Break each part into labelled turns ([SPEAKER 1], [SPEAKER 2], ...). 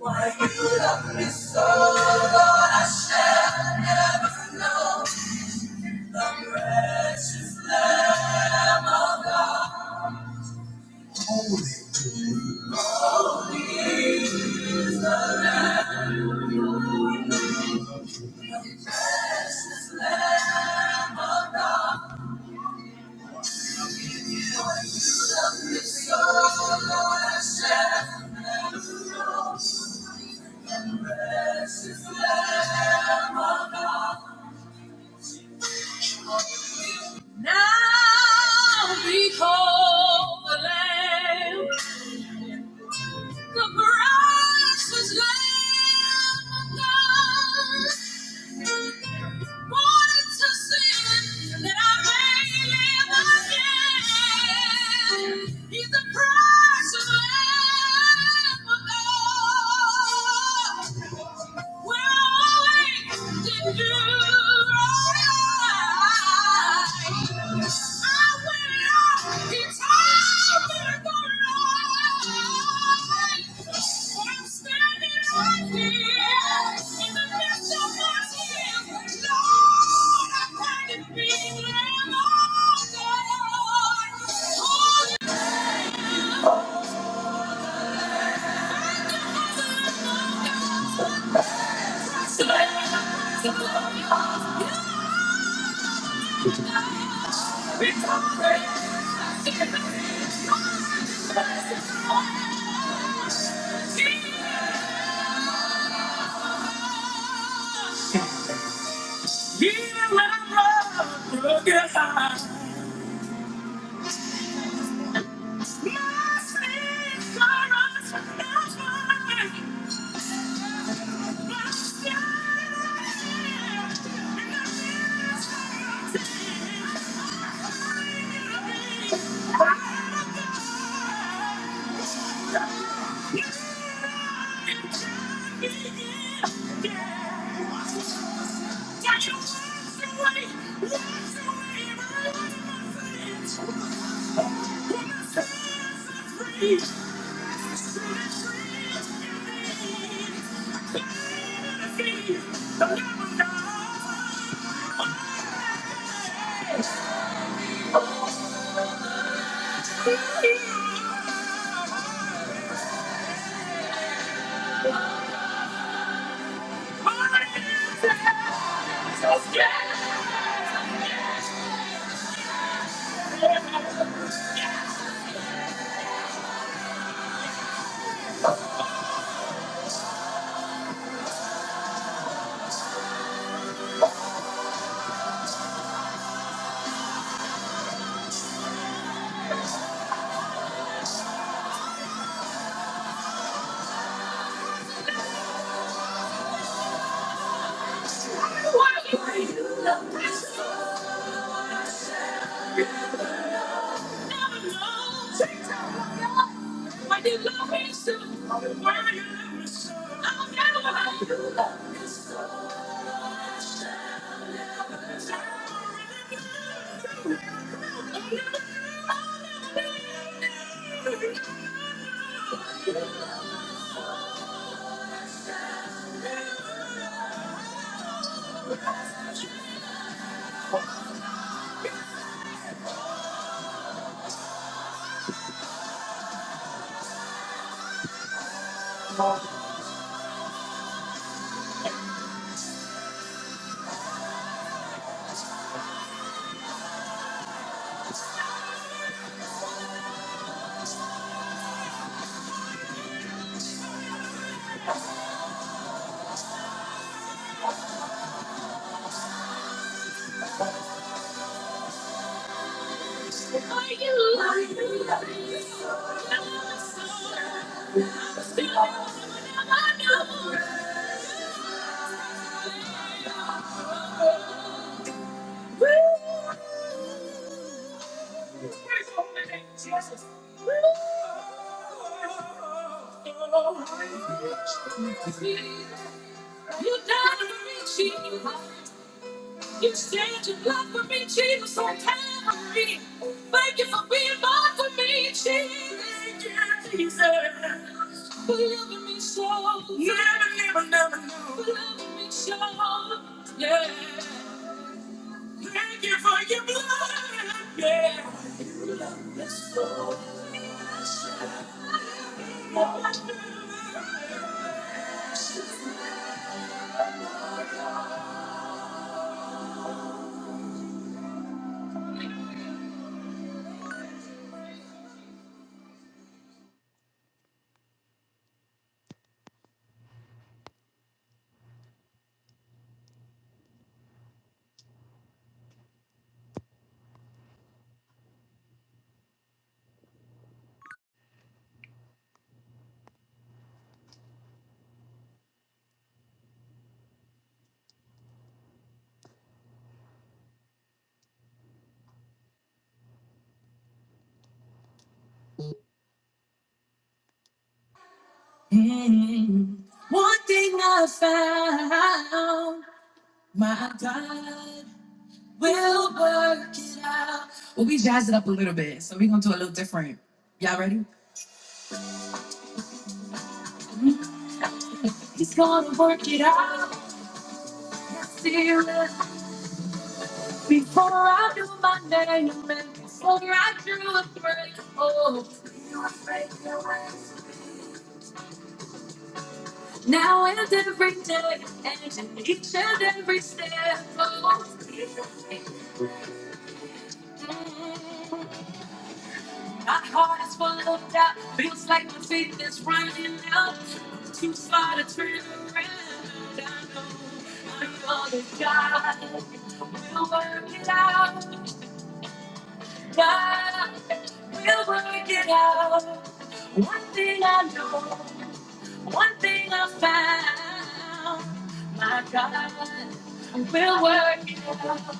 [SPEAKER 1] Why you love me so, Lord, I shall never know. The precious of your soul, Lord. I shall- Now behold the Lamb. The price was Lamb of God. Wanted to sin that I may live again. He's the price of Lamb of God. Thank you. Even when I'm Thank you. What do you Yeah! Jesus. You died for me, Jesus. You said your love for me, Jesus, so Calvary. Thank you for being mine for me, Jesus. Thank you, Jesus. For loving me so. Never, never, never. For loving me so. Yeah. Thank you for your blood. Yeah. It's so much. Mm. One thing I found. My God will work it out. Well, we jazzed it up a little bit, so we're gonna do a little different. Y'all ready? He's gonna work it out. I See it before I knew my name, and before I drew a breath. Oh, you were making a way. now and every day, and each and every step. Oh. you were making a way. My heart is full of doubt. Feels like my faith is running out. I'm too far to turn around. I know, I know that God will work it out. God will work it out. One thing I know, one thing I found. My God will work it out.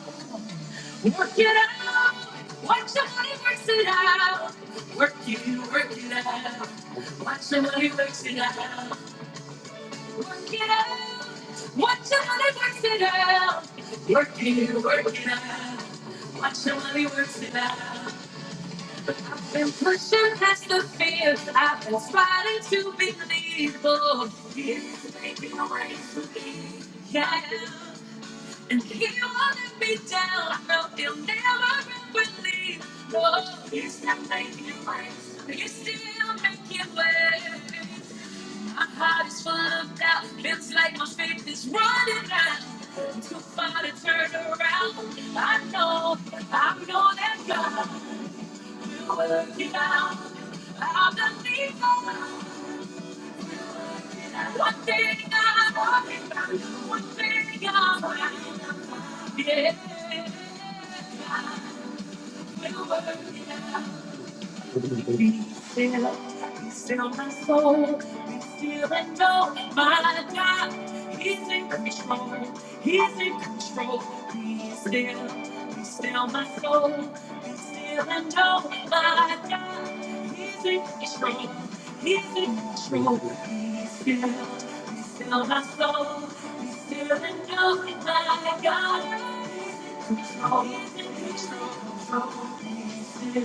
[SPEAKER 1] Work it out. Watch somebody works it out. Work you, work it out. Watch somebody works it out. Work it out. Watch somebody works it out. Work you, work it out. Watch somebody works it out. I've been pushing past the fears. I've been fighting to believe. Oh, he's making a way for me. Yeah. And he won't let me down. No, he'll never ever leave. No, he's still making ways. He's still making ways. My heart is full of doubt. Feels like my faith is running out. Too far to turn around. I know, I know that God. Yeah. Be still, be still my soul. Be still and know my God. He's in control. He's in control. Be still, be still my soul. Be still and know my God. He's in control. He's in control. Be still, be still my soul. Be still and know my God. He's in control. He's still,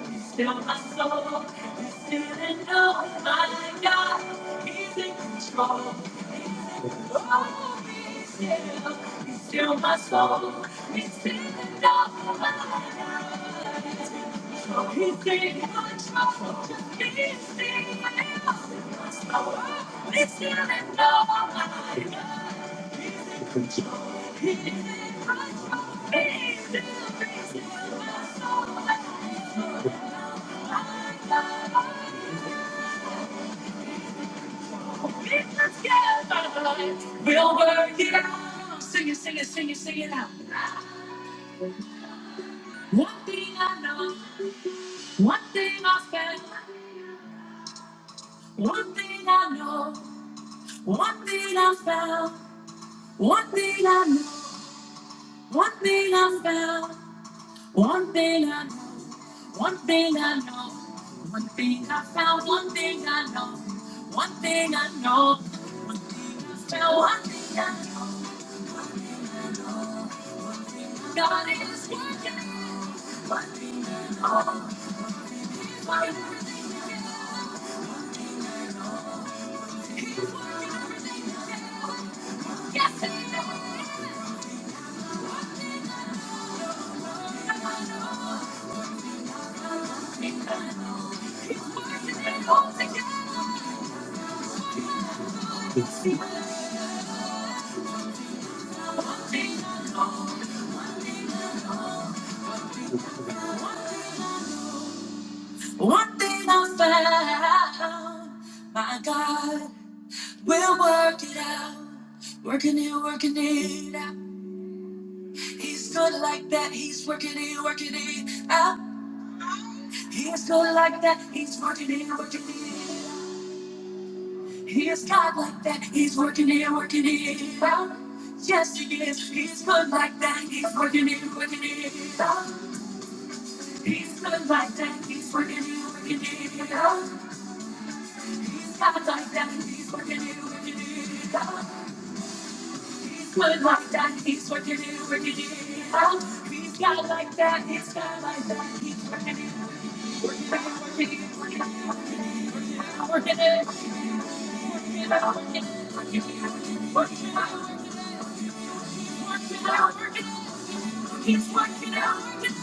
[SPEAKER 1] he still my soul. He still knows my God. He's in control. He's still, he still my soul. He still knows my God. He's in control. He's still, he still my soul. He still knows my God. He's in. Let's go. We'll work it out. Sing it, sing it, sing it, sing it out. One thing I know, one thing I found, one thing I know, one thing I found, one thing I know, one thing I found, one thing I know, one thing I know, one thing I found, one thing I know, one thing I know, one thing I found, one thing I know. God is working, one thing I know, one thing I know. One thing I found, my God will work it out. Working it, working it out. He's good like that. He's working it, working it out. He's good like that. He's working it, working it out. He's God like that. He's working it, working it out. Yes, he is. He's good like that. He's working it, working it out. He's good like that. He's working it, working it out. He's God like that. He's working it, working it out. He's good like that. He's working it, working it out. He's God like that. He's God like that. He's working it, working it, working it, working it, working it, working it, working it, working it, working it, working it, working it, working it, working it. He's working out, working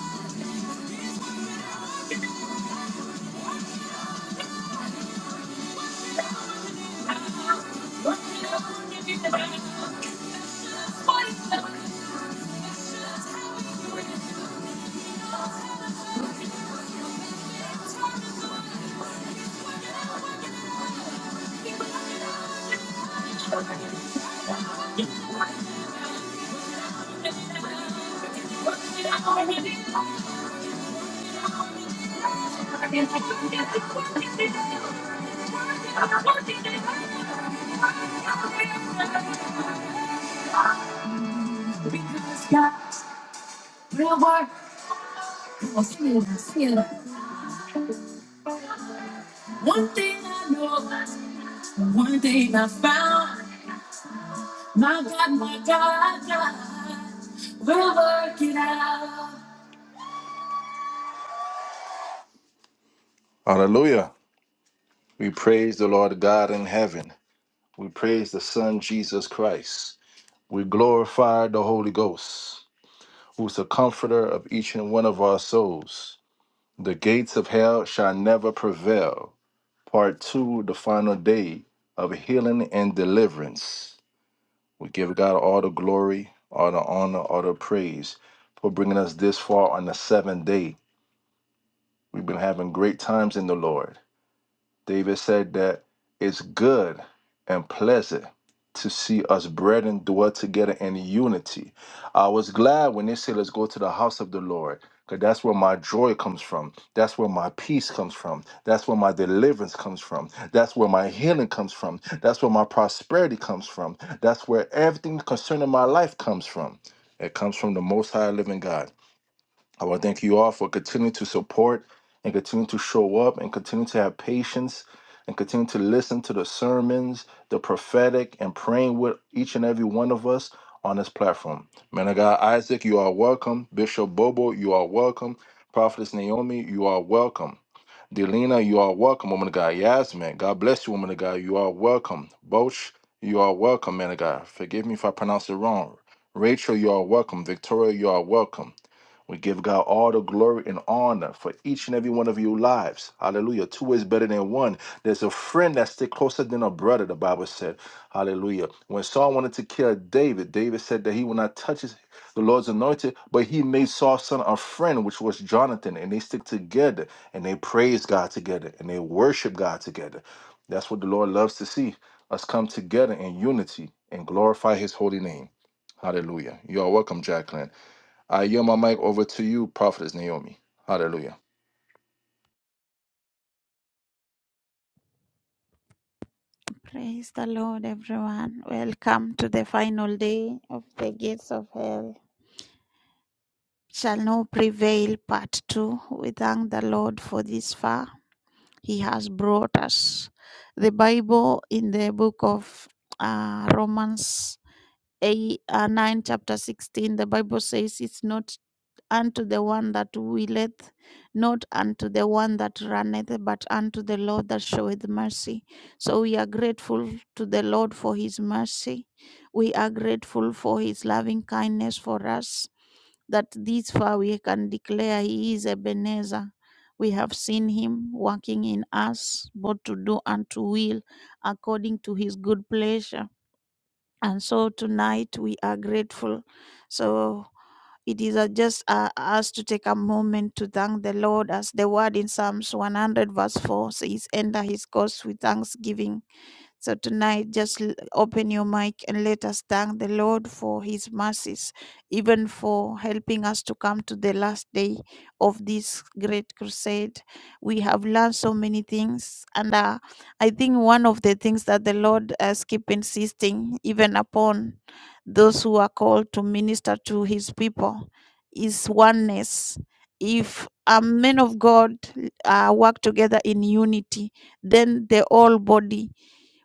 [SPEAKER 1] out, working out, working out. Because God will work. Come on, sing it, One thing I know, one thing I found. My God, my God, God will work it out. Hallelujah. We praise the Lord God in heaven. We praise the Son, Jesus Christ. We glorify the Holy Ghost, who's the comforter of each and one of our souls. The gates of hell shall never prevail. Part two, the final day of healing and deliverance. We give God all the glory, all the honor, all the praise for bringing us this far on the seventh day. We've been having great times in the Lord. David said that it's good and pleasant to see us brethren dwell together in unity. I was glad when they said, Let's go to the house of the Lord, because that's where my joy comes from. That's where my peace comes from. That's where my deliverance comes from. That's where my healing comes from. That's where my prosperity comes from. That's where everything concerning my life comes from. It comes from the Most High Living God. I want to thank you all for continuing to support and continue to show up and continue to have patience and continue to listen to the sermons, the prophetic, and praying with each and every one of us on this platform. Man of God, Isaac, you are welcome. Bishop Bobo, you are welcome. Prophetess Naomi, you are welcome. Delina, you are welcome, woman of God. Yasmin, God bless you, woman of God. You are welcome. Boch, you are welcome, man of God. Forgive me if I pronounce it wrong. Rachel, you are welcome. Victoria, you are welcome. We give God all the glory and honor for each and every one of your lives. Hallelujah. Two is better than one. There's a friend that sticks closer than a brother, the Bible said. Hallelujah. When Saul wanted to kill David, David said that he would not touch his, the Lord's anointed, but he made Saul's son a friend, which was Jonathan. And they stick together and they praise God together and they worship God together. That's what the Lord loves to see us come together in unity and glorify his holy name. Hallelujah. You are welcome, Jacqueline. I yield my mic over to you, Prophetess Naomi. Hallelujah.
[SPEAKER 2] Praise the Lord, everyone. Welcome to the final day of the gates of hell. Shall no prevail, part two. We thank the Lord for this far. He has brought us. The Bible in the book of uh, Romans. A, uh, 9 chapter 16 the bible says it's not unto the one that willeth, not unto the one that runneth, but unto the Lord that showeth mercy. So we are grateful to the Lord for his mercy. We are grateful for his loving kindness for us, that this far we can declare he is Ebenezer. We have seen him working in us, both to do and to will according to his good pleasure and so tonight we are grateful so it is uh, just uh, us to take a moment to thank the lord as the word in psalms 100 verse 4 says enter his courts with thanksgiving so tonight, just l- open your mic and let us thank the Lord for His mercies, even for helping us to come to the last day of this great crusade. We have learned so many things, and uh, I think one of the things that the Lord has keep insisting, even upon those who are called to minister to His people, is oneness. If a men of God uh, work together in unity, then the whole body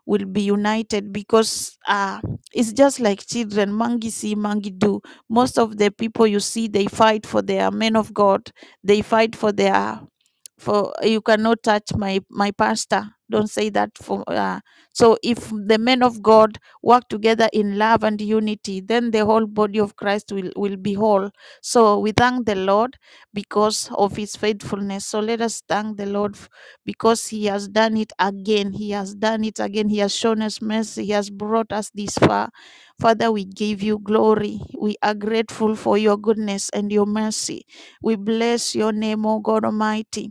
[SPEAKER 2] will be united because uh, it's just like children mangi see mangi do most of the people you see they fight for their men of god they fight for their for you cannot touch my my pastor don't say that for uh, so if the men of god work together in love and unity then the whole body of christ will will be whole so we thank the lord because of his faithfulness so let us thank the lord f- because he has done it again he has done it again he has shown us mercy he has brought us this far father we give you glory we are grateful for your goodness and your mercy we bless your name o god almighty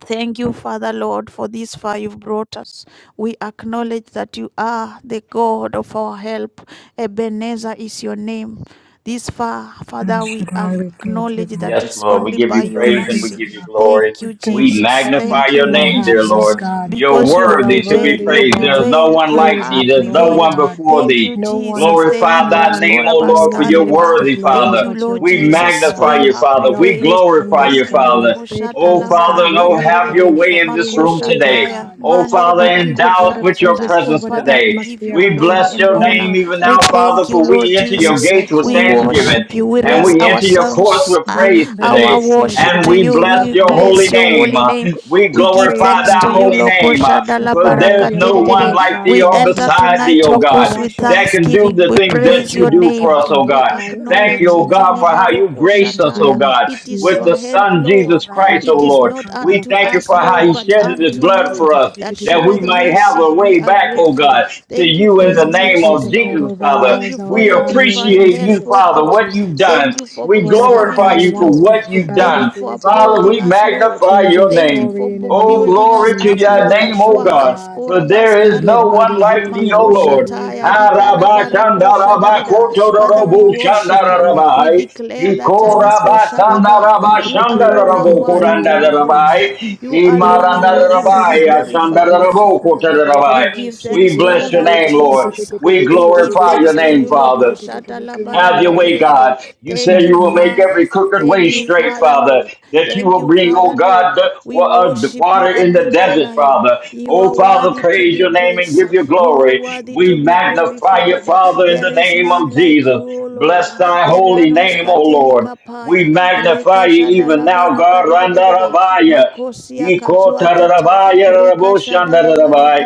[SPEAKER 2] Thank you, Father Lord, for this far you've brought us. We acknowledge that you are the God of our help. Ebenezer is your name. This far,
[SPEAKER 3] El
[SPEAKER 2] Father, we
[SPEAKER 3] Shaddai, we thank you,
[SPEAKER 2] acknowledge
[SPEAKER 3] God.
[SPEAKER 2] that
[SPEAKER 4] Yes,
[SPEAKER 2] it's
[SPEAKER 4] Lord. We
[SPEAKER 2] only
[SPEAKER 4] give
[SPEAKER 2] by
[SPEAKER 4] you
[SPEAKER 3] We
[SPEAKER 2] your
[SPEAKER 4] praise
[SPEAKER 3] thank
[SPEAKER 4] and
[SPEAKER 3] you
[SPEAKER 4] we
[SPEAKER 3] for
[SPEAKER 2] mercy.
[SPEAKER 4] give you
[SPEAKER 3] your,
[SPEAKER 4] glory.
[SPEAKER 2] Thank
[SPEAKER 3] we
[SPEAKER 2] you,
[SPEAKER 3] thank
[SPEAKER 4] We
[SPEAKER 3] you
[SPEAKER 2] Jesus.
[SPEAKER 3] for
[SPEAKER 4] magnify
[SPEAKER 2] Thank you,
[SPEAKER 4] your
[SPEAKER 3] everything we
[SPEAKER 2] Lord
[SPEAKER 4] name,
[SPEAKER 3] have,
[SPEAKER 4] dear
[SPEAKER 3] Lord
[SPEAKER 2] Jesus,
[SPEAKER 4] Lord.
[SPEAKER 3] God.
[SPEAKER 4] You're
[SPEAKER 2] because you have
[SPEAKER 3] You are
[SPEAKER 4] worthy to be
[SPEAKER 2] prevailed.
[SPEAKER 3] worthy
[SPEAKER 2] You
[SPEAKER 3] of
[SPEAKER 4] praised. There's
[SPEAKER 3] all
[SPEAKER 4] no
[SPEAKER 2] prevailed.
[SPEAKER 4] one
[SPEAKER 2] You
[SPEAKER 4] like
[SPEAKER 3] praise
[SPEAKER 4] thee.
[SPEAKER 3] and
[SPEAKER 2] have
[SPEAKER 4] There's no
[SPEAKER 3] glory,
[SPEAKER 4] one
[SPEAKER 2] prevailed.
[SPEAKER 3] God.
[SPEAKER 4] before
[SPEAKER 2] Thank
[SPEAKER 4] thee.
[SPEAKER 2] you,
[SPEAKER 3] No one,
[SPEAKER 2] Jesus. Te
[SPEAKER 4] Glorify
[SPEAKER 3] no
[SPEAKER 4] thy
[SPEAKER 2] libras,
[SPEAKER 3] one,
[SPEAKER 4] name, O
[SPEAKER 3] no
[SPEAKER 2] corabas,
[SPEAKER 4] Lord, for
[SPEAKER 3] one
[SPEAKER 4] you're
[SPEAKER 3] needs
[SPEAKER 2] candereba.
[SPEAKER 3] the
[SPEAKER 4] worthy,
[SPEAKER 3] glory
[SPEAKER 2] Thank
[SPEAKER 4] Father.
[SPEAKER 2] you,
[SPEAKER 3] but your
[SPEAKER 2] Lord
[SPEAKER 4] We
[SPEAKER 3] word,
[SPEAKER 2] Jesus, for
[SPEAKER 4] magnify
[SPEAKER 3] God.
[SPEAKER 2] you
[SPEAKER 4] you,
[SPEAKER 2] have
[SPEAKER 4] Father.
[SPEAKER 3] Your
[SPEAKER 4] We
[SPEAKER 2] prevailed.
[SPEAKER 4] glorify
[SPEAKER 3] faithfulness,
[SPEAKER 4] you,
[SPEAKER 2] Thank you,
[SPEAKER 3] God. Your
[SPEAKER 4] Father.
[SPEAKER 2] Loko Shata
[SPEAKER 4] Oh,
[SPEAKER 2] La
[SPEAKER 3] faithfulness,
[SPEAKER 4] Father,
[SPEAKER 3] God.
[SPEAKER 2] Baraka
[SPEAKER 3] We
[SPEAKER 4] oh, have
[SPEAKER 3] edify
[SPEAKER 4] your
[SPEAKER 2] Terere,
[SPEAKER 3] you
[SPEAKER 4] way
[SPEAKER 3] for
[SPEAKER 4] in
[SPEAKER 3] who
[SPEAKER 4] this
[SPEAKER 2] Mako
[SPEAKER 3] you
[SPEAKER 4] room
[SPEAKER 3] are,
[SPEAKER 4] today.
[SPEAKER 2] Shataya,
[SPEAKER 3] God.
[SPEAKER 4] Oh,
[SPEAKER 2] Mandere
[SPEAKER 4] Father,
[SPEAKER 3] We plead the
[SPEAKER 2] Barako
[SPEAKER 4] endow
[SPEAKER 3] blood
[SPEAKER 4] us
[SPEAKER 3] of
[SPEAKER 4] with your
[SPEAKER 2] Shatatata.
[SPEAKER 3] Jesus
[SPEAKER 4] presence
[SPEAKER 3] over the
[SPEAKER 2] Father, we
[SPEAKER 4] today.
[SPEAKER 2] give
[SPEAKER 3] atmosphere
[SPEAKER 2] you
[SPEAKER 4] We
[SPEAKER 3] right
[SPEAKER 2] glory
[SPEAKER 3] now
[SPEAKER 4] bless
[SPEAKER 3] in
[SPEAKER 2] and
[SPEAKER 3] the
[SPEAKER 4] your
[SPEAKER 3] name
[SPEAKER 2] honor.
[SPEAKER 4] name
[SPEAKER 3] of
[SPEAKER 4] even
[SPEAKER 2] We
[SPEAKER 4] now,
[SPEAKER 2] thank
[SPEAKER 4] Father,
[SPEAKER 3] Jesus.
[SPEAKER 2] you,
[SPEAKER 4] for
[SPEAKER 2] Lord
[SPEAKER 4] we enter
[SPEAKER 3] We
[SPEAKER 4] your
[SPEAKER 2] Jesus.
[SPEAKER 4] gates
[SPEAKER 3] bless
[SPEAKER 4] with
[SPEAKER 3] your
[SPEAKER 2] We
[SPEAKER 3] name, God,
[SPEAKER 4] thanksgiving
[SPEAKER 2] worship you.
[SPEAKER 3] for
[SPEAKER 2] We
[SPEAKER 3] who
[SPEAKER 4] and
[SPEAKER 2] raise
[SPEAKER 3] you
[SPEAKER 4] we
[SPEAKER 3] are,
[SPEAKER 4] enter your
[SPEAKER 3] God.
[SPEAKER 4] courts
[SPEAKER 2] ourselves,
[SPEAKER 4] with
[SPEAKER 2] uh,
[SPEAKER 3] Bring,
[SPEAKER 4] praise
[SPEAKER 3] bring your
[SPEAKER 2] our
[SPEAKER 4] today.
[SPEAKER 3] saints to
[SPEAKER 2] worship
[SPEAKER 4] And
[SPEAKER 2] to
[SPEAKER 3] your
[SPEAKER 4] we
[SPEAKER 2] you.
[SPEAKER 3] throne
[SPEAKER 4] bless
[SPEAKER 3] of,
[SPEAKER 2] We
[SPEAKER 4] your
[SPEAKER 3] gro-
[SPEAKER 4] holy
[SPEAKER 2] bless your
[SPEAKER 3] of,
[SPEAKER 4] name.
[SPEAKER 2] holy
[SPEAKER 3] of,
[SPEAKER 4] Uh,
[SPEAKER 2] name.
[SPEAKER 4] We
[SPEAKER 2] We
[SPEAKER 3] of
[SPEAKER 2] give
[SPEAKER 3] favor
[SPEAKER 4] glorify
[SPEAKER 2] thanks
[SPEAKER 3] and
[SPEAKER 4] thy
[SPEAKER 2] to you,
[SPEAKER 4] holy
[SPEAKER 3] grace,
[SPEAKER 2] Loko
[SPEAKER 4] name. Uh,
[SPEAKER 3] the
[SPEAKER 2] Shadala
[SPEAKER 4] For
[SPEAKER 3] fire of
[SPEAKER 2] Baraka
[SPEAKER 4] there's
[SPEAKER 3] your
[SPEAKER 4] no
[SPEAKER 3] living
[SPEAKER 4] one
[SPEAKER 2] Terere.
[SPEAKER 3] word,
[SPEAKER 4] like
[SPEAKER 3] God,
[SPEAKER 4] thee
[SPEAKER 2] We
[SPEAKER 3] Lord
[SPEAKER 4] or
[SPEAKER 2] enter
[SPEAKER 4] beside
[SPEAKER 3] Jesus.
[SPEAKER 2] tonight
[SPEAKER 4] thee, O
[SPEAKER 2] your
[SPEAKER 4] God,
[SPEAKER 2] course with
[SPEAKER 3] Wash us
[SPEAKER 4] that can do
[SPEAKER 2] thanksgiving.
[SPEAKER 4] the
[SPEAKER 2] We
[SPEAKER 4] things
[SPEAKER 3] in the
[SPEAKER 4] that
[SPEAKER 2] praise
[SPEAKER 4] you
[SPEAKER 2] your
[SPEAKER 4] do
[SPEAKER 3] blood,
[SPEAKER 2] name.
[SPEAKER 4] for
[SPEAKER 3] God,
[SPEAKER 4] us,
[SPEAKER 3] in
[SPEAKER 4] O
[SPEAKER 3] the
[SPEAKER 2] We
[SPEAKER 4] God.
[SPEAKER 3] fire of
[SPEAKER 4] Thank
[SPEAKER 3] your
[SPEAKER 4] you,
[SPEAKER 2] acknowledge
[SPEAKER 4] oh
[SPEAKER 2] it,
[SPEAKER 3] name,
[SPEAKER 4] God, for
[SPEAKER 3] God,
[SPEAKER 4] how you
[SPEAKER 2] Libaroko
[SPEAKER 3] in
[SPEAKER 4] graced
[SPEAKER 3] the
[SPEAKER 4] us,
[SPEAKER 2] Shataya.
[SPEAKER 4] oh
[SPEAKER 3] blood of
[SPEAKER 4] God,
[SPEAKER 2] It is
[SPEAKER 4] with
[SPEAKER 2] your
[SPEAKER 4] the
[SPEAKER 3] Jesus.
[SPEAKER 2] help,
[SPEAKER 4] Son Jesus
[SPEAKER 2] Lord.
[SPEAKER 4] Christ, oh
[SPEAKER 2] It is
[SPEAKER 4] Lord.
[SPEAKER 2] not
[SPEAKER 4] We
[SPEAKER 2] unto
[SPEAKER 4] thank you
[SPEAKER 2] us,
[SPEAKER 4] for how
[SPEAKER 2] Lord,
[SPEAKER 4] he
[SPEAKER 2] but
[SPEAKER 4] shed his
[SPEAKER 2] unto
[SPEAKER 4] blood
[SPEAKER 2] you
[SPEAKER 4] for us,
[SPEAKER 2] that
[SPEAKER 4] that we
[SPEAKER 2] showeth
[SPEAKER 4] might have
[SPEAKER 2] mercy.
[SPEAKER 4] a
[SPEAKER 2] We
[SPEAKER 4] way
[SPEAKER 2] are
[SPEAKER 4] back, oh
[SPEAKER 2] grateful.
[SPEAKER 4] God, to
[SPEAKER 2] Thank you
[SPEAKER 4] you
[SPEAKER 2] for
[SPEAKER 4] in the
[SPEAKER 2] your
[SPEAKER 3] Jesus, we
[SPEAKER 4] name
[SPEAKER 3] plead
[SPEAKER 2] mercies,
[SPEAKER 4] of
[SPEAKER 3] the blood
[SPEAKER 4] Jesus,
[SPEAKER 2] Lord.
[SPEAKER 3] over our
[SPEAKER 4] Father.
[SPEAKER 2] Thank
[SPEAKER 3] lives,
[SPEAKER 2] you
[SPEAKER 3] our
[SPEAKER 2] for
[SPEAKER 4] We
[SPEAKER 2] your
[SPEAKER 3] family,
[SPEAKER 2] divine
[SPEAKER 4] appreciate
[SPEAKER 2] help,
[SPEAKER 4] you,
[SPEAKER 2] O
[SPEAKER 3] relationships,
[SPEAKER 4] Father,
[SPEAKER 3] Lord
[SPEAKER 2] God.
[SPEAKER 4] what you've
[SPEAKER 3] Jesus.
[SPEAKER 2] Thank
[SPEAKER 4] done.
[SPEAKER 2] you for
[SPEAKER 4] We
[SPEAKER 3] Whatever the
[SPEAKER 2] preserving
[SPEAKER 4] glorify
[SPEAKER 3] devil
[SPEAKER 4] you
[SPEAKER 2] us,
[SPEAKER 4] for
[SPEAKER 3] wants for,
[SPEAKER 2] Lord.
[SPEAKER 4] what
[SPEAKER 3] for
[SPEAKER 4] you've
[SPEAKER 3] bad,
[SPEAKER 2] Thank
[SPEAKER 3] we
[SPEAKER 2] you
[SPEAKER 4] done.
[SPEAKER 3] bring
[SPEAKER 2] for
[SPEAKER 3] it into
[SPEAKER 4] Father,
[SPEAKER 2] upholding
[SPEAKER 4] we
[SPEAKER 3] good.
[SPEAKER 2] us, Lord.
[SPEAKER 4] magnify
[SPEAKER 3] Change your
[SPEAKER 4] your
[SPEAKER 2] Thank you
[SPEAKER 4] name.
[SPEAKER 2] for
[SPEAKER 3] story in the name
[SPEAKER 4] Oh,
[SPEAKER 3] of
[SPEAKER 2] building us
[SPEAKER 4] glory to
[SPEAKER 2] up,
[SPEAKER 3] Jesus.
[SPEAKER 4] your
[SPEAKER 3] We
[SPEAKER 2] Lord.
[SPEAKER 4] name,
[SPEAKER 3] edify
[SPEAKER 4] O
[SPEAKER 2] Ashua
[SPEAKER 3] your
[SPEAKER 4] God,
[SPEAKER 2] house,
[SPEAKER 3] God.
[SPEAKER 4] for
[SPEAKER 2] Korabas
[SPEAKER 4] there is
[SPEAKER 3] Holy,
[SPEAKER 4] no
[SPEAKER 2] Kandereba,
[SPEAKER 4] one
[SPEAKER 3] holy,
[SPEAKER 4] like
[SPEAKER 3] holy,
[SPEAKER 4] thee, O
[SPEAKER 3] holy,
[SPEAKER 2] Makosha
[SPEAKER 4] Lord.
[SPEAKER 3] holy,
[SPEAKER 2] Taya, Rika
[SPEAKER 3] holy, holy,
[SPEAKER 2] Rabarako
[SPEAKER 3] holy, the Baba
[SPEAKER 2] Shadadada. Father, we worship you.
[SPEAKER 3] Shakarabashikirabaya.
[SPEAKER 2] We
[SPEAKER 4] Harabashandarabakotorobo-shandarabai,
[SPEAKER 2] declare that
[SPEAKER 3] Jesus,
[SPEAKER 2] Aliko
[SPEAKER 3] we, we we
[SPEAKER 2] Shadaba,
[SPEAKER 3] give you
[SPEAKER 2] you
[SPEAKER 3] the
[SPEAKER 2] alone
[SPEAKER 3] glory
[SPEAKER 2] are
[SPEAKER 3] for who
[SPEAKER 2] worthy to
[SPEAKER 3] you
[SPEAKER 2] be
[SPEAKER 3] are,
[SPEAKER 2] praised.
[SPEAKER 3] God.
[SPEAKER 4] Ikorabasandarabashandarabo-korandarabai,
[SPEAKER 2] You
[SPEAKER 3] King
[SPEAKER 2] alone are worthy to be
[SPEAKER 4] Imarandarabai,
[SPEAKER 2] glorified. We
[SPEAKER 4] Ashandarabo-kotarabai.
[SPEAKER 2] give
[SPEAKER 4] We
[SPEAKER 2] thanks to you,
[SPEAKER 4] bless your
[SPEAKER 2] Lord
[SPEAKER 4] name, Lord.
[SPEAKER 2] Jesus.
[SPEAKER 4] We
[SPEAKER 2] We give
[SPEAKER 4] glorify your
[SPEAKER 2] thanks to
[SPEAKER 4] name,
[SPEAKER 2] you, Loko
[SPEAKER 4] Father.
[SPEAKER 2] Shata La
[SPEAKER 3] of
[SPEAKER 4] Have your
[SPEAKER 2] Baraka Te
[SPEAKER 3] glory,
[SPEAKER 4] way,
[SPEAKER 2] De De De.
[SPEAKER 4] God. You say
[SPEAKER 2] Thank you,
[SPEAKER 4] you will
[SPEAKER 3] King
[SPEAKER 4] make
[SPEAKER 2] Father.
[SPEAKER 4] every crooked way
[SPEAKER 2] Thank you,
[SPEAKER 4] straight,
[SPEAKER 2] Father,
[SPEAKER 4] Father.
[SPEAKER 2] Lord.
[SPEAKER 4] That you
[SPEAKER 2] Thank
[SPEAKER 4] will
[SPEAKER 2] you,
[SPEAKER 4] bring, oh
[SPEAKER 2] Father, Lord.
[SPEAKER 4] God, the,
[SPEAKER 2] We
[SPEAKER 4] wa- uh, the
[SPEAKER 2] worship you
[SPEAKER 4] water
[SPEAKER 2] and
[SPEAKER 4] in the
[SPEAKER 2] we honor
[SPEAKER 4] desert,
[SPEAKER 2] you.
[SPEAKER 4] Father.
[SPEAKER 2] You
[SPEAKER 4] Oh,
[SPEAKER 2] are
[SPEAKER 4] Father,
[SPEAKER 2] worthy to
[SPEAKER 4] praise
[SPEAKER 2] be
[SPEAKER 4] your name and
[SPEAKER 2] praised.
[SPEAKER 4] give you
[SPEAKER 2] You are
[SPEAKER 4] glory.
[SPEAKER 2] worthy to
[SPEAKER 4] We
[SPEAKER 2] be
[SPEAKER 4] magnify you,
[SPEAKER 2] glorified.
[SPEAKER 4] Father, in
[SPEAKER 2] There
[SPEAKER 4] the
[SPEAKER 2] is
[SPEAKER 4] name
[SPEAKER 2] none
[SPEAKER 4] of
[SPEAKER 2] like you,
[SPEAKER 4] Jesus.
[SPEAKER 2] O Lord.
[SPEAKER 4] Bless thy
[SPEAKER 2] There are
[SPEAKER 4] holy
[SPEAKER 2] no
[SPEAKER 4] name, O
[SPEAKER 2] skateli
[SPEAKER 4] Lord. We
[SPEAKER 2] kapaya.
[SPEAKER 4] magnify you
[SPEAKER 2] Rekashada
[SPEAKER 4] even
[SPEAKER 2] la
[SPEAKER 4] now,
[SPEAKER 2] baraka
[SPEAKER 4] God.
[SPEAKER 2] de de de de
[SPEAKER 4] Randarabaya.
[SPEAKER 2] Makosia katuatata.
[SPEAKER 4] Ikotarabaya-raboshandarabai.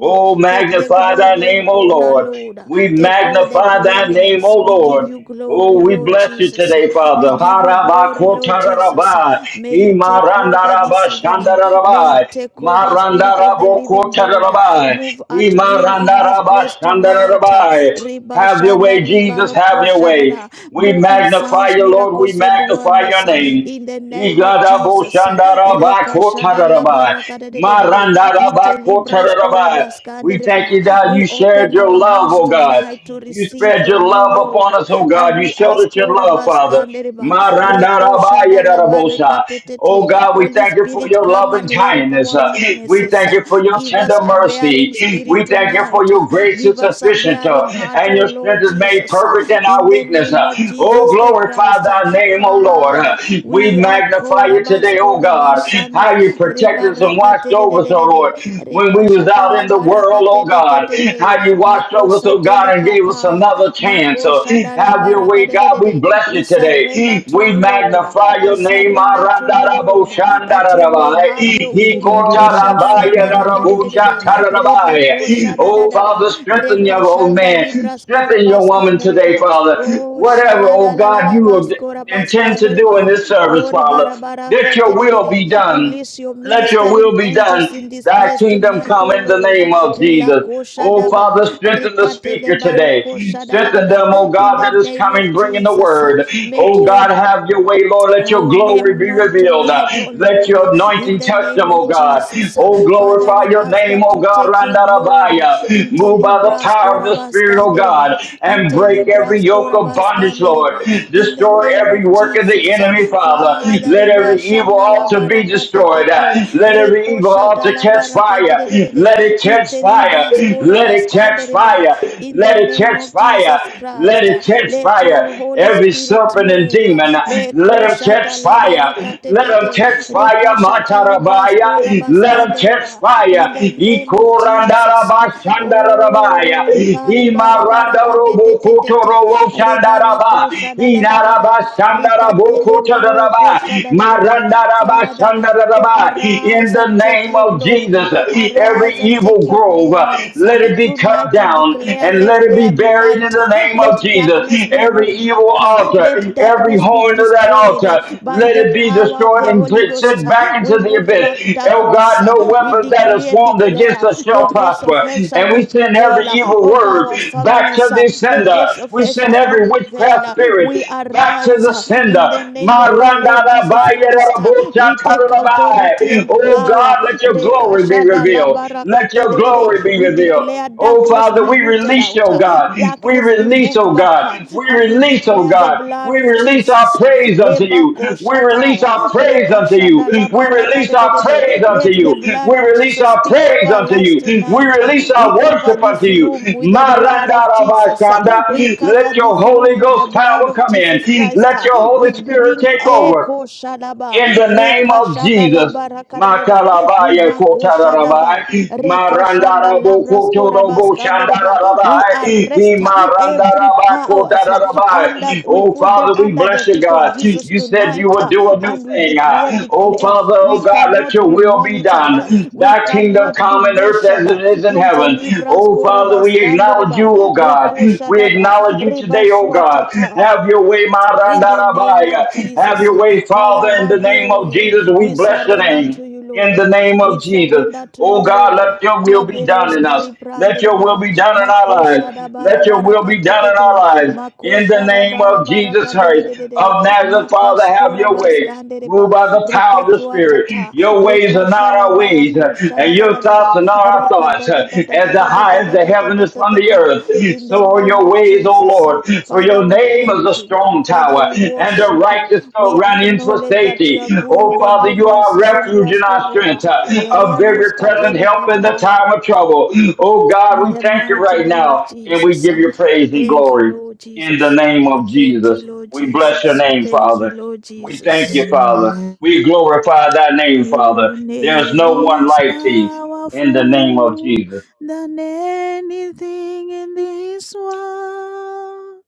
[SPEAKER 4] Oh,
[SPEAKER 2] Take the
[SPEAKER 4] magnify thy
[SPEAKER 2] glory and
[SPEAKER 4] name, O
[SPEAKER 2] honor,
[SPEAKER 4] Lord.
[SPEAKER 2] Lord.
[SPEAKER 4] We
[SPEAKER 2] Take all the
[SPEAKER 4] magnify thy name, O
[SPEAKER 2] preeminence. We give
[SPEAKER 4] Lord.
[SPEAKER 2] you
[SPEAKER 4] Oh,
[SPEAKER 2] glory,
[SPEAKER 4] we
[SPEAKER 2] Lord
[SPEAKER 4] bless you
[SPEAKER 2] Jesus.
[SPEAKER 4] today, Father.
[SPEAKER 2] We give you glory, Lord Jesus.
[SPEAKER 4] Harabakotararabai.
[SPEAKER 2] May you take over this evening. May you
[SPEAKER 4] Imarandarabashandarabai.
[SPEAKER 2] take over, Spirit of the Living God.
[SPEAKER 4] Marandarabokotararabai.
[SPEAKER 2] Move at will in this place tonight.
[SPEAKER 4] Imarandarabashandarabai.
[SPEAKER 2] Riba
[SPEAKER 4] Have your
[SPEAKER 2] Shanda
[SPEAKER 4] way,
[SPEAKER 2] Riba
[SPEAKER 4] Jesus. Have
[SPEAKER 2] Roko
[SPEAKER 4] your way.
[SPEAKER 2] Shadada.
[SPEAKER 4] We
[SPEAKER 2] Move in
[SPEAKER 4] magnify
[SPEAKER 2] signs,
[SPEAKER 4] you, Lord. We
[SPEAKER 2] miracles, and
[SPEAKER 4] magnify your
[SPEAKER 2] wonders uh,
[SPEAKER 4] name.
[SPEAKER 2] in the name of
[SPEAKER 4] Igada
[SPEAKER 2] Jesus. Rekashada la
[SPEAKER 4] Igadaboshandarabakotarabai.
[SPEAKER 2] baraka de de de de de. Inte libras
[SPEAKER 4] Marandarabakotararabai.
[SPEAKER 2] korabaska
[SPEAKER 4] We
[SPEAKER 2] and
[SPEAKER 4] thank you that
[SPEAKER 2] We
[SPEAKER 4] you shared
[SPEAKER 2] open
[SPEAKER 4] your
[SPEAKER 2] our
[SPEAKER 4] love,
[SPEAKER 2] hearts
[SPEAKER 4] oh God.
[SPEAKER 2] tonight to
[SPEAKER 4] You
[SPEAKER 2] receive
[SPEAKER 4] spread your
[SPEAKER 2] from you,
[SPEAKER 4] love
[SPEAKER 2] Lord.
[SPEAKER 4] upon us, oh
[SPEAKER 2] And
[SPEAKER 4] God. You
[SPEAKER 2] we ask
[SPEAKER 4] sheltered your love,
[SPEAKER 2] korabaska
[SPEAKER 4] Father.
[SPEAKER 2] and reba. Rekoshada la baraka
[SPEAKER 4] Marandarabayadarabosa.
[SPEAKER 2] te te
[SPEAKER 4] Oh
[SPEAKER 2] te.
[SPEAKER 4] God, we
[SPEAKER 2] Holy
[SPEAKER 4] thank you for
[SPEAKER 2] Spirit,
[SPEAKER 4] your
[SPEAKER 2] come
[SPEAKER 4] loving
[SPEAKER 2] and help
[SPEAKER 4] kindness.
[SPEAKER 2] our
[SPEAKER 4] Uh, We
[SPEAKER 2] weaknesses.
[SPEAKER 4] thank you for your
[SPEAKER 2] Give us
[SPEAKER 4] tender
[SPEAKER 2] a
[SPEAKER 4] mercy
[SPEAKER 2] bearing
[SPEAKER 4] mercy. We
[SPEAKER 2] spirit
[SPEAKER 4] thank you for
[SPEAKER 2] tonight.
[SPEAKER 4] your grace is
[SPEAKER 2] Give us a
[SPEAKER 4] sufficient uh,
[SPEAKER 2] bearing heart,
[SPEAKER 4] and
[SPEAKER 2] O
[SPEAKER 4] your strength
[SPEAKER 2] Lord
[SPEAKER 4] is made
[SPEAKER 2] Jesus.
[SPEAKER 4] perfect in our
[SPEAKER 2] In the
[SPEAKER 4] weakness.
[SPEAKER 2] name
[SPEAKER 4] uh.
[SPEAKER 2] of
[SPEAKER 4] Oh,
[SPEAKER 2] Jesus the
[SPEAKER 4] glorify
[SPEAKER 2] Christ.
[SPEAKER 4] thy name, O Lord.
[SPEAKER 2] Father,
[SPEAKER 4] uh. We
[SPEAKER 2] we are
[SPEAKER 4] magnify you
[SPEAKER 2] Korabas
[SPEAKER 4] today, O God, how
[SPEAKER 2] Rabashanda
[SPEAKER 4] you protected us and watched
[SPEAKER 2] Rebarakate de de
[SPEAKER 4] over us,
[SPEAKER 2] de
[SPEAKER 4] O
[SPEAKER 2] de de
[SPEAKER 4] Lord, when we was
[SPEAKER 2] Rekashata
[SPEAKER 4] out
[SPEAKER 2] la
[SPEAKER 4] in the world, O
[SPEAKER 2] barakate de de
[SPEAKER 4] God,
[SPEAKER 2] de de
[SPEAKER 4] how you watched over us, O
[SPEAKER 2] Makosate
[SPEAKER 4] God, and gave us
[SPEAKER 2] likapaya
[SPEAKER 4] another chance. So
[SPEAKER 2] Makoshada la
[SPEAKER 4] have your way Yahweh
[SPEAKER 2] barakate de de
[SPEAKER 4] God, we
[SPEAKER 2] de
[SPEAKER 4] bless
[SPEAKER 2] We
[SPEAKER 4] you today.
[SPEAKER 2] surrender to
[SPEAKER 4] We
[SPEAKER 2] you, Lord.
[SPEAKER 4] magnify
[SPEAKER 2] We
[SPEAKER 4] your name.
[SPEAKER 2] surrender to you, Lord, that you may have
[SPEAKER 4] Arandaraboshandarabai.
[SPEAKER 2] your way. Lokoshada la barakate de de
[SPEAKER 3] of
[SPEAKER 2] de
[SPEAKER 3] glory.
[SPEAKER 4] Hikotarabaiarabushatarabai.
[SPEAKER 2] Rebakoshada da
[SPEAKER 4] Oh,
[SPEAKER 2] da da
[SPEAKER 4] Father, strengthen your old
[SPEAKER 2] Rekashanda
[SPEAKER 4] man.
[SPEAKER 2] librasko
[SPEAKER 4] Strengthen your woman
[SPEAKER 2] rabaskande
[SPEAKER 4] today,
[SPEAKER 2] reba
[SPEAKER 4] Father.
[SPEAKER 2] Oh,
[SPEAKER 4] Whatever,
[SPEAKER 2] shala la
[SPEAKER 4] oh
[SPEAKER 2] la la
[SPEAKER 4] God,
[SPEAKER 2] la
[SPEAKER 4] you
[SPEAKER 2] baskora
[SPEAKER 4] intend
[SPEAKER 2] Baskande
[SPEAKER 4] to do in
[SPEAKER 2] reba.
[SPEAKER 4] this service,
[SPEAKER 2] Oh,
[SPEAKER 4] Father.
[SPEAKER 2] ribara
[SPEAKER 4] Let
[SPEAKER 2] baraka,
[SPEAKER 4] your will be
[SPEAKER 2] ribarakaterere.
[SPEAKER 4] done
[SPEAKER 2] Release your
[SPEAKER 4] let your
[SPEAKER 2] ministering
[SPEAKER 4] will be
[SPEAKER 2] angels in
[SPEAKER 4] done.
[SPEAKER 2] this
[SPEAKER 4] Thy
[SPEAKER 2] place
[SPEAKER 4] kingdom
[SPEAKER 2] tonight,
[SPEAKER 4] come
[SPEAKER 2] oh
[SPEAKER 4] in the
[SPEAKER 2] Lord.
[SPEAKER 4] name of Jesus.
[SPEAKER 2] Rilako
[SPEAKER 4] Oh,
[SPEAKER 2] shadaba.
[SPEAKER 4] Father, strengthen the
[SPEAKER 2] rikatele
[SPEAKER 4] speaker
[SPEAKER 2] Rilakoshadaba.
[SPEAKER 4] today. Strengthen them,
[SPEAKER 2] Rikatelebarokoshadadadada.
[SPEAKER 4] oh
[SPEAKER 2] In
[SPEAKER 4] God,
[SPEAKER 2] the
[SPEAKER 4] that is
[SPEAKER 2] name
[SPEAKER 4] coming,
[SPEAKER 2] of
[SPEAKER 4] bringing the
[SPEAKER 2] Jesus,
[SPEAKER 4] word.
[SPEAKER 2] make
[SPEAKER 4] Oh
[SPEAKER 2] your
[SPEAKER 4] God, have your way, Lord. Let your
[SPEAKER 2] Oh,
[SPEAKER 4] glory
[SPEAKER 2] name
[SPEAKER 4] be
[SPEAKER 2] known
[SPEAKER 4] revealed.
[SPEAKER 2] tonight, oh
[SPEAKER 4] Let
[SPEAKER 2] Lord, uh,
[SPEAKER 4] your
[SPEAKER 2] in
[SPEAKER 4] anointing
[SPEAKER 2] the
[SPEAKER 4] touch
[SPEAKER 2] name
[SPEAKER 4] them, oh
[SPEAKER 2] of
[SPEAKER 4] God.
[SPEAKER 2] Jesus. uh,
[SPEAKER 4] Oh,
[SPEAKER 2] Father,
[SPEAKER 4] glorify
[SPEAKER 2] we
[SPEAKER 4] your
[SPEAKER 2] ask
[SPEAKER 4] name,
[SPEAKER 2] that
[SPEAKER 4] oh
[SPEAKER 2] you
[SPEAKER 4] God.
[SPEAKER 2] take your glory.
[SPEAKER 4] Randarabaya.
[SPEAKER 2] Inte
[SPEAKER 4] Move by the
[SPEAKER 2] libras
[SPEAKER 4] power of the Spirit, oh God,
[SPEAKER 2] korabaskandereba,
[SPEAKER 4] and
[SPEAKER 2] inte
[SPEAKER 4] break every
[SPEAKER 2] libras
[SPEAKER 4] yoke of bondage, Lord.
[SPEAKER 2] korabaskandereba, In the
[SPEAKER 4] Destroy
[SPEAKER 2] name
[SPEAKER 4] every
[SPEAKER 2] of
[SPEAKER 4] work of the
[SPEAKER 2] Jesus. uh,
[SPEAKER 4] enemy, Father.
[SPEAKER 2] Father,
[SPEAKER 4] Let
[SPEAKER 2] riba
[SPEAKER 4] every evil
[SPEAKER 2] shandala
[SPEAKER 4] altar be destroyed destroyed. Uh,
[SPEAKER 2] barakatetete,
[SPEAKER 4] Let every
[SPEAKER 2] reko
[SPEAKER 4] evil altar
[SPEAKER 2] shatala
[SPEAKER 4] catch fire. Let
[SPEAKER 2] barakadededede,
[SPEAKER 4] it catch
[SPEAKER 2] inte
[SPEAKER 4] fire.
[SPEAKER 2] libras
[SPEAKER 4] Let it catch
[SPEAKER 2] korabaskandereba,
[SPEAKER 4] fire.
[SPEAKER 2] in the
[SPEAKER 4] Let it
[SPEAKER 2] name
[SPEAKER 4] catch
[SPEAKER 2] of
[SPEAKER 4] fire.
[SPEAKER 2] Jesus
[SPEAKER 4] Let
[SPEAKER 2] Christ. uh,
[SPEAKER 4] it catch
[SPEAKER 2] let your
[SPEAKER 4] fire.
[SPEAKER 2] Holy
[SPEAKER 4] Every
[SPEAKER 2] Spirit
[SPEAKER 4] serpent and
[SPEAKER 2] move.
[SPEAKER 4] demon, uh,
[SPEAKER 2] Le
[SPEAKER 4] let them
[SPEAKER 2] koshata
[SPEAKER 4] catch
[SPEAKER 2] la
[SPEAKER 4] fire. Let them catch
[SPEAKER 2] barakatetete.
[SPEAKER 4] fire.
[SPEAKER 2] Rekashata
[SPEAKER 4] Matarabaya.
[SPEAKER 2] librasko
[SPEAKER 4] Let them catch
[SPEAKER 2] rabaskandereba.
[SPEAKER 4] fire.
[SPEAKER 2] In the name of Jesus.
[SPEAKER 4] Ikorandarabashandarabaya.
[SPEAKER 2] Oh, ribari barakatetete.
[SPEAKER 4] Imarandarobokotorobo shandaraba.
[SPEAKER 2] Rebarakosha da da da da da. Rikatele
[SPEAKER 4] Inarabashandarabokotoroba.
[SPEAKER 2] barokosha da da da da.
[SPEAKER 4] Marandaraba.
[SPEAKER 2] Father, Oh,
[SPEAKER 4] In
[SPEAKER 2] arise and
[SPEAKER 4] the
[SPEAKER 2] take
[SPEAKER 4] name
[SPEAKER 2] your
[SPEAKER 4] of
[SPEAKER 2] glory.
[SPEAKER 4] Jesus, every
[SPEAKER 2] Arise and take
[SPEAKER 4] evil
[SPEAKER 2] your
[SPEAKER 4] grove, uh,
[SPEAKER 2] preeminence. Uh,
[SPEAKER 4] let it be cut
[SPEAKER 2] Tonight we
[SPEAKER 4] down
[SPEAKER 2] declare,
[SPEAKER 4] and let
[SPEAKER 2] let
[SPEAKER 4] it be
[SPEAKER 2] there be
[SPEAKER 4] buried in
[SPEAKER 2] light.
[SPEAKER 4] the
[SPEAKER 2] Uh,
[SPEAKER 4] name of
[SPEAKER 2] Let
[SPEAKER 4] Jesus.
[SPEAKER 2] darkness be
[SPEAKER 4] Every
[SPEAKER 2] moved
[SPEAKER 4] evil
[SPEAKER 2] back. Uh,
[SPEAKER 4] altar,
[SPEAKER 2] Let
[SPEAKER 4] every
[SPEAKER 2] darkness be
[SPEAKER 4] horn of that
[SPEAKER 2] destroyed uh,
[SPEAKER 4] altar,
[SPEAKER 2] by
[SPEAKER 4] let
[SPEAKER 2] the
[SPEAKER 4] it be
[SPEAKER 2] power of
[SPEAKER 4] destroyed
[SPEAKER 2] the
[SPEAKER 4] and
[SPEAKER 2] Holy
[SPEAKER 4] get
[SPEAKER 2] Ghost.
[SPEAKER 4] sent
[SPEAKER 2] Uh,
[SPEAKER 4] back into
[SPEAKER 2] We
[SPEAKER 4] the
[SPEAKER 2] move back
[SPEAKER 4] abyss. Oh
[SPEAKER 2] darkness.
[SPEAKER 4] God,
[SPEAKER 2] Uh,
[SPEAKER 4] no
[SPEAKER 2] We
[SPEAKER 4] weapon that is
[SPEAKER 2] decree and
[SPEAKER 4] formed against
[SPEAKER 2] declare,
[SPEAKER 4] us
[SPEAKER 2] the
[SPEAKER 4] shall
[SPEAKER 2] gates of
[SPEAKER 4] prosper.
[SPEAKER 2] hell shall
[SPEAKER 4] And we
[SPEAKER 2] not
[SPEAKER 4] send every
[SPEAKER 2] prevail uh,
[SPEAKER 4] evil
[SPEAKER 2] over
[SPEAKER 4] word
[SPEAKER 2] our
[SPEAKER 4] back to
[SPEAKER 2] families. Uh,
[SPEAKER 4] the
[SPEAKER 2] The
[SPEAKER 4] sender.
[SPEAKER 2] gates of
[SPEAKER 4] We
[SPEAKER 2] hell
[SPEAKER 4] send
[SPEAKER 2] shall not
[SPEAKER 4] every
[SPEAKER 2] prevail.
[SPEAKER 4] witchcraft
[SPEAKER 2] Uh, We
[SPEAKER 4] spirit back to
[SPEAKER 2] arise
[SPEAKER 4] the
[SPEAKER 2] uh,
[SPEAKER 4] sender.
[SPEAKER 2] in the name of our Lord Jesus. Jesus Christ, uh, we take authority
[SPEAKER 4] Marandarabayaraboshatarabai.
[SPEAKER 2] and
[SPEAKER 4] Oh
[SPEAKER 2] power.
[SPEAKER 4] God, let your glory be
[SPEAKER 2] Rekashada
[SPEAKER 4] revealed. Let your glory
[SPEAKER 2] labarakatedede.
[SPEAKER 4] be
[SPEAKER 2] We
[SPEAKER 4] revealed.
[SPEAKER 2] declare
[SPEAKER 4] Oh
[SPEAKER 2] darkness
[SPEAKER 4] Father,
[SPEAKER 2] be
[SPEAKER 4] we
[SPEAKER 2] rooted
[SPEAKER 4] release,
[SPEAKER 2] out,
[SPEAKER 4] oh
[SPEAKER 2] uh,
[SPEAKER 4] God. We
[SPEAKER 2] darkness be
[SPEAKER 4] release,
[SPEAKER 2] moved
[SPEAKER 4] oh
[SPEAKER 2] back, uh,
[SPEAKER 4] God. We
[SPEAKER 2] and we
[SPEAKER 4] release, oh
[SPEAKER 2] declare the
[SPEAKER 4] God.
[SPEAKER 2] blood
[SPEAKER 4] We
[SPEAKER 2] of
[SPEAKER 4] release our
[SPEAKER 2] Jesus. uh,
[SPEAKER 4] praise praise unto you. We release
[SPEAKER 2] lebakoshataya,
[SPEAKER 4] our praise unto you.
[SPEAKER 2] rekashada
[SPEAKER 4] We release our praise
[SPEAKER 2] labarakatedede.
[SPEAKER 4] unto
[SPEAKER 2] Let the
[SPEAKER 4] you.
[SPEAKER 2] blood
[SPEAKER 4] We
[SPEAKER 2] of
[SPEAKER 4] release
[SPEAKER 2] Jesus
[SPEAKER 4] our
[SPEAKER 2] speak over
[SPEAKER 4] praise
[SPEAKER 2] our
[SPEAKER 4] unto
[SPEAKER 2] lives
[SPEAKER 4] you. We
[SPEAKER 2] tonight. uh,
[SPEAKER 4] release
[SPEAKER 2] We
[SPEAKER 4] our
[SPEAKER 2] cover
[SPEAKER 4] worship unto
[SPEAKER 2] this
[SPEAKER 4] you.
[SPEAKER 2] room with the blood of Jesus. uh, We
[SPEAKER 4] Marandarabashanda.
[SPEAKER 2] cover
[SPEAKER 4] Let your
[SPEAKER 2] this
[SPEAKER 4] Holy
[SPEAKER 2] room with the
[SPEAKER 4] Ghost
[SPEAKER 2] blood
[SPEAKER 4] power
[SPEAKER 2] of
[SPEAKER 4] come in.
[SPEAKER 2] Jesus Christ.
[SPEAKER 4] Let
[SPEAKER 2] uh,
[SPEAKER 4] your
[SPEAKER 2] We
[SPEAKER 4] Holy
[SPEAKER 2] we
[SPEAKER 4] Spirit
[SPEAKER 2] bring
[SPEAKER 4] take over
[SPEAKER 2] Eko Shadaba,
[SPEAKER 4] in the name
[SPEAKER 2] Reka
[SPEAKER 4] of Jesus.
[SPEAKER 2] Shadalaba Rakadada,
[SPEAKER 4] Makalabaya
[SPEAKER 2] Riba Shadaba,
[SPEAKER 4] kotarabai,
[SPEAKER 2] Reka Shanda
[SPEAKER 4] marandarabo
[SPEAKER 2] Labras
[SPEAKER 4] kotorobo
[SPEAKER 2] Korabaskandereba. We
[SPEAKER 4] shandarabai,
[SPEAKER 2] arrest uh, every
[SPEAKER 4] imarandaraba
[SPEAKER 2] powers uh, under
[SPEAKER 4] kotarabai.
[SPEAKER 2] we
[SPEAKER 4] Oh
[SPEAKER 2] put them
[SPEAKER 4] Father, we
[SPEAKER 2] under the
[SPEAKER 4] bless you,
[SPEAKER 2] feet of
[SPEAKER 4] God.
[SPEAKER 2] Jesus
[SPEAKER 4] You said you
[SPEAKER 2] tonight
[SPEAKER 4] would
[SPEAKER 2] uh,
[SPEAKER 4] do a new
[SPEAKER 2] and we
[SPEAKER 4] thing.
[SPEAKER 2] decree and
[SPEAKER 4] Oh
[SPEAKER 2] declare
[SPEAKER 4] Father,
[SPEAKER 2] we
[SPEAKER 4] oh God, let
[SPEAKER 2] cannot
[SPEAKER 4] your
[SPEAKER 2] be
[SPEAKER 4] will be
[SPEAKER 2] monitored, uh,
[SPEAKER 4] done.
[SPEAKER 2] we
[SPEAKER 4] Thy kingdom
[SPEAKER 2] cannot be
[SPEAKER 4] come in earth
[SPEAKER 2] measured.
[SPEAKER 4] as
[SPEAKER 2] uh,
[SPEAKER 4] it is in heaven.
[SPEAKER 2] Intelibras
[SPEAKER 4] Oh Father, we acknowledge you,
[SPEAKER 2] Korabaskandereba,
[SPEAKER 4] oh God.
[SPEAKER 2] Reko
[SPEAKER 4] We
[SPEAKER 2] Shadaba,
[SPEAKER 4] acknowledge you
[SPEAKER 2] Reba
[SPEAKER 4] today, oh God.
[SPEAKER 2] Suatata.
[SPEAKER 4] Have your way,
[SPEAKER 2] In the name of
[SPEAKER 4] Marandarabaya. Have
[SPEAKER 2] Jesus,
[SPEAKER 4] your
[SPEAKER 2] uh,
[SPEAKER 4] way,
[SPEAKER 2] Father,
[SPEAKER 4] Father, in the
[SPEAKER 2] have your
[SPEAKER 4] name of
[SPEAKER 2] way.
[SPEAKER 4] Jesus. We
[SPEAKER 2] We
[SPEAKER 4] bless your
[SPEAKER 2] surrender
[SPEAKER 4] name.
[SPEAKER 2] to you,
[SPEAKER 4] In
[SPEAKER 2] Lord.
[SPEAKER 4] the name
[SPEAKER 2] We
[SPEAKER 4] of Jesus.
[SPEAKER 2] surrender to
[SPEAKER 4] Oh
[SPEAKER 2] you,
[SPEAKER 4] God,
[SPEAKER 2] Lord.
[SPEAKER 4] let your will be
[SPEAKER 2] Havelus
[SPEAKER 4] done in us. Let your will
[SPEAKER 2] karibrandeba,
[SPEAKER 4] be done in our
[SPEAKER 2] makosha
[SPEAKER 4] lives.
[SPEAKER 2] da
[SPEAKER 4] Let your
[SPEAKER 2] barabara
[SPEAKER 4] will be done in our
[SPEAKER 2] katetete,
[SPEAKER 4] lives. In the
[SPEAKER 2] makosha da
[SPEAKER 4] name of
[SPEAKER 2] barabara
[SPEAKER 4] Jesus Christ
[SPEAKER 2] kadededede,
[SPEAKER 4] of Nazareth, Father, have
[SPEAKER 2] makaskora
[SPEAKER 4] your way. Move
[SPEAKER 2] baskandereba,
[SPEAKER 4] by the power of the
[SPEAKER 2] rikatua
[SPEAKER 4] Spirit.
[SPEAKER 2] tata,
[SPEAKER 4] Your ways are not
[SPEAKER 2] rikasha la
[SPEAKER 4] our ways, uh,
[SPEAKER 2] barakosha
[SPEAKER 4] and
[SPEAKER 2] da da
[SPEAKER 4] your
[SPEAKER 2] da da
[SPEAKER 4] thoughts
[SPEAKER 2] da,
[SPEAKER 4] are not our thoughts.
[SPEAKER 2] rikada da
[SPEAKER 4] Uh,
[SPEAKER 2] da da da
[SPEAKER 4] As the
[SPEAKER 2] da da
[SPEAKER 4] high
[SPEAKER 2] da
[SPEAKER 4] as
[SPEAKER 2] da
[SPEAKER 4] the
[SPEAKER 2] da
[SPEAKER 4] heaven
[SPEAKER 2] da
[SPEAKER 4] is
[SPEAKER 2] da
[SPEAKER 4] from
[SPEAKER 2] da
[SPEAKER 4] the
[SPEAKER 2] da.
[SPEAKER 4] earth,
[SPEAKER 2] In the
[SPEAKER 4] so are
[SPEAKER 2] name
[SPEAKER 4] your
[SPEAKER 2] of
[SPEAKER 4] ways, O
[SPEAKER 2] Jesus, uh,
[SPEAKER 4] Lord. For
[SPEAKER 2] Father,
[SPEAKER 4] your
[SPEAKER 2] we
[SPEAKER 4] name is a
[SPEAKER 2] thank you.
[SPEAKER 4] strong
[SPEAKER 2] Father,
[SPEAKER 4] tower,
[SPEAKER 2] we
[SPEAKER 4] and the
[SPEAKER 2] worship you.
[SPEAKER 4] righteous go
[SPEAKER 2] We
[SPEAKER 4] run into
[SPEAKER 2] acknowledge that you
[SPEAKER 4] safety.
[SPEAKER 2] are
[SPEAKER 4] O
[SPEAKER 2] good and
[SPEAKER 4] Father,
[SPEAKER 2] your
[SPEAKER 4] you are our
[SPEAKER 2] mercies
[SPEAKER 4] refuge
[SPEAKER 2] endures
[SPEAKER 4] and our strength,
[SPEAKER 2] forever.
[SPEAKER 4] uh,
[SPEAKER 2] The
[SPEAKER 4] a
[SPEAKER 2] Rianos
[SPEAKER 4] very present
[SPEAKER 2] Kateli
[SPEAKER 4] help in the
[SPEAKER 2] Kapaya.
[SPEAKER 4] time of trouble. O God,
[SPEAKER 2] In
[SPEAKER 4] we
[SPEAKER 2] the
[SPEAKER 4] thank you
[SPEAKER 2] mighty
[SPEAKER 4] right
[SPEAKER 2] name of
[SPEAKER 4] now, and we
[SPEAKER 2] Jesus.
[SPEAKER 4] give you praise and
[SPEAKER 2] Thank you,
[SPEAKER 4] glory
[SPEAKER 2] Lord
[SPEAKER 4] in the
[SPEAKER 2] Jesus.
[SPEAKER 4] name of
[SPEAKER 2] Thank you,
[SPEAKER 4] Jesus.
[SPEAKER 2] Lord
[SPEAKER 4] We bless your
[SPEAKER 2] Jesus.
[SPEAKER 4] name,
[SPEAKER 2] Thank you,
[SPEAKER 4] Father.
[SPEAKER 2] Lord
[SPEAKER 4] We thank
[SPEAKER 2] Jesus.
[SPEAKER 4] you, Father. We glorify thy name, Father.
[SPEAKER 2] Your
[SPEAKER 4] There's
[SPEAKER 2] name
[SPEAKER 4] no one
[SPEAKER 2] is
[SPEAKER 4] like thee. In the name of
[SPEAKER 2] powerful
[SPEAKER 4] Jesus,
[SPEAKER 2] than anything in this world.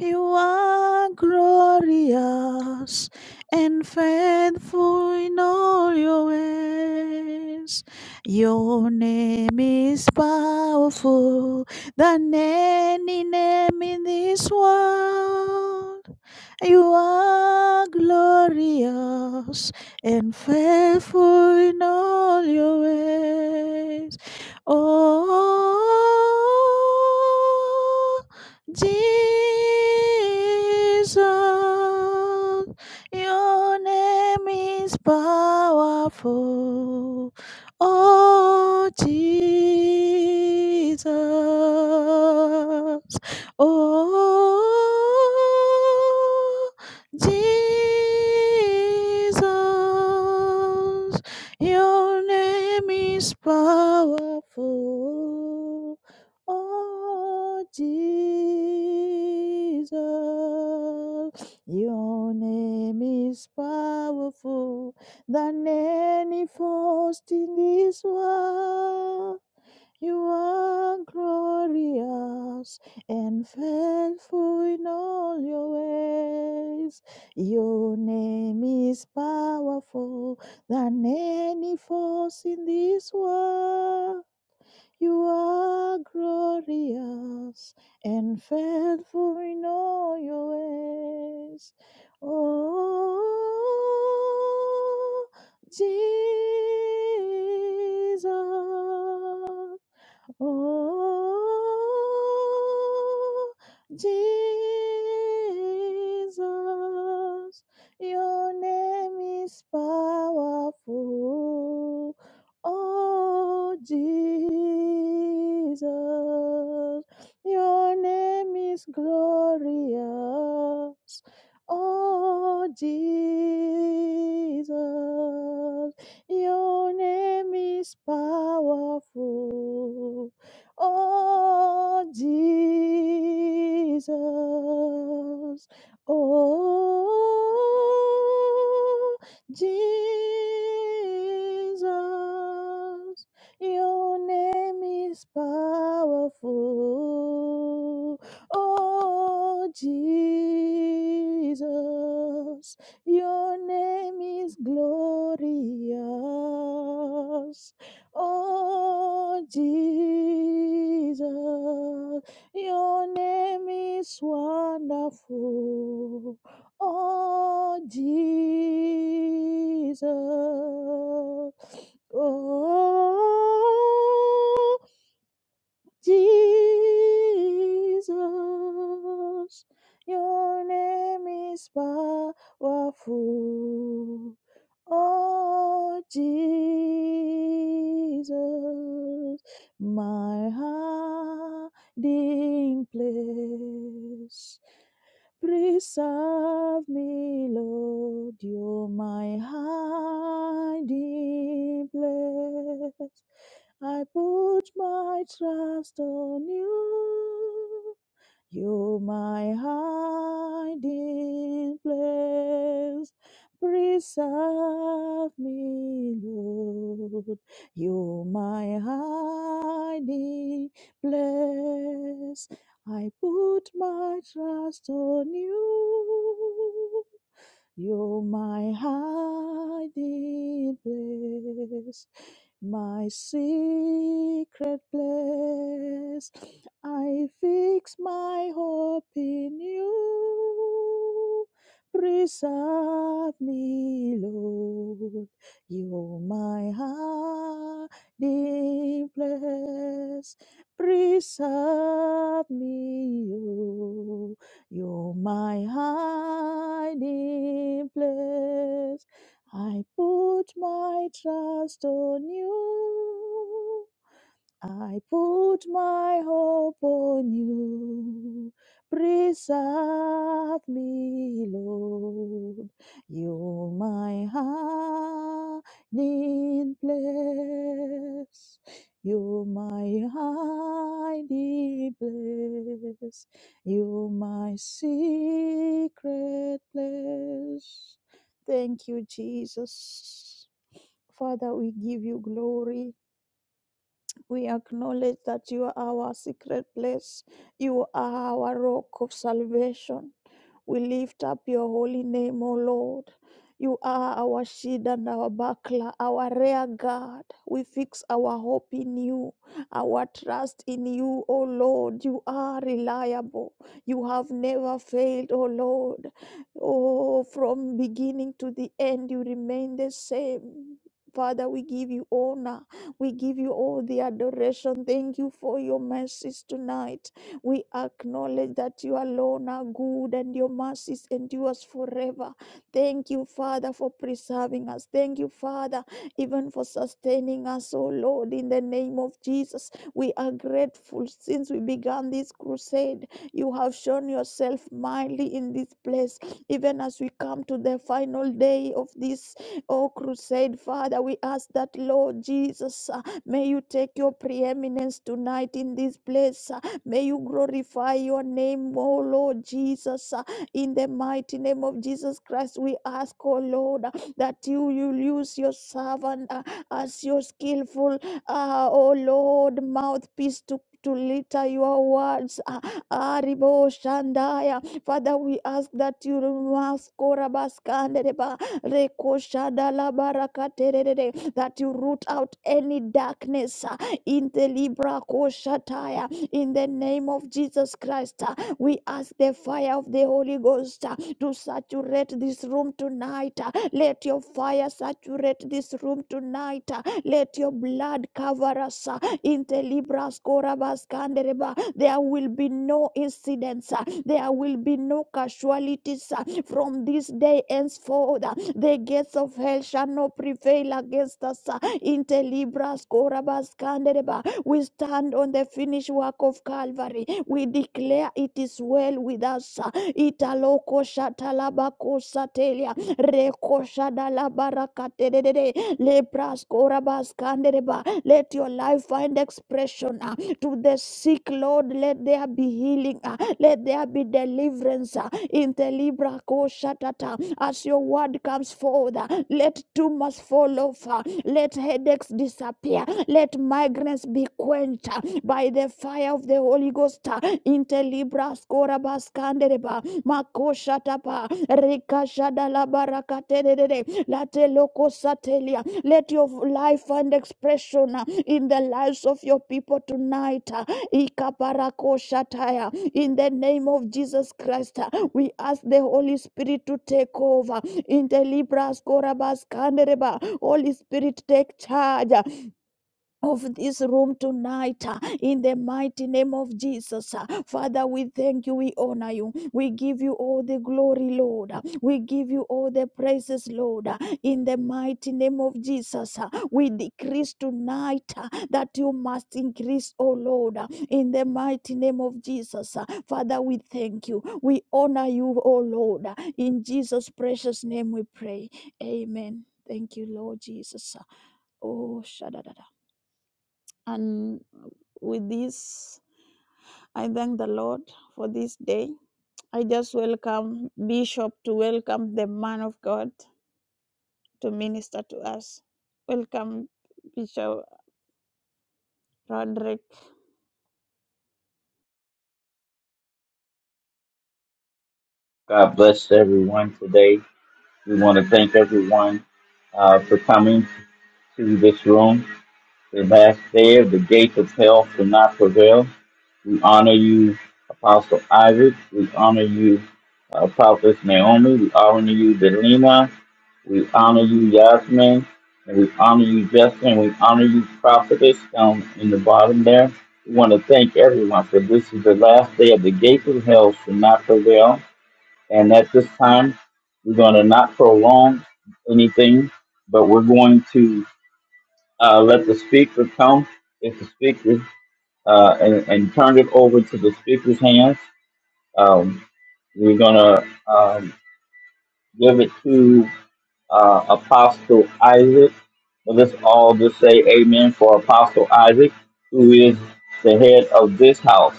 [SPEAKER 2] You are glorious and faithful in all your ways. Your name is powerful than any name in this world. You are glorious and faithful in all your ways. Oh, Jesus, your name is powerful. Oh, Jesus. Oh, Jesus, your name is powerful. Oh, Jesus, your name is powerful than any force in this world. You are glorious and faithful in all your ways. Your name is powerful than any force in this world. You are glorious and faithful in all your ways. Oh, Jesus. Oh, Jesus, your name is powerful. Oh, Jesus, your name is glorious. Oh, Jesus, your name is powerful. Oh, Jesus. Oh, Jesus. Your name is powerful. Oh, Jesus. Your name is glorious. Oh, Jesus, your name is wonderful. Oh, Jesus. Oh, Jesus, your name is powerful. Oh, Jesus, my hiding place. Preserve me, Lord, you're my hiding place. I put my trust on you. You my hiding place, preserve me, Lord. You my hiding place. I put my trust on you. You my hiding place my secret place. I fix my hope in you. Preserve me, Lord. You're my hiding place. Preserve me, oh. You're my hiding place. I put my trust on you. I put my hope on you. Preserve me, Lord. You're my hiding place. You're my hiding place. You're my secret place. Thank you, Jesus. Father, we give you glory. We acknowledge that you are our secret place. You are our rock of salvation. We lift up your holy name, O Lord. You are our shield and our buckler, our rear guard. We fix our hope in you, our trust in you, O Lord. You are reliable. You have never failed, O Lord. Oh, from beginning to the end, you remain the same. Father, we give you honor. We give you all the adoration. Thank you for your mercies tonight. We acknowledge that you alone are good and your mercies endures forever. Thank you, Father, for preserving us. Thank you, Father, even for sustaining us, oh Lord, in the name of Jesus. We are grateful since we began this crusade. You have shown yourself mightily in this place, even as we come to the final day of this oh crusade. Father, we ask that, Lord Jesus, uh, may you take your preeminence tonight in this place. May you glorify your name, oh Lord Jesus. uh, In the mighty name of Jesus Christ, we ask, oh Lord, uh, that you will use your servant uh, as your skillful, uh, oh Lord, mouthpiece to to litter your words. uh, Aribo Shandaya. Father, we ask that you mask Korabaskandereba Reko Shadala Barakaterere, that you root out any darkness uh, in the Libra Koshataya in the name of Jesus Christ, uh, we ask the fire of the Holy Ghost uh, to saturate this room tonight. uh, Let your fire saturate this room tonight. uh, Let your blood cover us. uh, Inte libras corabas candereba. There will be no incidents. uh, There will be no casualties uh, from this day henceforth. uh, The gates of hell shall not prevail against us. uh, Inte libras corabas we stand on the finished work of Calvary. We declare it is well with us. Italoko shatalabako satelia. Reko shadalabarakatedede. Lepraskorabaskandereba. Let your life find expression ah, to the sick, Lord. Let there be healing. ah. Let there be deliverance. ah, In the Libra Koshatata. As your word comes forth, ah, let tumors fall off. ah. Let headaches disappear. Let migrants be quenched uh, by the fire of the Holy Ghost. uh, Intelibras korabaskandereba makoshatapa rikashadalabarakaterere latelokosatelia. Let your life and expression uh, in the lives of your people tonight. uh, ikaparakoshataya. In the name of Jesus Christ, uh, we ask the Holy Spirit to take over. Intelibras korabaskandereba. Holy Spirit, take charge of this room tonight uh, in the mighty name of Jesus. uh. Father, we thank you, we honor you, we give you all the glory, Lord. uh, We give you all the praises, Lord, uh, in the mighty name of Jesus. uh. We decrease tonight uh, that you must increase, oh Lord, uh, in the mighty name of Jesus. uh. Father, we thank you, we honor you, oh Lord. uh, In Jesus' precious name we pray. Amen. Thank you, Lord Jesus. uh. Oh, shada and with this, I thank the Lord for this day. I just welcome Bishop to welcome the man of God to minister to us. Welcome.
[SPEAKER 4] God, we want to thank everyone uh, for coming to this room. The last day of the gates of hell will not prevail. We honor you, Apostle Isaac. We honor you, uh, Prophet Naomi. We honor you, Delina. We honor you, Yasmin, and we honor you, Justin. We honor you, Prophetess, down in the bottom there. We want to thank everyone for this is the last day of the gates of hell shall not prevail. And at this time, we're going to not prolong anything, but we're going to uh, let the speaker come. If the speaker uh, and, and turn it over to the speaker's hands, um, we're going to um, give it to uh, Apostle Isaac. Let us all just say amen for Apostle Isaac, who is the head of this house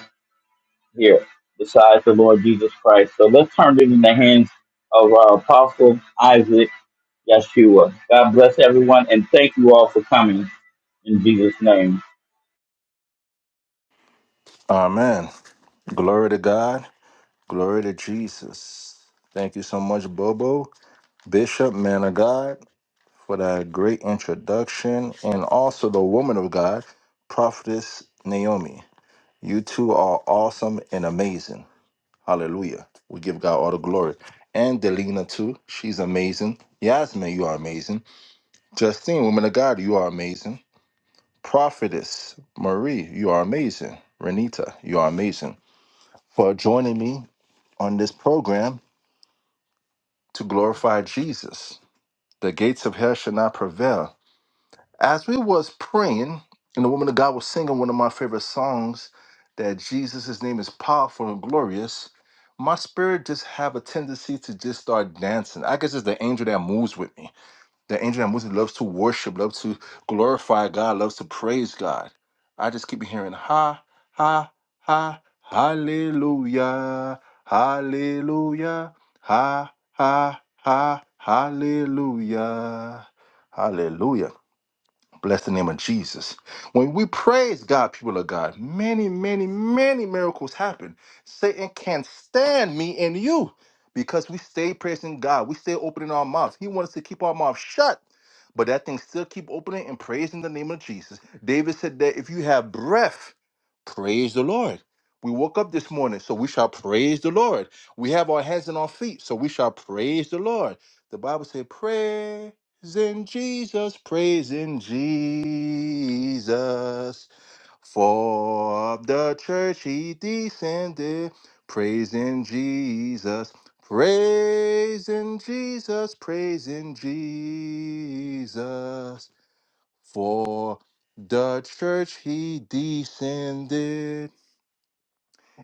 [SPEAKER 4] here, besides the Lord Jesus Christ. So let's turn it in the hands of our Apostle Isaac Yeshua. God bless everyone, and thank you all for coming in Jesus' name.
[SPEAKER 1] Amen. Glory to God. Glory to Jesus. Thank you so much, Bobo, Bishop, man of God, for that great introduction, and also the woman of God, Prophetess Naomi. You two are awesome and amazing. Hallelujah. We give God all the glory. And Delina, too. She's amazing. Yasmin, you are amazing. Justine, woman of God, you are amazing. Prophetess Marie, you are amazing. Renita, you are amazing for joining me on this program to glorify Jesus. The gates of hell shall not prevail. As we was praying, and the woman of God was singing one of my favorite songs, that Jesus' His name is powerful and glorious. My spirit just have a tendency to just start dancing. I guess it's the angel that moves with me The angel that Moses loves to worship, loves to glorify God, loves to praise God. I just keep hearing ha, ha, ha, hallelujah, hallelujah, ha, ha, ha, hallelujah, hallelujah. Bless the name of Jesus. When we praise God, people of God, many, many, many miracles happen. Satan can't stand me and you because we stay praising God. We stay opening our mouths. He wants us to keep our mouth shut, but that thing still keep opening and praising the name of Jesus. David said that if you have breath, praise the Lord. We woke up this morning, so we shall praise the Lord. We have our hands and our feet, so we shall praise the Lord. The Bible said, "Pray." Praising Jesus, praising Jesus. For of the church he descended. Praising Jesus, praising Jesus, praising Jesus. For the church he descended.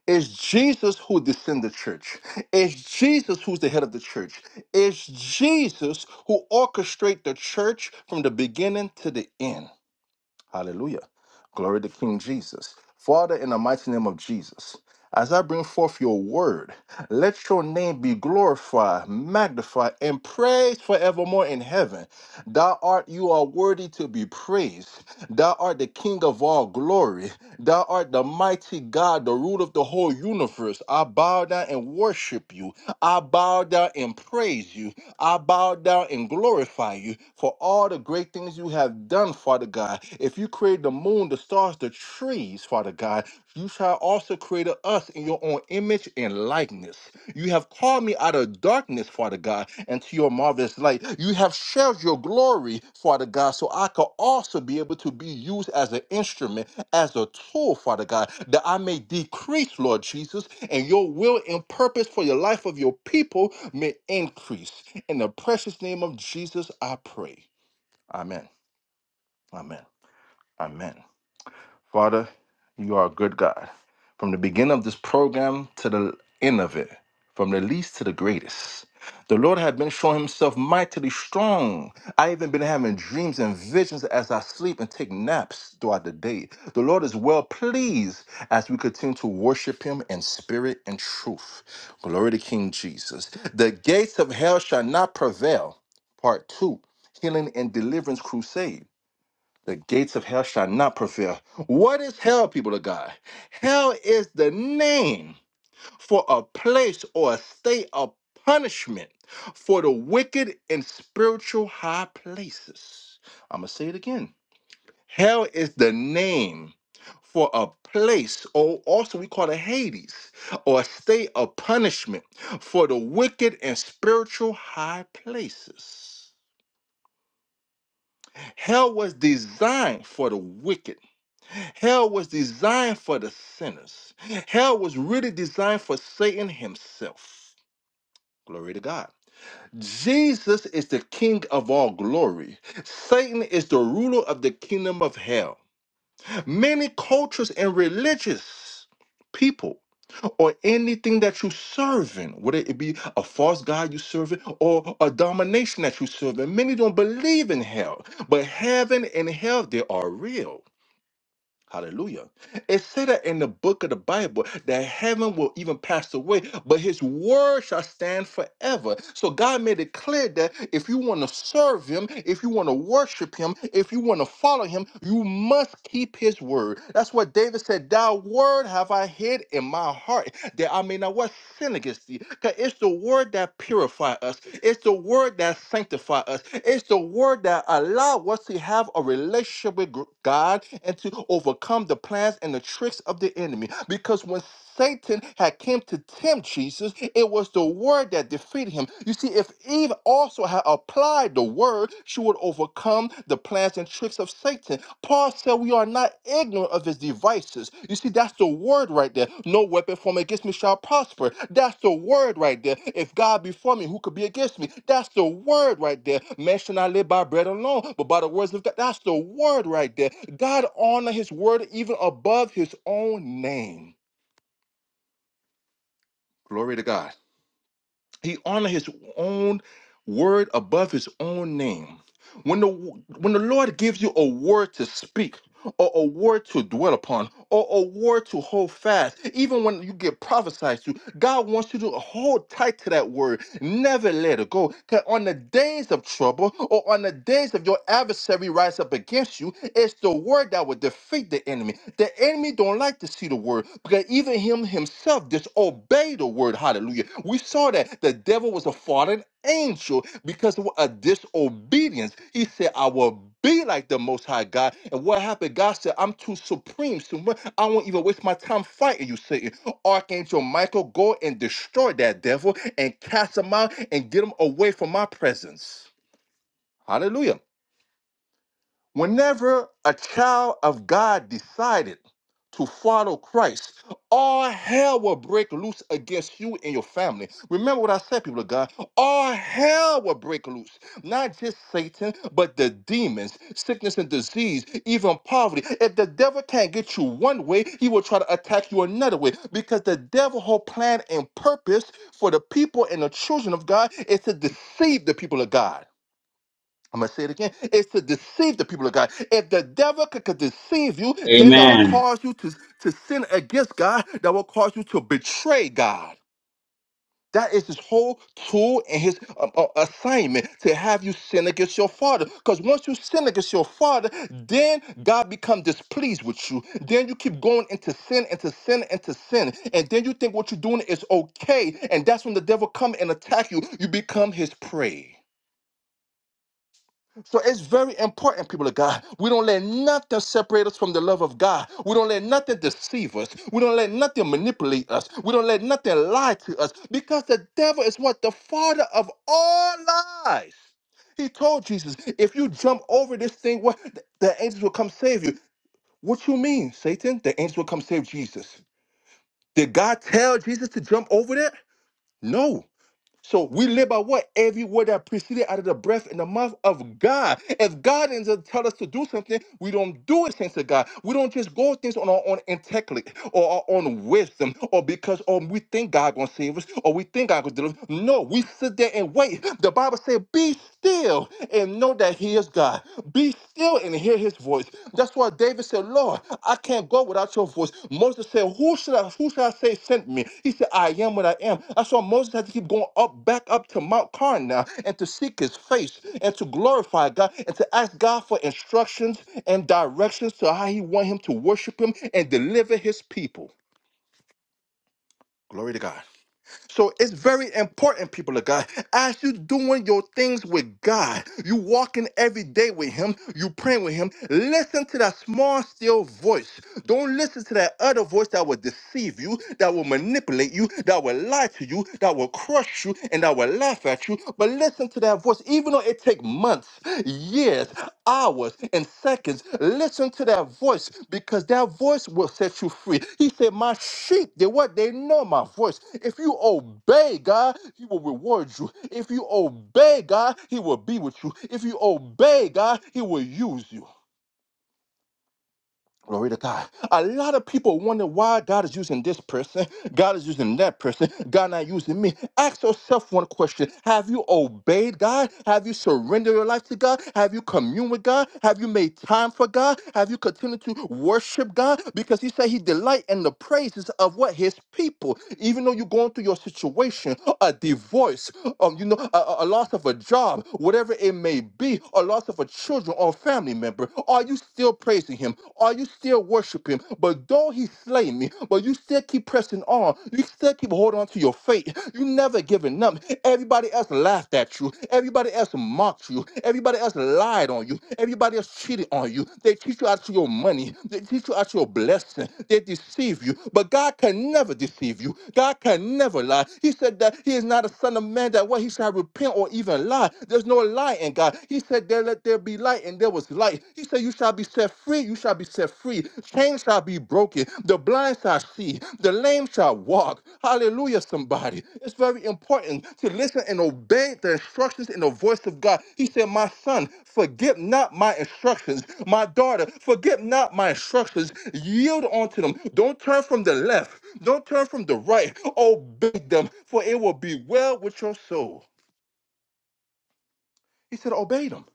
[SPEAKER 1] It's Jesus who descended the church. It's Jesus who's the head of the church. It's Jesus who orchestrates the church from the beginning to the end. Hallelujah. Glory to King Jesus. Father, in the mighty name of Jesus, as I bring forth your word, let your name be glorified, magnified, and praised forevermore in heaven. Thou art, you are worthy to be praised. Thou art the King of all glory. Thou art the mighty God, the root of the whole universe. I bow down and worship you. I bow down and praise you. I bow down and glorify you for all the great things you have done, Father God. If you created the moon, the stars, the trees, Father God, you shall also create us in your own image and likeness. You have called me out of darkness, Father God, into your marvelous light. You have shared your glory, Father God, so I could also be able to be used as an instrument, as a tool, Father God, that I may decrease, Lord Jesus, and your will and purpose for your life of your people may increase. In the precious name of Jesus, I pray. Amen. Amen. Amen. Father, you are a good God. From the beginning of this program to the end of it, from the least to the greatest, the Lord had been showing himself mightily strong. I even been having dreams and visions as I sleep and take naps throughout the day. The Lord is well pleased as we continue to worship him in spirit and truth. Glory to King Jesus. The gates of hell shall not prevail. Part two, healing and deliverance crusade. The gates of hell shall not prevail. What is hell, people of God? Hell is the name for a place or a state of punishment for the wicked in spiritual high places. I'm going to say it again. Hell is the name for a place, or also we call it Hades, or a state of punishment for the wicked in spiritual high places. Hell was designed for the wicked Hell was designed for the sinners. Hell was really designed for Satan himself. Glory to God. Jesus is the king of all glory. Satan is the ruler of the kingdom of hell. Many cultures and religious people or anything that you serving, whether it be a false god you serving or a domination that you serving, many don't believe in hell. But heaven and hell, they are real. Hallelujah. It said that in the book of the Bible that heaven will even pass away, but his word shall stand forever. So God made it clear that if you want to serve him, if you want to worship him, if you want to follow him, you must keep his word. That's what David said, Thy word have I hid in my heart that I mean, now what synergisty? Because it's the word that purify us. It's the word that sanctify us. It's the word that allow us to have a relationship with gr- God and to overcome the plans and the tricks of the enemy. Because when Satan had came to tempt Jesus, it was the word that defeated him. You see, if Eve also had applied the word, she would would overcome the plans and tricks of Satan. Paul said we are not ignorant of his devices. You see, that's the word right there. No weapon formed against me shall prosper. That's the word right there. If God be for me, who could be against me? That's the word right there. Man shall not live by bread alone, but by the words of God. That's the word right there. God honor his word even above his own name. Glory to God. He honored his own word above his own name. When the when the Lord gives you a word to speak, or a word to dwell upon, or a word to hold fast. Even when you get prophesied to, God wants you to hold tight to that word. Never let it go. 'Cause on the days of trouble, or on the days of your adversary rise up against you, it's the word that will defeat the enemy. The enemy don't like to see the word because even him himself disobeyed the word. Hallelujah. We saw that the devil was a fallen angel because of a disobedience. He said, I will be like the Most High God. And what happened? God said, I'm too supreme. So I won't even waste my time fighting you, Satan. Archangel Michael, go and destroy that devil and cast him out and get him away from my presence. Hallelujah. Whenever a child of God decided to follow Christ, all hell will break loose against you and your family. Remember what I said, people of God. All hell will break loose. Not just Satan, but the demons, sickness and disease, even poverty. If the devil can't get you one way, he will try to attack you another way. Because the devil's whole plan and purpose for the people and the children of God is to deceive the people of God. I'm gonna say it again. It's to deceive the people of God. If the devil could, could deceive you, then that will
[SPEAKER 4] Amen.
[SPEAKER 1] cause you to, to sin against God. That will cause you to betray God. That is his whole tool and his um, uh, assignment to have you sin against your father. Because once you sin against your father, then God becomes displeased with you. Then you keep going into sin, into sin, into sin, and then you think what you're doing is okay, and that's when the devil come and attack you. You become his prey. So it's very important, people of God. We don't let nothing separate us from the love of God. We don't let nothing deceive us. We don't let nothing manipulate us. We don't let nothing lie to us because the devil is what? The father of all lies. He told Jesus, if you jump over this thing, what the angels will come save you. What you mean, Satan? The angels will come save Jesus. Did God tell Jesus to jump over that? No. So we live by what? Every word that proceeded out of the breath and the mouth of God. If God doesn't tell us to do something, we don't do it, saints of God. We don't just go things on our own intellect or our own wisdom or because oh, we think God gonna save us or we think God gonna deliver. us. No, we sit there and wait. The Bible said, be still and know that he is God. Be still and hear his voice. That's why David said, Lord, I can't go without your voice. Moses said, Who should I who should I say sent me? He said, I am what I am. That's why Moses had to keep going up back up to Mount Carmel and to seek his face and to glorify God and to ask God for instructions and directions to how he want him to worship him and deliver his people. Glory to God. So it's very important, people of God. As you doing your things with God, you walking every day with Him, you praying with Him. Listen to that small, still voice. Don't listen to that other voice that will deceive you, that will manipulate you, that will lie to you, that will crush you, and that will laugh at you. But listen to that voice course, even though it take months, years, hours, and seconds, listen to their voice because their voice will set you free. He said, My sheep, they what they know my voice. If you obey God, He will reward you. If you obey God, He will be with you. If you obey God, He will use you. Glory to God. A lot of people wonder why God is using this person, God is using that person, God not using me. Ask yourself one question Have you obeyed God? Have you surrendered your life to God? Have you communed with God? Have you made time for God? Have you continued to worship God? Because He said He delight in the praises of what His people. Even though you're going through your situation, a divorce, um, you know, a, a a loss of a job, whatever it may be, a loss of a children or family member? Are you still praising him? Are you still worshiping? him? But though he slay me, but you still keep pressing on. You still keep holding on to your faith. You never giving up. Everybody else laughed at you. Everybody else mocked you. Everybody else lied on you. Everybody else cheated on you. They cheat you out of your money. They cheat you out of your blessing. They deceive you. But God can never deceive you. God can never lie. He said that he is not a son of man that what he shall repent or even lie. There's no lie in God. God. He said, There let there be light, and there was light. He said, You shall be set free, you shall be set free. Chains shall be broken, the blind shall see, the lame shall walk. Hallelujah, somebody. It's very important to listen and obey the instructions and the voice of God. He said, My son, forget not my instructions. My daughter, forget not my instructions. Yield unto them. Don't turn from the left, don't turn from the right. Obey them, for it will be well with your soul. He said, Obey them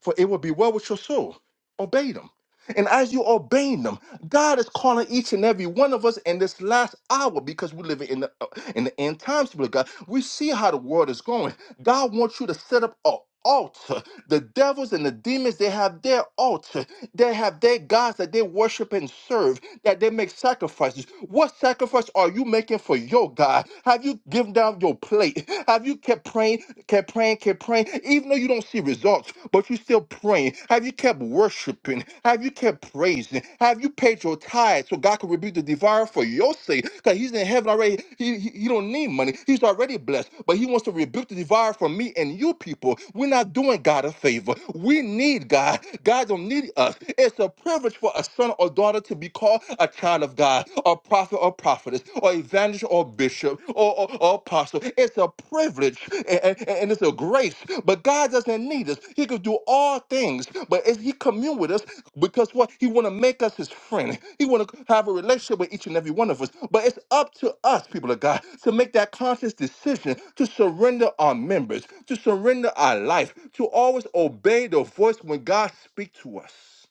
[SPEAKER 1] for it will be well with your soul. Obey them. And as you obey them, God is calling each and every one of us in this last hour because we're living in the uh, in the end times with God. We see how the world is going. God wants you to set up a altar. The devils and the demons, they have their altar. They have their gods that they worship and serve, that they make sacrifices. What sacrifice are you making for your God? Have you given down your plate? Have you kept praying? Kept praying, kept praying, even though you don't see results, but you still praying. Have you kept worshiping? Have you kept praising? Have you paid your tithes so God can rebuke the devourer for your sake? Because He's in heaven already. He, he, he don't need money. He's already blessed, but He wants to rebuke the devourer for me and you people. We're not doing God a favor. We need God. God don't need us. It's a privilege for a son or daughter to be called a child of God, a prophet or prophet prophetess or evangelist or bishop or, or, or apostle. It's a privilege a- a- and, it's a grace. But God doesn't need us. He could do all things, but it's- He commune with us because what He want to make us His friend. He want to have a relationship with each and every one of us. But it's up to us, people of God, to make that conscious decision to surrender our members, to surrender our life, to always obey the voice when God speaks to us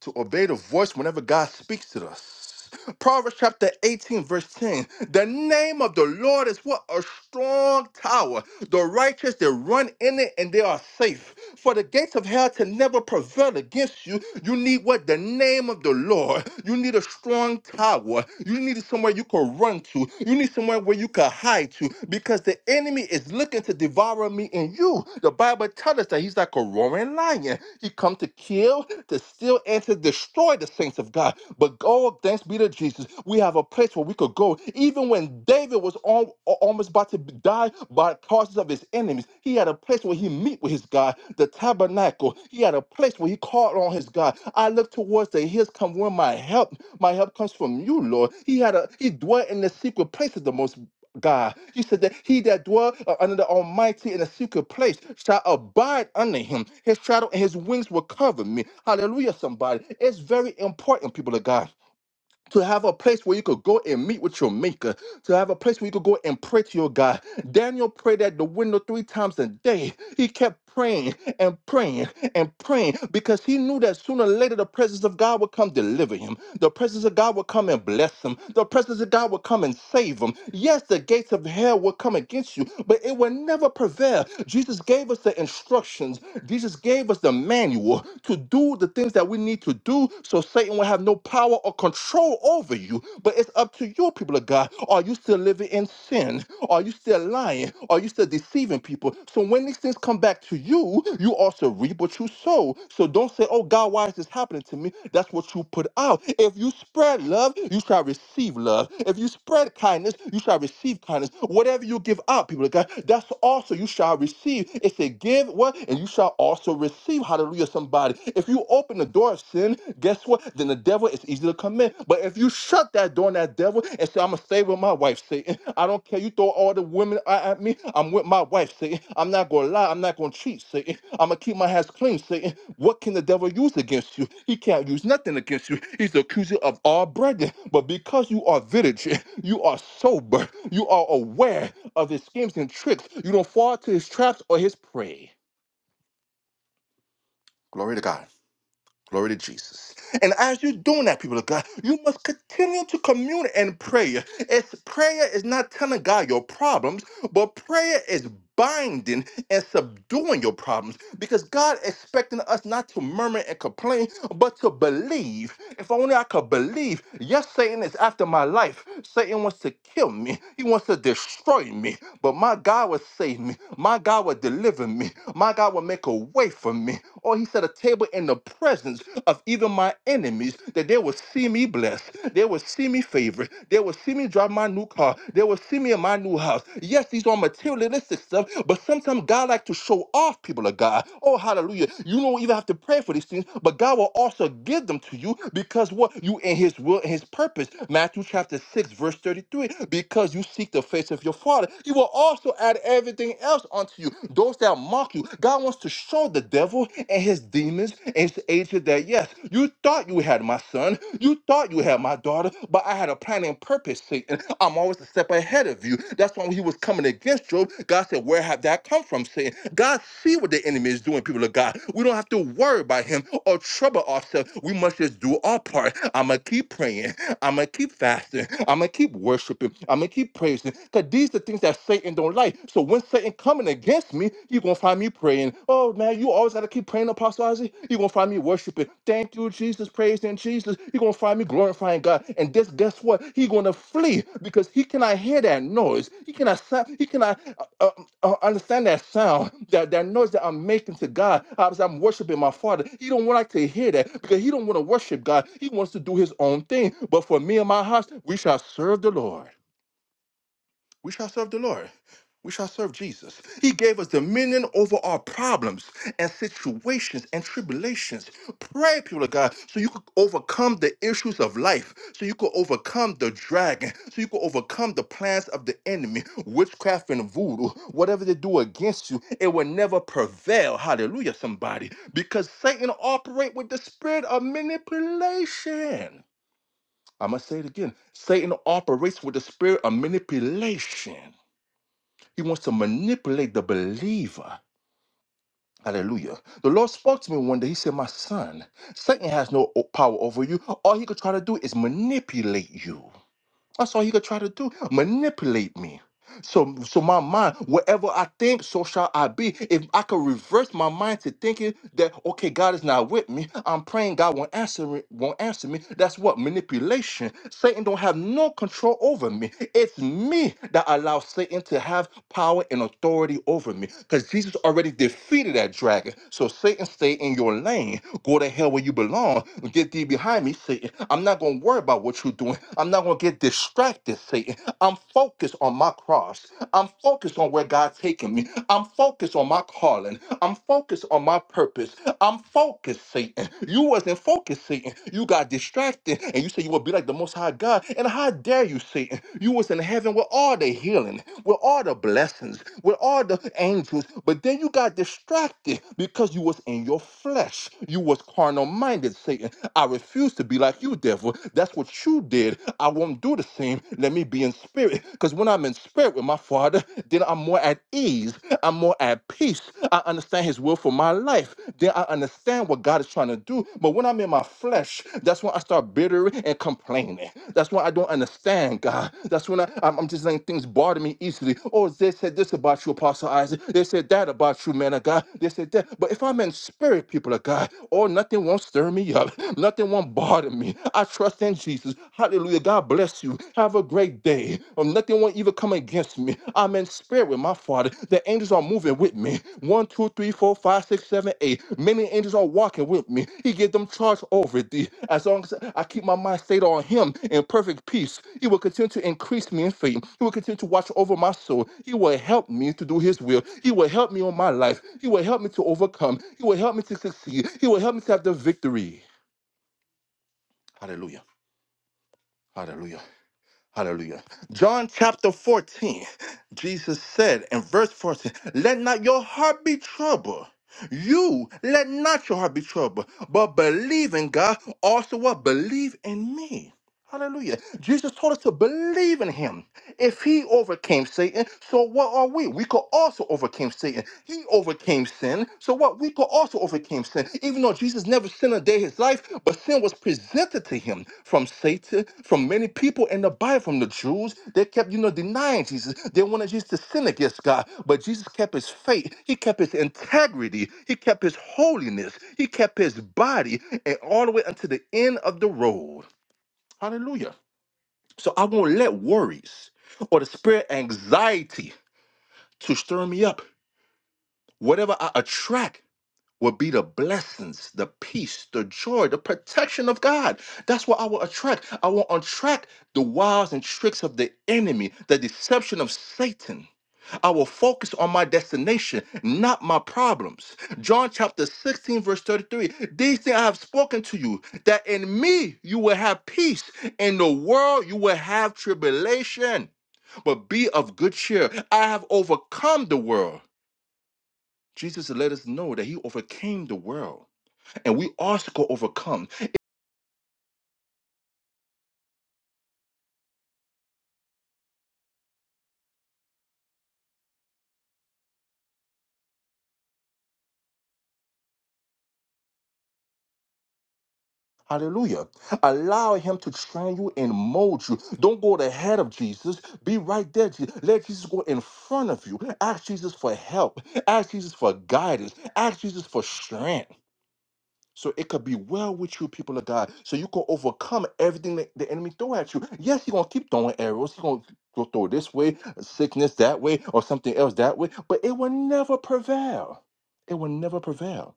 [SPEAKER 1] to obey the voice whenever God speaks to us. Proverbs chapter 18, verse 10. The name of the Lord is what? A strong tower. The righteous, they run in it and they are safe. For the gates of hell to never prevail against you, you need what? The name of the Lord. You need a strong tower. You need somewhere you can run to. You need somewhere where you can hide to because the enemy is looking to devour me and you. The Bible tells us that he's like a roaring lion. He come to kill, to steal, and to destroy the saints of God. But go, thanks be to Jesus. We have a place where we could go. Even when David was al- al- almost about to die by causes of his enemies, he had a place where he meet with his God, the tabernacle. He had a place where he called on his God. I look towards the hills come where my help. My help comes from you, Lord. He had a he dwelt in the secret places, the most God. You said that he that dwell uh, under the Almighty in a secret place shall abide under him. His shadow and his wings will cover me. Hallelujah, somebody. It's very important, people of God. To have a place where you could go and meet with your maker, to have a place where you could go and pray to your God. Daniel prayed at the window three times a day. He kept praying and praying and praying because he knew that sooner or later the presence of God would come deliver him. The presence of God would come and bless him. The presence of God would come and save him. Yes, the gates of hell will come against you, but it will never prevail. Jesus gave us the instructions. Jesus gave us the manual to do the things that we need to do so Satan will have no power or control over you. But it's up to you, people of God. Are you still living in sin? Are you still lying? Are you still deceiving people? So when these things come back to you, you also reap what you sow. So don't say, oh God, why is this happening to me? That's what you put out. If you spread love, you shall receive love. If you spread kindness, you shall receive kindness. Whatever you give out, people of God, that's also you shall receive. It said, give what? And you shall also receive. Hallelujah, somebody. If you open the door of sin, guess what? Then the devil devil, it's easy to come in. But if you shut that door on that devil and say, I'm gonna stay with my wife, Satan. I don't care. You throw all the women a- at me. I'm with my wife, Satan. I'm not gonna lie, I'm not gonna cheat, Satan. I'm gonna keep my hands clean, Satan. What can the devil use against you? He can't use nothing against you. He's the accuser of all brethren. But because you are vigilant, you are sober, you are aware of his schemes and tricks, you don't fall to his traps or his prey. Glory to God. Glory to Jesus. And as you're doing that, people of God, you must continue to commune and pray. It's prayer is not telling God your problems, but prayer is binding and subduing your problems because God expecting us not to murmur and complain, but to believe. If only I could believe. Yes, Satan is after my life. Satan wants to kill me. He wants to destroy me. But my God will save me. My God will deliver me. My God will make a way for me. Or he set a table in the presence of even my enemies that they will see me blessed. They will see me favored. They will see me drive my new car. They will see me in my new house. Yes, these are materialistic basic stuff, but sometimes God like to show off people of God. Oh, hallelujah. You don't even have to pray for these things, but God will also give them to you because what you in his will and his purpose. Matthew chapter 6, verse 33. Because you seek the face of your father, he will also add everything else unto you. Those that mock you, God wants to show the devil and his demons and his agent that yes, you thought you had my son, you thought you had have, my daughter, but I had a plan and purpose, Satan. I'm always a step ahead of you. That's why when he was coming against Job, God said, Where have that come from, Satan? God see what the enemy is doing, people of God. We don't have to worry about him or trouble ourselves. We must just do our part. I'm going to keep praying. I'm going to keep fasting. I'm going to keep worshiping. I'm going to keep praising. Because these are things that Satan don't like. So when Satan coming against me, you're going to find me praying. Oh man, you always gotta keep praying, Apostle Isaac. You're gonna find me worshiping. Thank you, Jesus, praising Jesus. You're gonna find me glorifying God. And this, guess what? He gonna flee because he cannot hear that noise. He cannot sound, he cannot uh, uh, uh, understand that sound, that, that noise that I'm making to God as I'm worshiping my Father. He don't want like to hear that because he don't want to worship God. He wants to do his own thing. But for me and my house, we shall serve the Lord. We shall serve the Lord. We shall serve Jesus. He gave us dominion over our problems and situations and tribulations. Pray, people of God, so you could overcome the issues of life, so you could overcome the dragon, so you could overcome the plans of the enemy, witchcraft and voodoo, whatever they do against you, it will never prevail. Hallelujah, somebody. Because Satan operates with the spirit of manipulation. I'm going to say it again. Satan operates with the spirit of manipulation. He wants to manipulate the believer. Hallelujah. The Lord spoke to me one day. He said, My son, Satan has no o- power over you. All he could try to do is manipulate you. That's all he could try to do. Manipulate me. So, so my mind, wherever I think, so shall I be. If I could reverse my mind to thinking that okay, God is not with me, I'm praying God won't answer it, won't answer me. That's what manipulation. Satan don't have no control over me. It's me that allows Satan to have power and authority over me. Because Jesus already defeated that dragon. So Satan, stay in your lane. Go to hell where you belong. Get thee behind me, Satan. I'm not gonna worry about what you're doing. I'm not gonna get distracted, Satan. I'm focused on my cross. I'm focused on where God's taking me. I'm focused on my calling. I'm focused on my purpose. I'm focused, Satan. You wasn't focused, Satan. You got distracted and you said you would be like the most high God. And how dare you, Satan? You was in heaven with all the healing, with all the blessings, with all the angels, but then you got distracted because you was in your flesh. You was carnal minded, Satan. I refuse to be like you, devil. That's what you did. I won't do the same. Let me be in spirit. Because when I'm in spirit with my Father, then I'm more at ease. I'm more at peace. I understand His will for my life. Then I understand what God is trying to do. But when I'm in my flesh, that's when I start bitter and complaining. That's when I don't understand God. That's when I, I'm, I'm just letting things bother me easily. Oh, they said this about you, Apostle Isaac. They said that about you, man of God. They said that. But if I'm in spirit, people of God, oh, nothing won't stir me up. Nothing won't bother me. I trust in Jesus. Hallelujah. God bless you. Have a great day. Um, nothing will even come against me. I'm in spirit with my Father. The angels are moving with me. One, two, three, four, five, six, seven, eight. Many angels are walking with me. He gave them charge over thee. As long as I keep my mind stayed on Him in perfect peace, He will continue to increase me in faith. He will continue to watch over my soul. He will help me to do His will. He will help me on my life. He will help me to overcome. He will help me to succeed. He will help me to have the victory. Hallelujah. Hallelujah. Hallelujah. John chapter 14, Jesus said in verse 14, Let not your heart be troubled. You let not your heart be troubled, but believe in God. Also, what? Believe in me. Hallelujah. Jesus told us to believe in him. If he overcame Satan, so what are we? We could also overcame Satan. He overcame sin, so what? We could also overcame sin. Even though Jesus never sinned a day in his life, but sin was presented to him from Satan, from many people in the Bible, from the Jews. They kept, you know, denying Jesus. They wanted Jesus to sin against God, but Jesus kept his faith. He kept his integrity. He kept his holiness. He kept his body, and all the way until the end of the road. Hallelujah. So I won't let worries or the spirit of anxiety to stir me up. Whatever I attract will be the blessings, the peace, the joy, the protection of God. That's what I will attract. I will attract the wiles and tricks of the enemy, the deception of Satan. I will focus on my destination, not my problems. John chapter 16, verse 33. These things I have spoken to you, that in me you will have peace. In the world you will have tribulation but be of good cheer. I have overcome the world. Jesus let us know that he overcame the world, and we also go overcome. Hallelujah. Allow him to train you and mold you. Don't go the head of Jesus. Be right there. Je- Let Jesus go in front of you. Ask Jesus for help. Ask Jesus for guidance. Ask Jesus for strength. So it could be well with you, people of God. So you can overcome everything that the enemy throw at you. Yes, he's gonna keep throwing arrows. He's gonna throw this way, sickness that way, or something else that way. But it will never prevail. It will never prevail.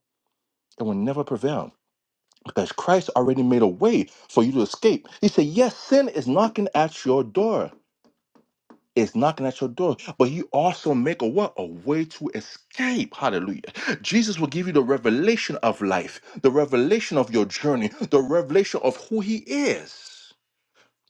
[SPEAKER 1] It will never prevail. Because Christ already made a way for you to escape. He said, Yes, sin is knocking at your door is knocking at your door, but you also make a what? A way to escape. Hallelujah. Jesus will give you the revelation of life, the revelation of your journey, the revelation of who he is.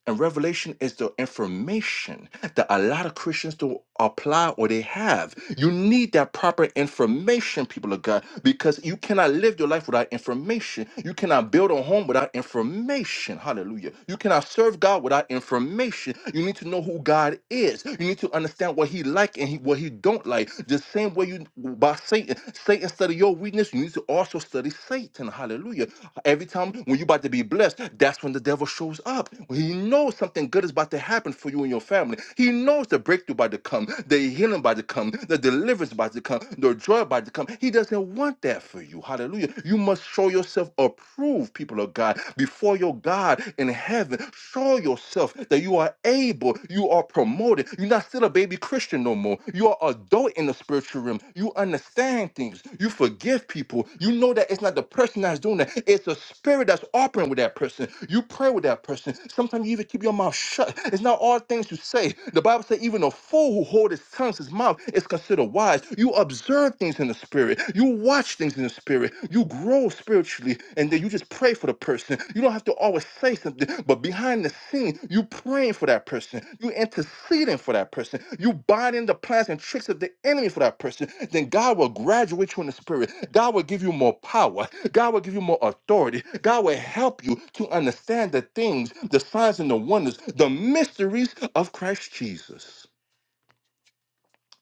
[SPEAKER 1] And revelation is the information that a lot of Christians don't apply or they have. You need that proper information, people of God, because you cannot live your life without information. You cannot build a home without information. Hallelujah. You cannot serve God without information. You need to know who God is. You need to understand what He like and he, what He don't like. The same way you by Satan. Satan studied your your weakness, you need to also study Satan. Hallelujah. Every time when you're about to be blessed, that's when the devil shows up. When he knows something good is about to happen for you and your family. He knows the breakthrough about to come, the healing about to come, the deliverance about to come, the joy about to come. He doesn't want that for you. Hallelujah. You must show yourself approved, people of God, before your God in heaven. Show yourself that you are able able. You are promoted. You're not still a baby Christian no more. You are adult in the spiritual realm. You understand things. You forgive people. You know that it's not the person that's doing that. It's a spirit that's operating with that person. You pray with that person. Sometimes you even keep your mouth shut. It's not all things you say. The Bible says even a fool who holds his tongue, his mouth, is considered wise. You observe things in the spirit. You watch things in the spirit. You grow grow spiritually and then you just pray for the person. You don't have to always say something, but behind the scene, you praying for that person. You interceding for that person. You binding the plans and tricks of the enemy for that person. Then God will graduate you in the spirit. God will give you more power. God will give you more authority. God will help you to understand the things, the signs and the wonders, the mysteries of Christ Jesus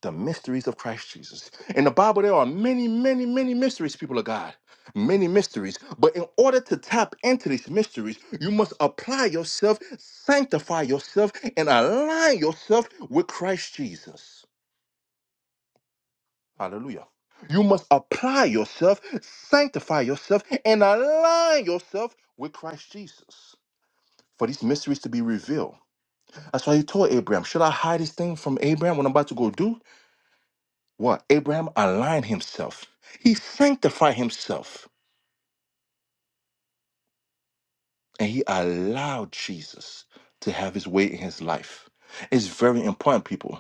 [SPEAKER 1] the mysteries of Christ Jesus. In the Bible, there are many, many, many mysteries, people of God. Many mysteries. But in order to tap into these mysteries, you must apply yourself, sanctify yourself, and align yourself with Christ Jesus. Hallelujah. You must apply yourself, sanctify yourself, and align yourself with Christ Jesus for these mysteries to be revealed. That's why he told Abraham, Should I hide this thing from Abraham, what I'm about to go do? what Abraham aligned himself. He sanctified himself and he allowed Jesus to have his way in his life. It's very important, people.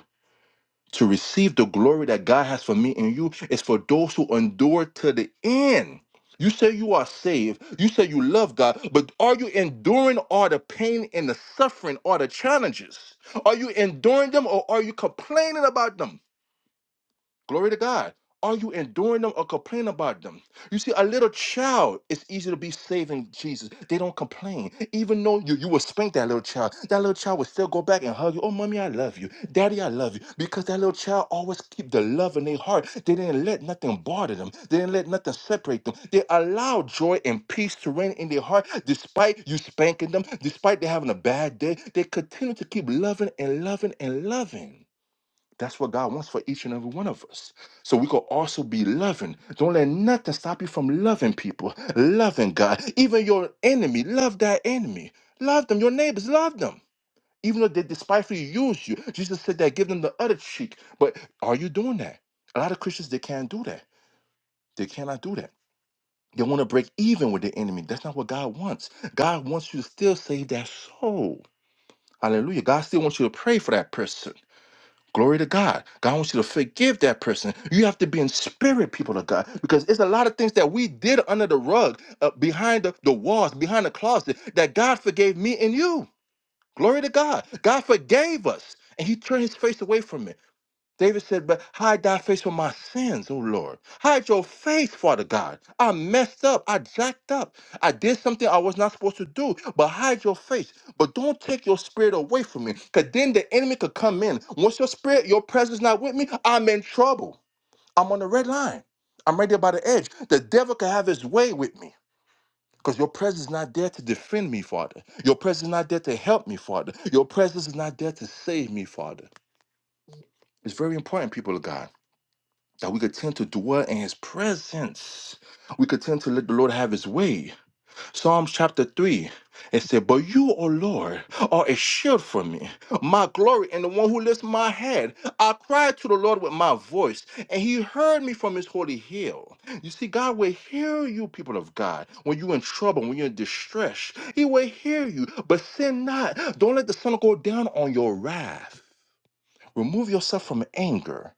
[SPEAKER 1] To receive the glory that God has for me and you is for those who endure to the end. You say you are saved, you say you love God, but are you enduring all the pain and the suffering, all the challenges? Are you enduring them or are you complaining about them? Glory to God. Are you enduring them or complaining about them? You see, a little child, it's easy to be saving Jesus. They don't complain. Even though you, you will spank that little child, that little child will still go back and hug you. Oh, mommy, I love you. Daddy, I love you. Because that little child always keep the love in their heart. They didn't let nothing bother them. They didn't let nothing separate them. They allow joy and peace to reign in their heart despite you spanking them, despite they having a bad day. They continue to keep loving and loving and loving. That's what God wants for each and every one of us. So we could also be loving. Don't let nothing stop you from loving people, loving God. Even your enemy, love that enemy. Love them. Your neighbors, love them. Even though they despitefully use you. Jesus said that, give them the other cheek. But are you doing that? A lot of Christians, they can't do that. They cannot do that. They want to break even with the enemy. That's not what God wants. God wants you to still save that soul. Hallelujah. God still wants you to pray for that person. Glory to God. God wants you to forgive that person. You have to be in spirit, people of God, because it's a lot of things that we did under the rug, uh, behind the, the walls, behind the closet, that God forgave me and you. Glory to God. God forgave us, and He turned His face away from it. David said, But hide thy face from my sins, O Lord. Hide your face, Father God. I messed up. I jacked up. I did something I was not supposed to do, but hide your face. But don't take your spirit away from me, because then the enemy could come in. Once your spirit, your presence not with me, I'm in trouble. I'm on the red line. I'm right there by the edge. The devil can have his way with me. Because your presence is not there to defend me, Father. Your presence is not there to help me, Father. Your presence is not there to save me, Father. It's very important, people of God that we could tend to dwell in his presence. We could tend to let the Lord have his way. Psalms chapter 3, it said, But you, O Lord, are a shield for me, my glory, and the one who lifts my head. I cried to the Lord with my voice, and he heard me from his holy hill. You see, God will hear you, people of God, when you're in trouble, when you're in distress. He will hear you, but sin not. Don't let the sun go down on your wrath. Remove yourself from anger.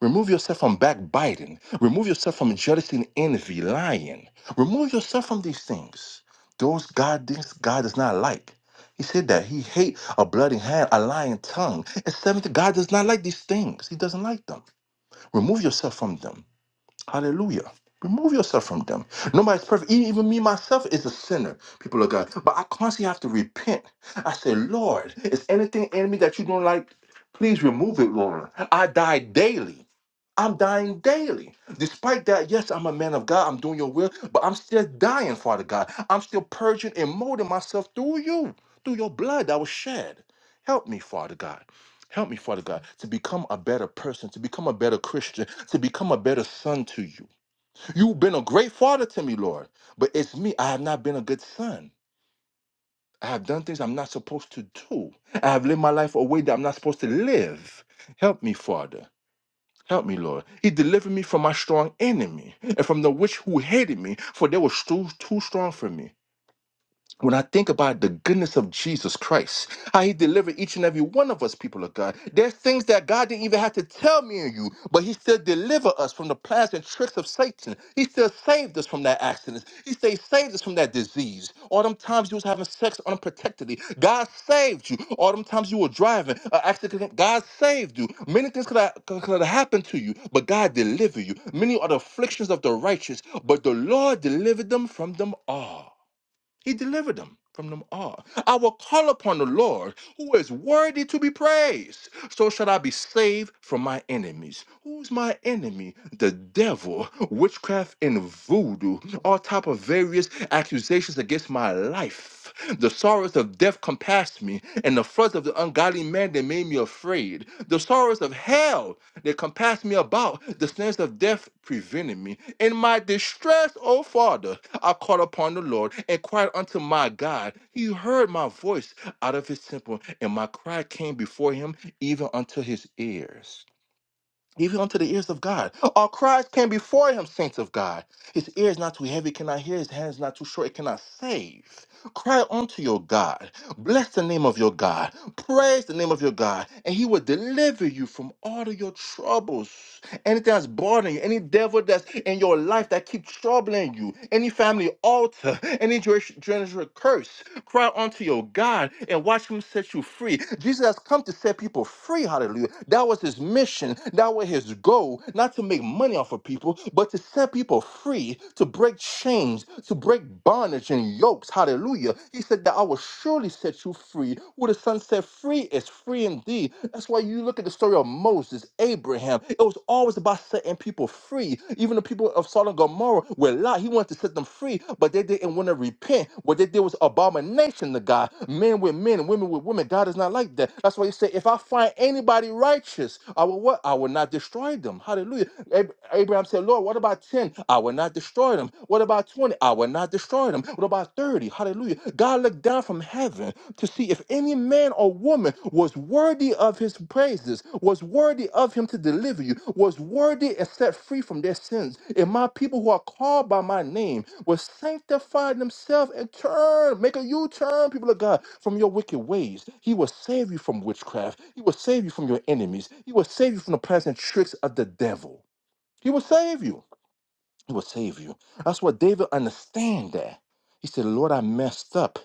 [SPEAKER 1] Remove yourself from backbiting. Remove yourself from jealousy and envy, lying. Remove yourself from these things. Those God things God does not like. He said that he hate a bloody hand, a lying tongue. And seventh, God does not like these things. He doesn't like them. Remove yourself from them. Hallelujah. Remove yourself from them. Nobody's perfect. E- Even me myself is a sinner, people of God. But I constantly have to repent. I say, Lord, is anything in me that you don't like? Please remove it, Lord. I die daily. I'm dying daily. Despite that, yes, I'm a man of God. I'm doing your will, but I'm still dying, Father God. I'm still purging and molding myself through you, through your blood that was shed. Help me, Father God. Help me, Father God, to become a better person, to become a better Christian, to become a better son to you. You've been a great father to me, Lord, but it's me. I have not been a good son. I have done things I'm not supposed to do. I have lived my life a way that I'm not supposed to live. Help me, Father. Help me, Lord. He delivered me from my strong enemy and from the witch who hated me, for they were too, too strong for me when I think about the goodness of Jesus Christ, how he delivered each and every one of us, people of God, there's things that God didn't even have to tell me and you, but he still delivered us from the plans and tricks of Satan. He still saved us from that accident. He still saved us from that disease. All them times you was having sex unprotectedly, God saved you. All them times you were driving, an accident, God saved you. Many things could have, could could have happened to you, but God delivered you. Many are the afflictions of the righteous, but the Lord delivered them from them all. He delivered them from them all. I will call upon the Lord, who is worthy to be praised. So shall I be saved from my enemies. Who's my enemy? The devil, witchcraft, and voodoo, all type of various accusations against my life death. The sorrows of death compassed me, and the floods of the ungodly man they made me afraid. The sorrows of hell they compassed me about. The snares of death prevented me. In my distress, O Father, I called upon the Lord and cried unto my God. He heard my voice out of his temple, and my cry came before him even unto his ears. Even unto the ears of God. Our cries came before him, saints of God. His ear is not too heavy, it cannot hear. His hand is not too short, it cannot save. Cry unto your God. Bless the name of your God. Praise the name of your God. And he will deliver you from all of your troubles. Anything that's bothering you, any devil that's in your life that keeps troubling you, any family altar, any generation generational curse, cry unto your God and watch him set you free. Jesus has come to set people free. Hallelujah. That was his mission. That was his goal, not to make money off of people, but to set people free, to break chains, to break bondage, broken yokes. Hallelujah. He said that I will surely set you free. Who the Son set free is free indeed. That's why you look at the story of Moses, Abraham. It was always about setting people free. Even the people of Sodom and Gomorrah were Lot. He wanted to set them free, but they didn't want to repent. What they did was abomination to God. Men with men and women with women. God is not like that. That's why he said, if I find anybody righteous, I will what? I will not destroy them. Hallelujah. Ab- Abraham said, Lord, what about 10? I will not destroy destroy them. What about 20? I will not destroy them. What about 30? Hallelujah. God looked down from heaven to see if any man or woman was worthy of his praises, was worthy of him to deliver you, was worthy and set free from their sins. If my people who are called by my name will sanctify themselves and turn, make a U turn, people of God, from your wicked ways. He will save you from witchcraft. He will save you from your enemies. He will save you from the present tricks of the devil. He will save you. He will save you. That's what David understand that. He said, Lord, I messed up.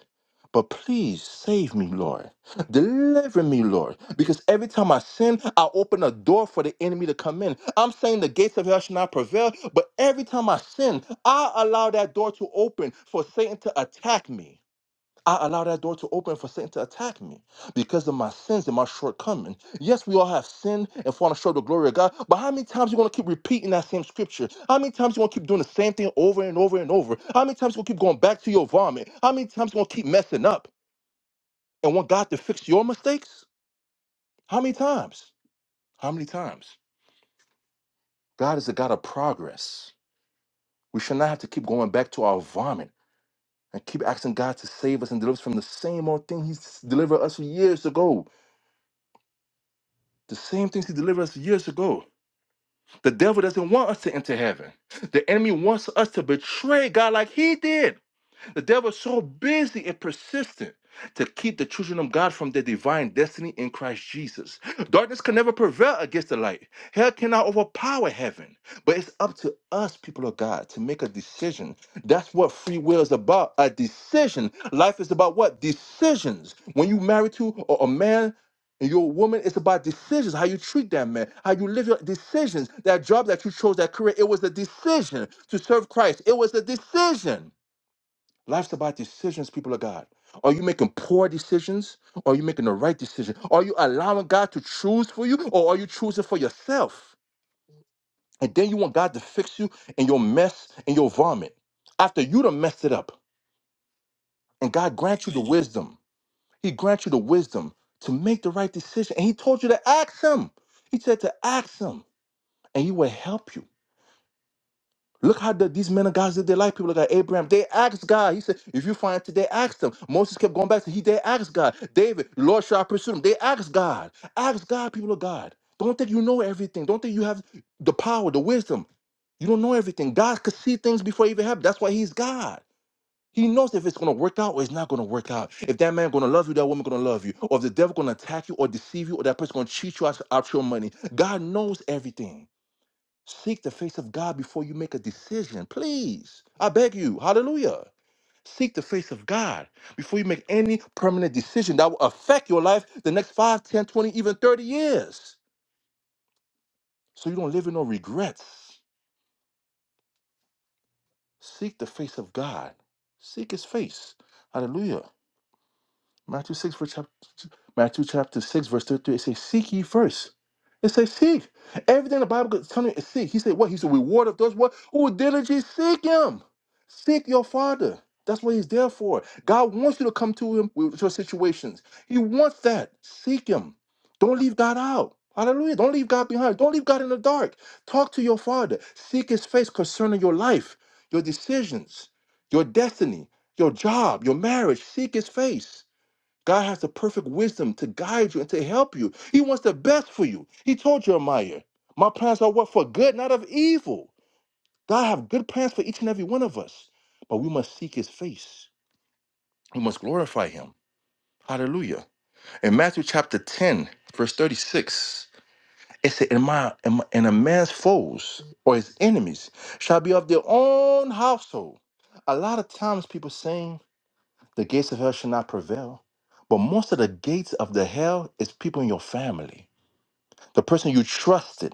[SPEAKER 1] But please save me, Lord. Deliver me, Lord. Because every time I sin, I open a door for the enemy to come in. I'm saying the gates of hell shall not prevail, but every time I sin, I allow that door to open for Satan to attack me. I allow that door to open for Satan to attack me because of my sins and my shortcomings. Yes, we all have sinned and fallen short of the glory of God, but how many times you going to keep repeating that same scripture? How many times you going to keep doing the same thing over and over and over? How many times you going to keep going back to your vomit? How many times you going to keep messing up and want God to fix your mistakes? How many times? How many times? God is a God of progress. We should not have to keep going back to our vomit and keep asking God to save us and deliver us from the same old thing He's delivered us years ago. The same things he delivered us years ago. The devil doesn't want us to enter heaven. The enemy wants us to betray God like he did. The devil is so busy and persistent to keep the children of God from their divine destiny in Christ Jesus. Darkness can never prevail against the light. Hell cannot overpower heaven. But it's up to us, people of God, to make a decision. That's what free will is about a decision. Life is about what? Decisions. When you marry to a a man, and you're a woman, it's about decisions, how you treat that man, how you live your decisions. That job that you chose, that career, it was a decision to serve Christ. It was a decision Life's about decisions, people of God. Are you making poor decisions? Or are you making the right decision? Are you allowing God to choose for you? Or are you choosing for yourself? And then you want God to fix you and your mess and your vomit after you done messed it up. And God grant you the wisdom. He grant you the wisdom to make the right decision. And He told you to ask Him. He said to ask Him, and He will help you. Look how the, these men and guys did their life. People like Abraham, they asked God. He said, if you find it, they asked him." Moses kept going back to he, they asked God. David, Lord, shall I pursue him? They asked God. Ask God, people of God. Don't think you know everything. Don't think you have the power, the wisdom. You don't know everything. God could see things before it even happened. That's why he's God. He knows if it's gonna work out or it's not gonna work out. If that man gonna love you, that woman gonna love you. Or if the devil gonna attack you or deceive you, or that person gonna cheat you out, out your money. God knows everything. Seek the face of God before you make a decision, please. I beg you. Hallelujah. Seek the face of God before you make any permanent decision that will affect your life the next 5, 10, 20, even 30 years. So you don't live in no regrets. Seek the face of God. Seek his face. Hallelujah. Matthew 6, verse chapter, Matthew chapter 6, verse 33, it says, Seek ye first. It says, Seek. Everything the Bible is telling you is seek. He said, What? He's the Reward of those what? Who diligently seek him. Seek your Father. That's what he's there for. God wants you to come to him with your situations. He wants that. Seek him. Don't leave God out. Hallelujah. Don't leave God behind. Don't leave God in the dark. Talk to your Father. Seek his face concerning your life, your decisions, your destiny, your job, your marriage. Seek his face. God has the perfect wisdom to guide you and to help you. He wants the best for you. He told Jeremiah, My plans are what for good, not of evil. God have good plans for each and every one of us, but we must seek his face. We must glorify him. Hallelujah. In Matthew chapter 10, verse 36, it said, And, my, and, my- and a man's foes or his enemies shall be of their own household. A lot of times people saying The gates of hell shall not prevail. But most of the gates of the hell is people in your family, the person you trusted,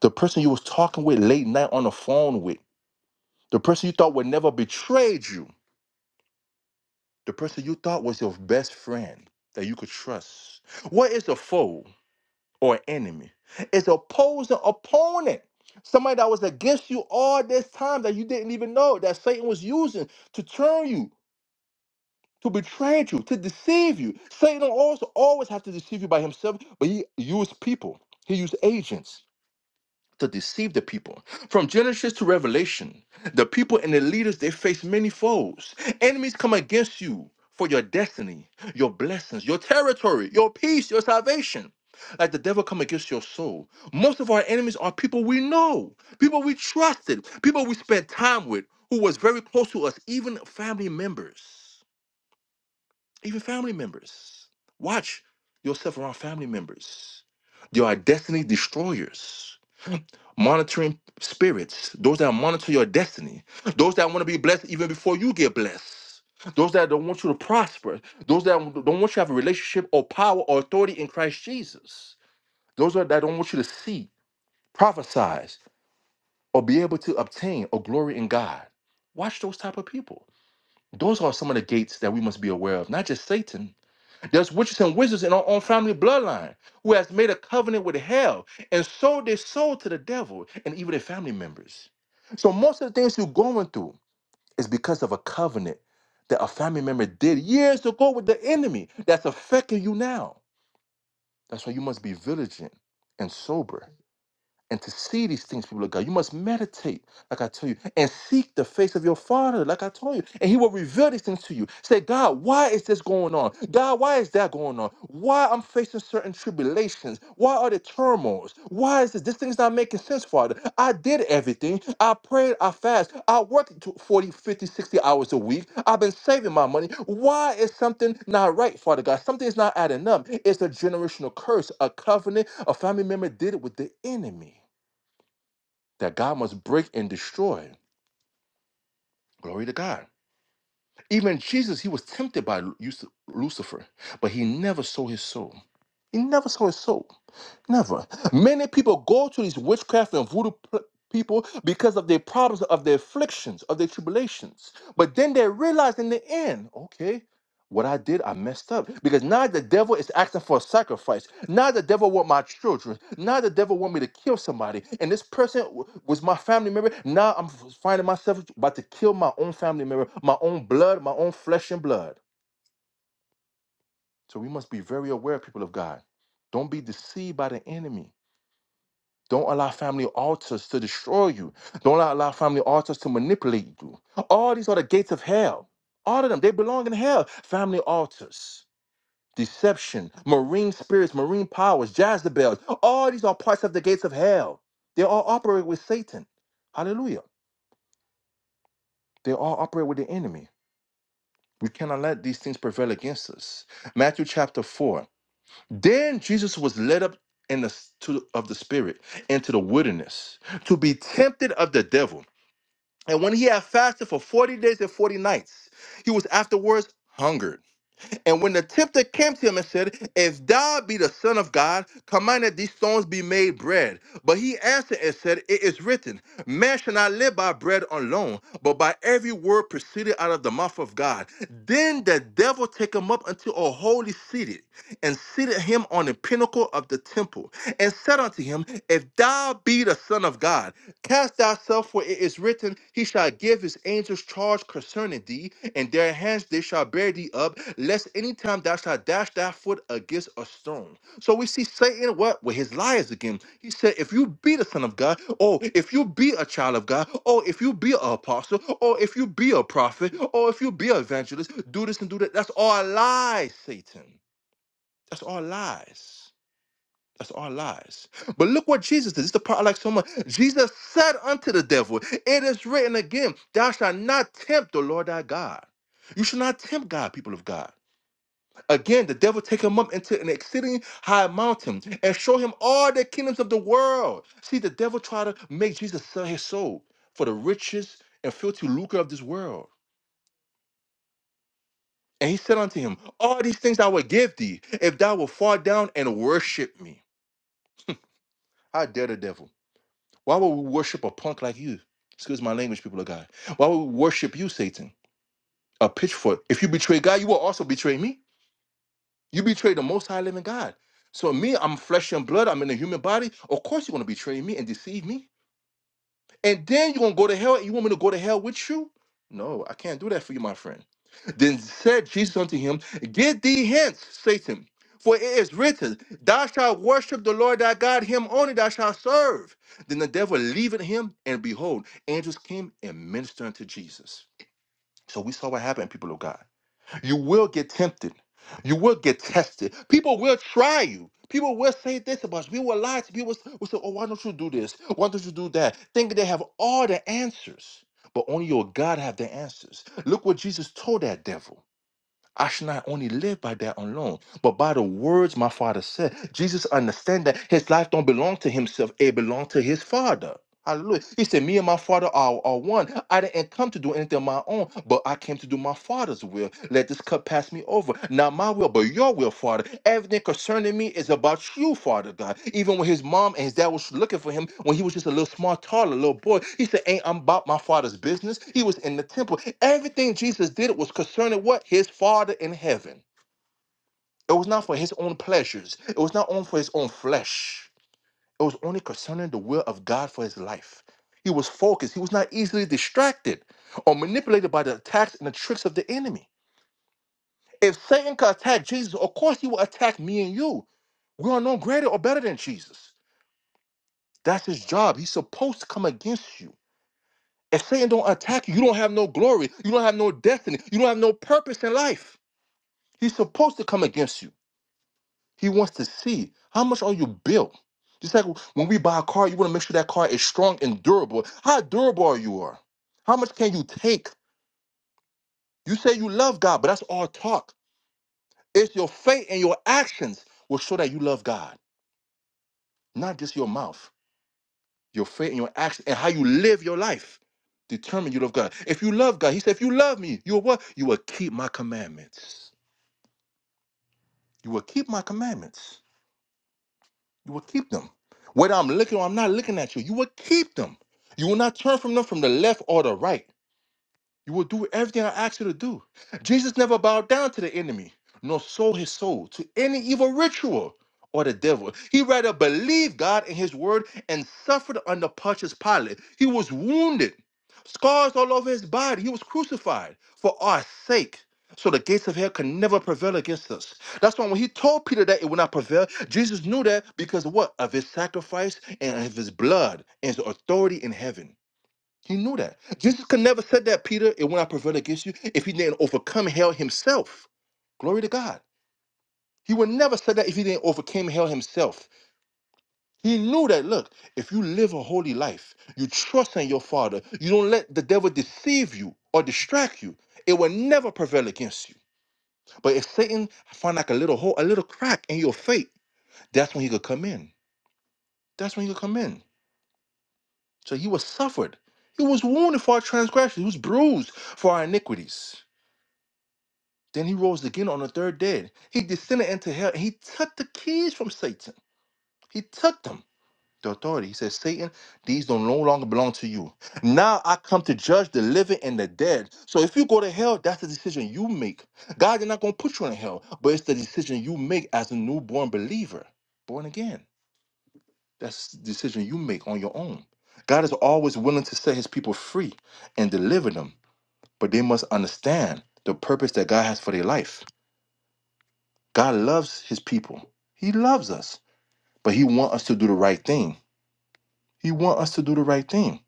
[SPEAKER 1] the person you was talking with late night on the phone with, the person you thought would never betrayed you, the person you thought was your best friend that you could trust. What is a foe or enemy? It's opposing opponent. Somebody that was against you all this time that you didn't even know that Satan was using to turn you to betray you, to deceive you. Satan also always have to deceive you by himself, but he used people. He used agents to deceive the people. From Genesis to Revelation, the people and the leaders they face many foes. Enemies come against you for your destiny, your blessings, your territory, your peace, your salvation. Like the devil come against your soul. Most of our enemies are people we know, people we trusted, people we spent time with, who was very close to us, even family members even family members. Watch yourself around family members. There are destiny destroyers, monitoring spirits, those that monitor your destiny, those that want to be blessed even before you get blessed, those that don't want you to prosper, those that don't want you to have a relationship or power or authority in Christ Jesus, those that that don't want you to see, prophesize, or be able to obtain or glory in God. Watch those type of people. Those are some of the gates that we must be aware of, not just Satan, there's witches and wizards in our own family bloodline who has made a covenant with hell and sold their soul to the devil and even their family members. So most of the things you're going through is because of a covenant that a family member did years ago with the enemy that's affecting you now. That's why you must be vigilant and sober and to see these things, people of God. You must meditate like I told you, and seek the face of your father, like I told you, and he will reveal these things to you. Say, God, why is this going on? God, why is that going on? Why I'm facing certain tribulations? Why are the turmoils? Why is this? This thing's not making sense, Father. I did everything. I prayed, I fast, I worked to 40, fifty, sixty hours a week. I've been saving my money. Why is something not right, Father God? Something's not adding up. It's a generational curse, a covenant, a family member did it with the enemy that God must break and destroy. Glory to God. Even Jesus, he was tempted by Lu- Lucifer, but he never sold his soul. He never sold his soul. Never. Many people go to these witchcraft and voodoo pl- people because of their problems, of their afflictions, of their tribulations. But then they realize in the end, okay, what I did, I messed up. Because now the devil is asking for a sacrifice. Now the devil want my children. Now the devil want me to kill somebody. And this person w- was my family member. Now I'm f- finding myself about to kill my own family member, my own blood, my own flesh and blood. So we must be very aware, people of God. Don't be deceived by the enemy. Don't allow family altars to destroy you. Don't allow family altars to manipulate you. All these are the gates of hell. All of them, they belong in hell. Family altars, deception, marine spirits, marine powers, Jezebels. All these are parts of the gates of hell. They all operate with Satan. Hallelujah. They all operate with the enemy. We cannot let these things prevail against us. Matthew chapter 4. Then Jesus was led up in the to, of the spirit into the wilderness to be tempted of the devil. And when he had fasted for 40 days and 40 nights, he was afterwards hungered. And when the tempter came to him and said, If thou be the Son of God, command that these stones be made bread. But he answered and said, It is written, Man shall not live by bread alone, but by every word proceeded out of the mouth of God. Then the devil take him up unto a holy city and seated him on the pinnacle of the temple, and said unto him, If thou be the Son of God, cast thyself, for it is written, He shall give his angels charge concerning thee, and their hands they shall bear thee up, lest any time thou shalt dash thy foot against a stone. So we see Satan what with his lies again. He said, If you be the Son of God, oh, if you be a child of God, oh, if you be an apostle, or if you be a prophet, or if you be an evangelist, do this and do that. That's all lies, Satan. That's all lies. That's all lies. But look what Jesus did. This is the part I like so much. Jesus said unto the devil, It is written again, Thou shalt not tempt the Lord thy God. You shall not tempt God, people of God. Again, the devil take him up into an exceeding high mountain and show him all the kingdoms of the world. See, the devil tried to make Jesus sell his soul for the riches and filthy lucre of this world. And he said unto him, All these things I will give thee, if thou wilt fall down and worship me. How dare the devil? Why would we worship a punk like you? Excuse my language, people of God. Why would we worship you, Satan? A pitchfork. If you betray God, you will also betray me. You betray the most high living God. So me, I'm flesh and blood. I'm in a human body. Of course you're going to betray me and deceive me and then you're gonna go to hell. You want me to go to hell with you? No, I can't do that for you, my friend. Then said Jesus unto him, Get thee hence, Satan, for it is written, Thou shalt worship the Lord thy God, him only thou shalt serve. Then the devil leaving him, and behold, angels came and ministered unto Jesus. So we saw what happened, people of God. You will get tempted. You will get tested. People will try you. People will say this about you. People will lie to you. People will say, oh, why don't you do this? Why don't you do that? Think they have all the answers, but only your God have the answers. Look what Jesus told that devil. I should not only live by that alone, but by the words my father said. Jesus understand that his life don't belong to himself. It belong to his father. Hallelujah. He said, Me and my father are, are one. I didn't come to do anything of my own, but I came to do my father's will. Let this cup pass me over. Not my will, but your will, Father. Everything concerning me is about you, Father God. Even when his mom and his dad was looking for him, when he was just a little small, toddler, little boy, he said, Ain't I'm about my father's business. He was in the temple. Everything Jesus did was concerning what? His father in heaven. It was not for his own pleasures, it was not on for his own flesh. It was only concerning the will of God for his life. He was focused. He was not easily distracted or manipulated by the attacks and the tricks of the enemy. If Satan could attack Jesus, of course he will attack me and you. We are no greater or better than Jesus. That's his job. He's supposed to come against you. If Satan don't attack you, you don't have no glory. You don't have no destiny. You don't have no purpose in life. He's supposed to come against you. He wants to see how much are you built. Just like when we buy a car, you want to make sure that car is strong and durable. How durable are you are? How much can you take? You say you love God, but that's all talk. It's your faith and your actions will show that you love God, not just your mouth. Your faith and your actions and how you live your life determine you love God. If you love God, He said, if you love me, you will what? You will keep my commandments. You will keep my commandments. You will keep them. Whether I'm looking or I'm not looking at you, you will keep them. You will not turn from them from the left or the right. You will do everything I ask you to do. Jesus never bowed down to the enemy, nor sold his soul to any evil ritual or the devil. He rather believed God and his word and suffered under Pontius Pilate. He was wounded, scars all over his body. He was crucified for our sake. So the gates of hell can never prevail against us. That's why when he told Peter that it would not prevail, Jesus knew that because of what? Of his sacrifice and of his blood and his authority in heaven. He knew that. Jesus could never said that, Peter, it will not prevail against you if he didn't overcome hell himself. Glory to God. He would never said that if he didn't overcome hell himself. He knew that, look, if you live a holy life, you trust in your Father, you don't let the devil deceive you or distract you, it will never prevail against you. But if Satan find like a little hole, a little crack in your faith, that's when he could come in. That's when he could come in. So he was suffered. He was wounded for our transgressions. He was bruised for our iniquities. Then he rose again on the third day. He descended into hell and he took the keys from Satan. He took them. The authority. He said, Satan, these don't no longer belong to you. Now I come to judge the living and the dead. So if you go to hell, that's the decision you make. God is not going to put you in hell, but it's the decision you make as a newborn believer, born again. That's the decision you make on your own. God is always willing to set his people free and deliver them, but they must understand the purpose that God has for their life. God loves his people. He loves us, but he want us to do the right thing. He want us to do the right thing.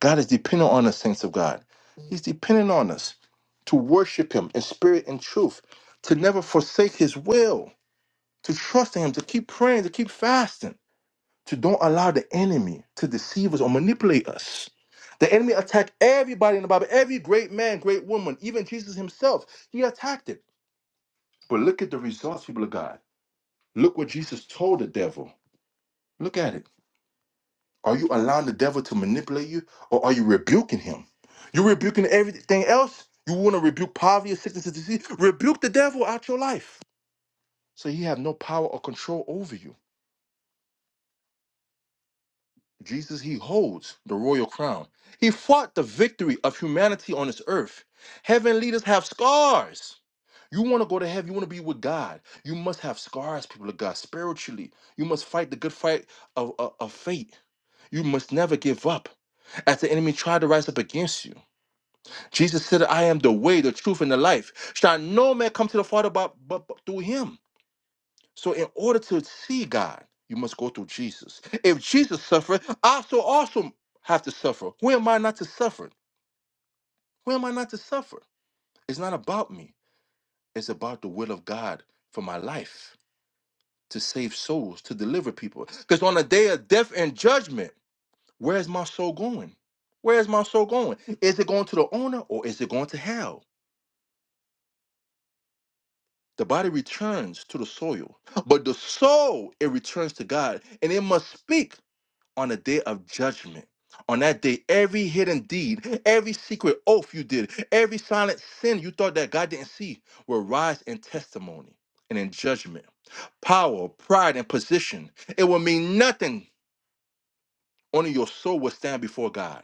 [SPEAKER 1] God is dependent on us, saints of God. He's dependent on us to worship him in spirit and truth, to never forsake his will, to trust in him, to keep praying, to keep fasting, to don't allow the enemy to deceive us or manipulate us. The enemy attacked everybody in the Bible, every great man, great woman, even Jesus himself. He attacked it. But look at the results, people of God. Look what Jesus told the devil. Look at it. Are you allowing the devil to manipulate you or are you rebuking him? You're rebuking everything else. You want to rebuke poverty or sickness and disease? Rebuke the devil out your life. So he have no power or control over you. Jesus, he holds the royal crown. He fought the victory of humanity on this earth. Heaven leaders have scars. You want to go to heaven, you want to be with God. You must have scars, people of God, spiritually. You must fight the good fight of, of, of faith You must never give up as the enemy tried to rise up against you. Jesus said, I am the way, the truth, and the life. Shall no man come to the Father but, but, but through him. So, in order to see God, you must go through Jesus. If Jesus suffered, I so also have to suffer. Who am I not to suffer? Who am I not to suffer? It's not about me, it's about the will of God for my life to save souls, to deliver people. Because on the day of death and judgment, Where is my soul going? Where is my soul going? Is it going to the owner or is it going to hell? The body returns to the soil, but the soul, it returns to God and it must speak on the day of judgment. On that day, every hidden deed, every secret oath you did, every silent sin you thought that God didn't see will rise in testimony and in judgment. Power, pride, and position, it will mean nothing. Only your soul will stand before God.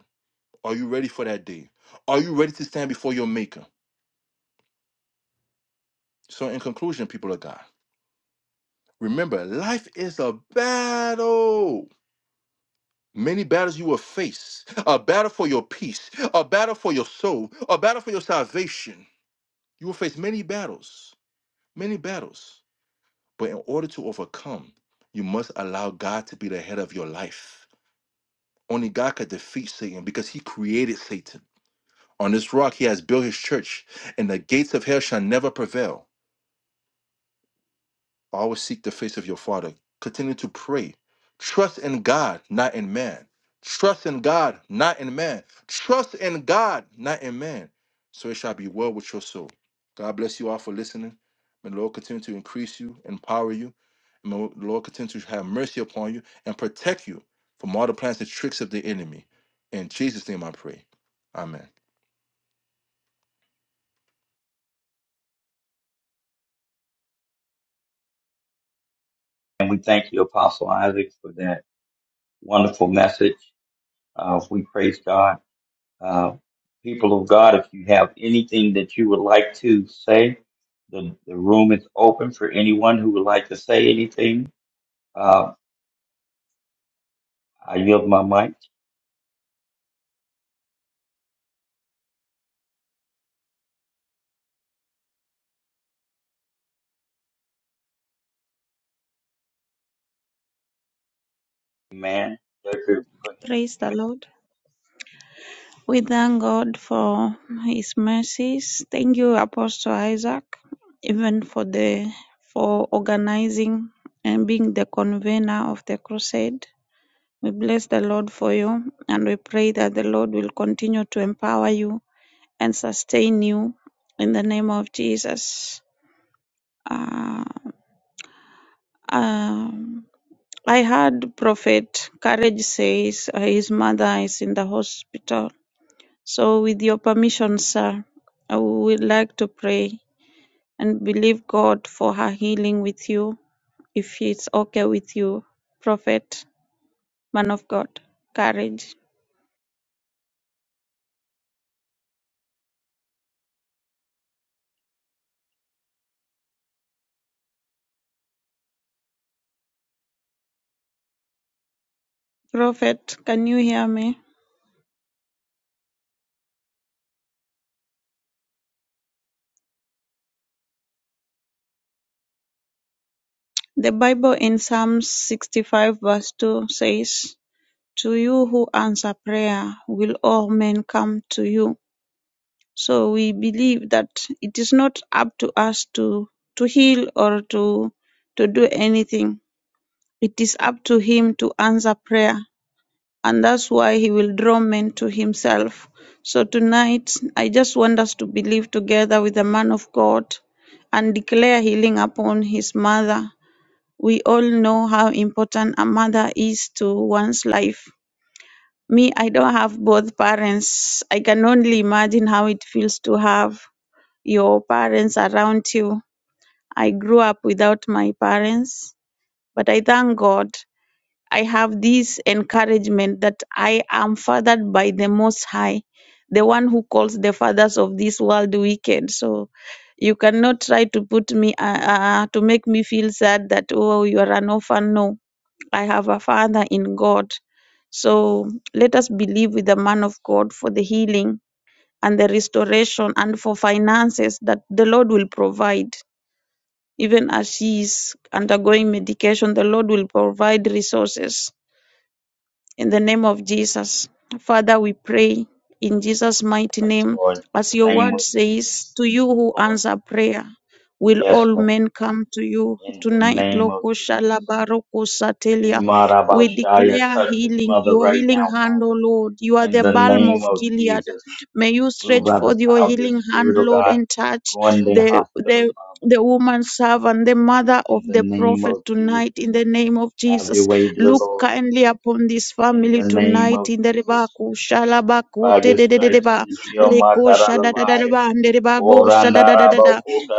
[SPEAKER 1] Are you ready for that day? Are you ready to stand before your maker? So, in conclusion, people of God, remember life is a battle. Many battles you will face a battle for your peace, a battle for your soul, a battle for your salvation. You will face many battles, many battles. But in order to overcome, you must allow God to be the head of your life. Only God could defeat Satan because he created Satan. On this rock, he has built his church, and the gates of hell shall never prevail. Always seek the face of your Father. Continue to pray. Trust in God, not in man. Trust in God, not in man. Trust in God, not in man. So it shall be well with your soul. God bless you all for listening. May the Lord continue to increase you, empower you. And may the Lord continue to have mercy upon you and protect you from all the plans and tricks of the enemy. In Jesus' name I pray. Amen.
[SPEAKER 4] And we thank you, Apostle Isaac, for that wonderful message. Uh, we praise God. Uh, people of God, if you have anything that you would like to say, The, the room is open for anyone who would like to say anything. Uh, I yield my mic. Amen. Thank you for
[SPEAKER 2] Praise the Lord. We thank God for his mercies. Thank you, Apostle Isaac, even for the for organizing and being the convener of the crusade. We bless the Lord for you and we pray that the Lord will continue to empower you and sustain you in the name of Jesus. Uh, um, I heard Prophet Courage says uh, his mother is in the hospital. So, with your permission, sir, I would like to pray and believe God for her healing with you, if it's okay with you, Prophet, man of God, Courage. Prophet, can you hear me? The Bible in Psalms 65, verse 2 says, To you who answer prayer will all men come to you. So we believe that it is not up to us to, to heal or to, to do anything. It is up to him to answer prayer. And that's why he will draw men to himself. So tonight, I just want us to believe together with the man of God and declare healing upon his mother. We all know how important a mother is to one's life me, I don't have both parents. I can only imagine how it feels to have your parents around you. I grew up without my parents, but I thank God I have this encouragement that I am fathered by the Most High, the one who calls the fathers of this world wicked. So you cannot try to put me, uh, uh, to make me feel sad that, oh, you are an orphan. No I have a Father in God. So let us believe with the man of God for the healing and the restoration and for finances that the Lord will provide. Even as she is undergoing medication, the Lord will provide resources in the name of Jesus, Father, we pray in Jesus'
[SPEAKER 4] your
[SPEAKER 2] mighty
[SPEAKER 4] touch,
[SPEAKER 2] name,
[SPEAKER 4] Lord, in
[SPEAKER 2] as
[SPEAKER 4] the
[SPEAKER 2] your
[SPEAKER 4] name
[SPEAKER 2] word
[SPEAKER 4] of
[SPEAKER 2] says,
[SPEAKER 4] Jesus,
[SPEAKER 2] to you who
[SPEAKER 4] Lord.
[SPEAKER 2] answer prayer. Will
[SPEAKER 4] Yes,
[SPEAKER 2] all
[SPEAKER 4] Lord,
[SPEAKER 2] men come to you
[SPEAKER 4] in the
[SPEAKER 2] tonight?
[SPEAKER 4] name of
[SPEAKER 2] Loko
[SPEAKER 4] Jesus.
[SPEAKER 2] shalabaroko satelia. We
[SPEAKER 4] Imarabashaya,
[SPEAKER 2] declare
[SPEAKER 4] touch his
[SPEAKER 2] healing,
[SPEAKER 4] mother
[SPEAKER 2] your
[SPEAKER 4] right
[SPEAKER 2] healing
[SPEAKER 4] now, Father,
[SPEAKER 2] hand, O Lord. You are
[SPEAKER 4] in
[SPEAKER 2] the
[SPEAKER 4] the
[SPEAKER 2] balm of
[SPEAKER 4] name of
[SPEAKER 2] Gilead.
[SPEAKER 4] Jesus.
[SPEAKER 2] May you
[SPEAKER 4] Move
[SPEAKER 2] stretch
[SPEAKER 4] by the
[SPEAKER 2] forth your
[SPEAKER 4] power of the
[SPEAKER 2] healing hand,
[SPEAKER 4] Spirit of
[SPEAKER 2] Lord,
[SPEAKER 4] God.
[SPEAKER 2] and touch
[SPEAKER 4] Go in the
[SPEAKER 2] the
[SPEAKER 4] hospital,
[SPEAKER 2] the
[SPEAKER 4] Father,
[SPEAKER 2] the woman servant, the mother of
[SPEAKER 4] in the
[SPEAKER 2] the
[SPEAKER 4] name
[SPEAKER 2] prophet
[SPEAKER 4] of Jesus.
[SPEAKER 2] tonight in the name of
[SPEAKER 4] Have
[SPEAKER 2] Jesus.
[SPEAKER 4] your way, dear
[SPEAKER 2] Look
[SPEAKER 4] Lord,
[SPEAKER 2] kindly upon this
[SPEAKER 4] in
[SPEAKER 2] family
[SPEAKER 4] the name
[SPEAKER 2] tonight
[SPEAKER 4] of
[SPEAKER 2] in the riba
[SPEAKER 4] Jesus. By
[SPEAKER 2] kushalabakute
[SPEAKER 4] your
[SPEAKER 2] de de de
[SPEAKER 4] stripes
[SPEAKER 2] deba
[SPEAKER 4] he healed
[SPEAKER 2] rekosha da da da
[SPEAKER 4] Mataravaya,
[SPEAKER 2] deba and the riba shada, da da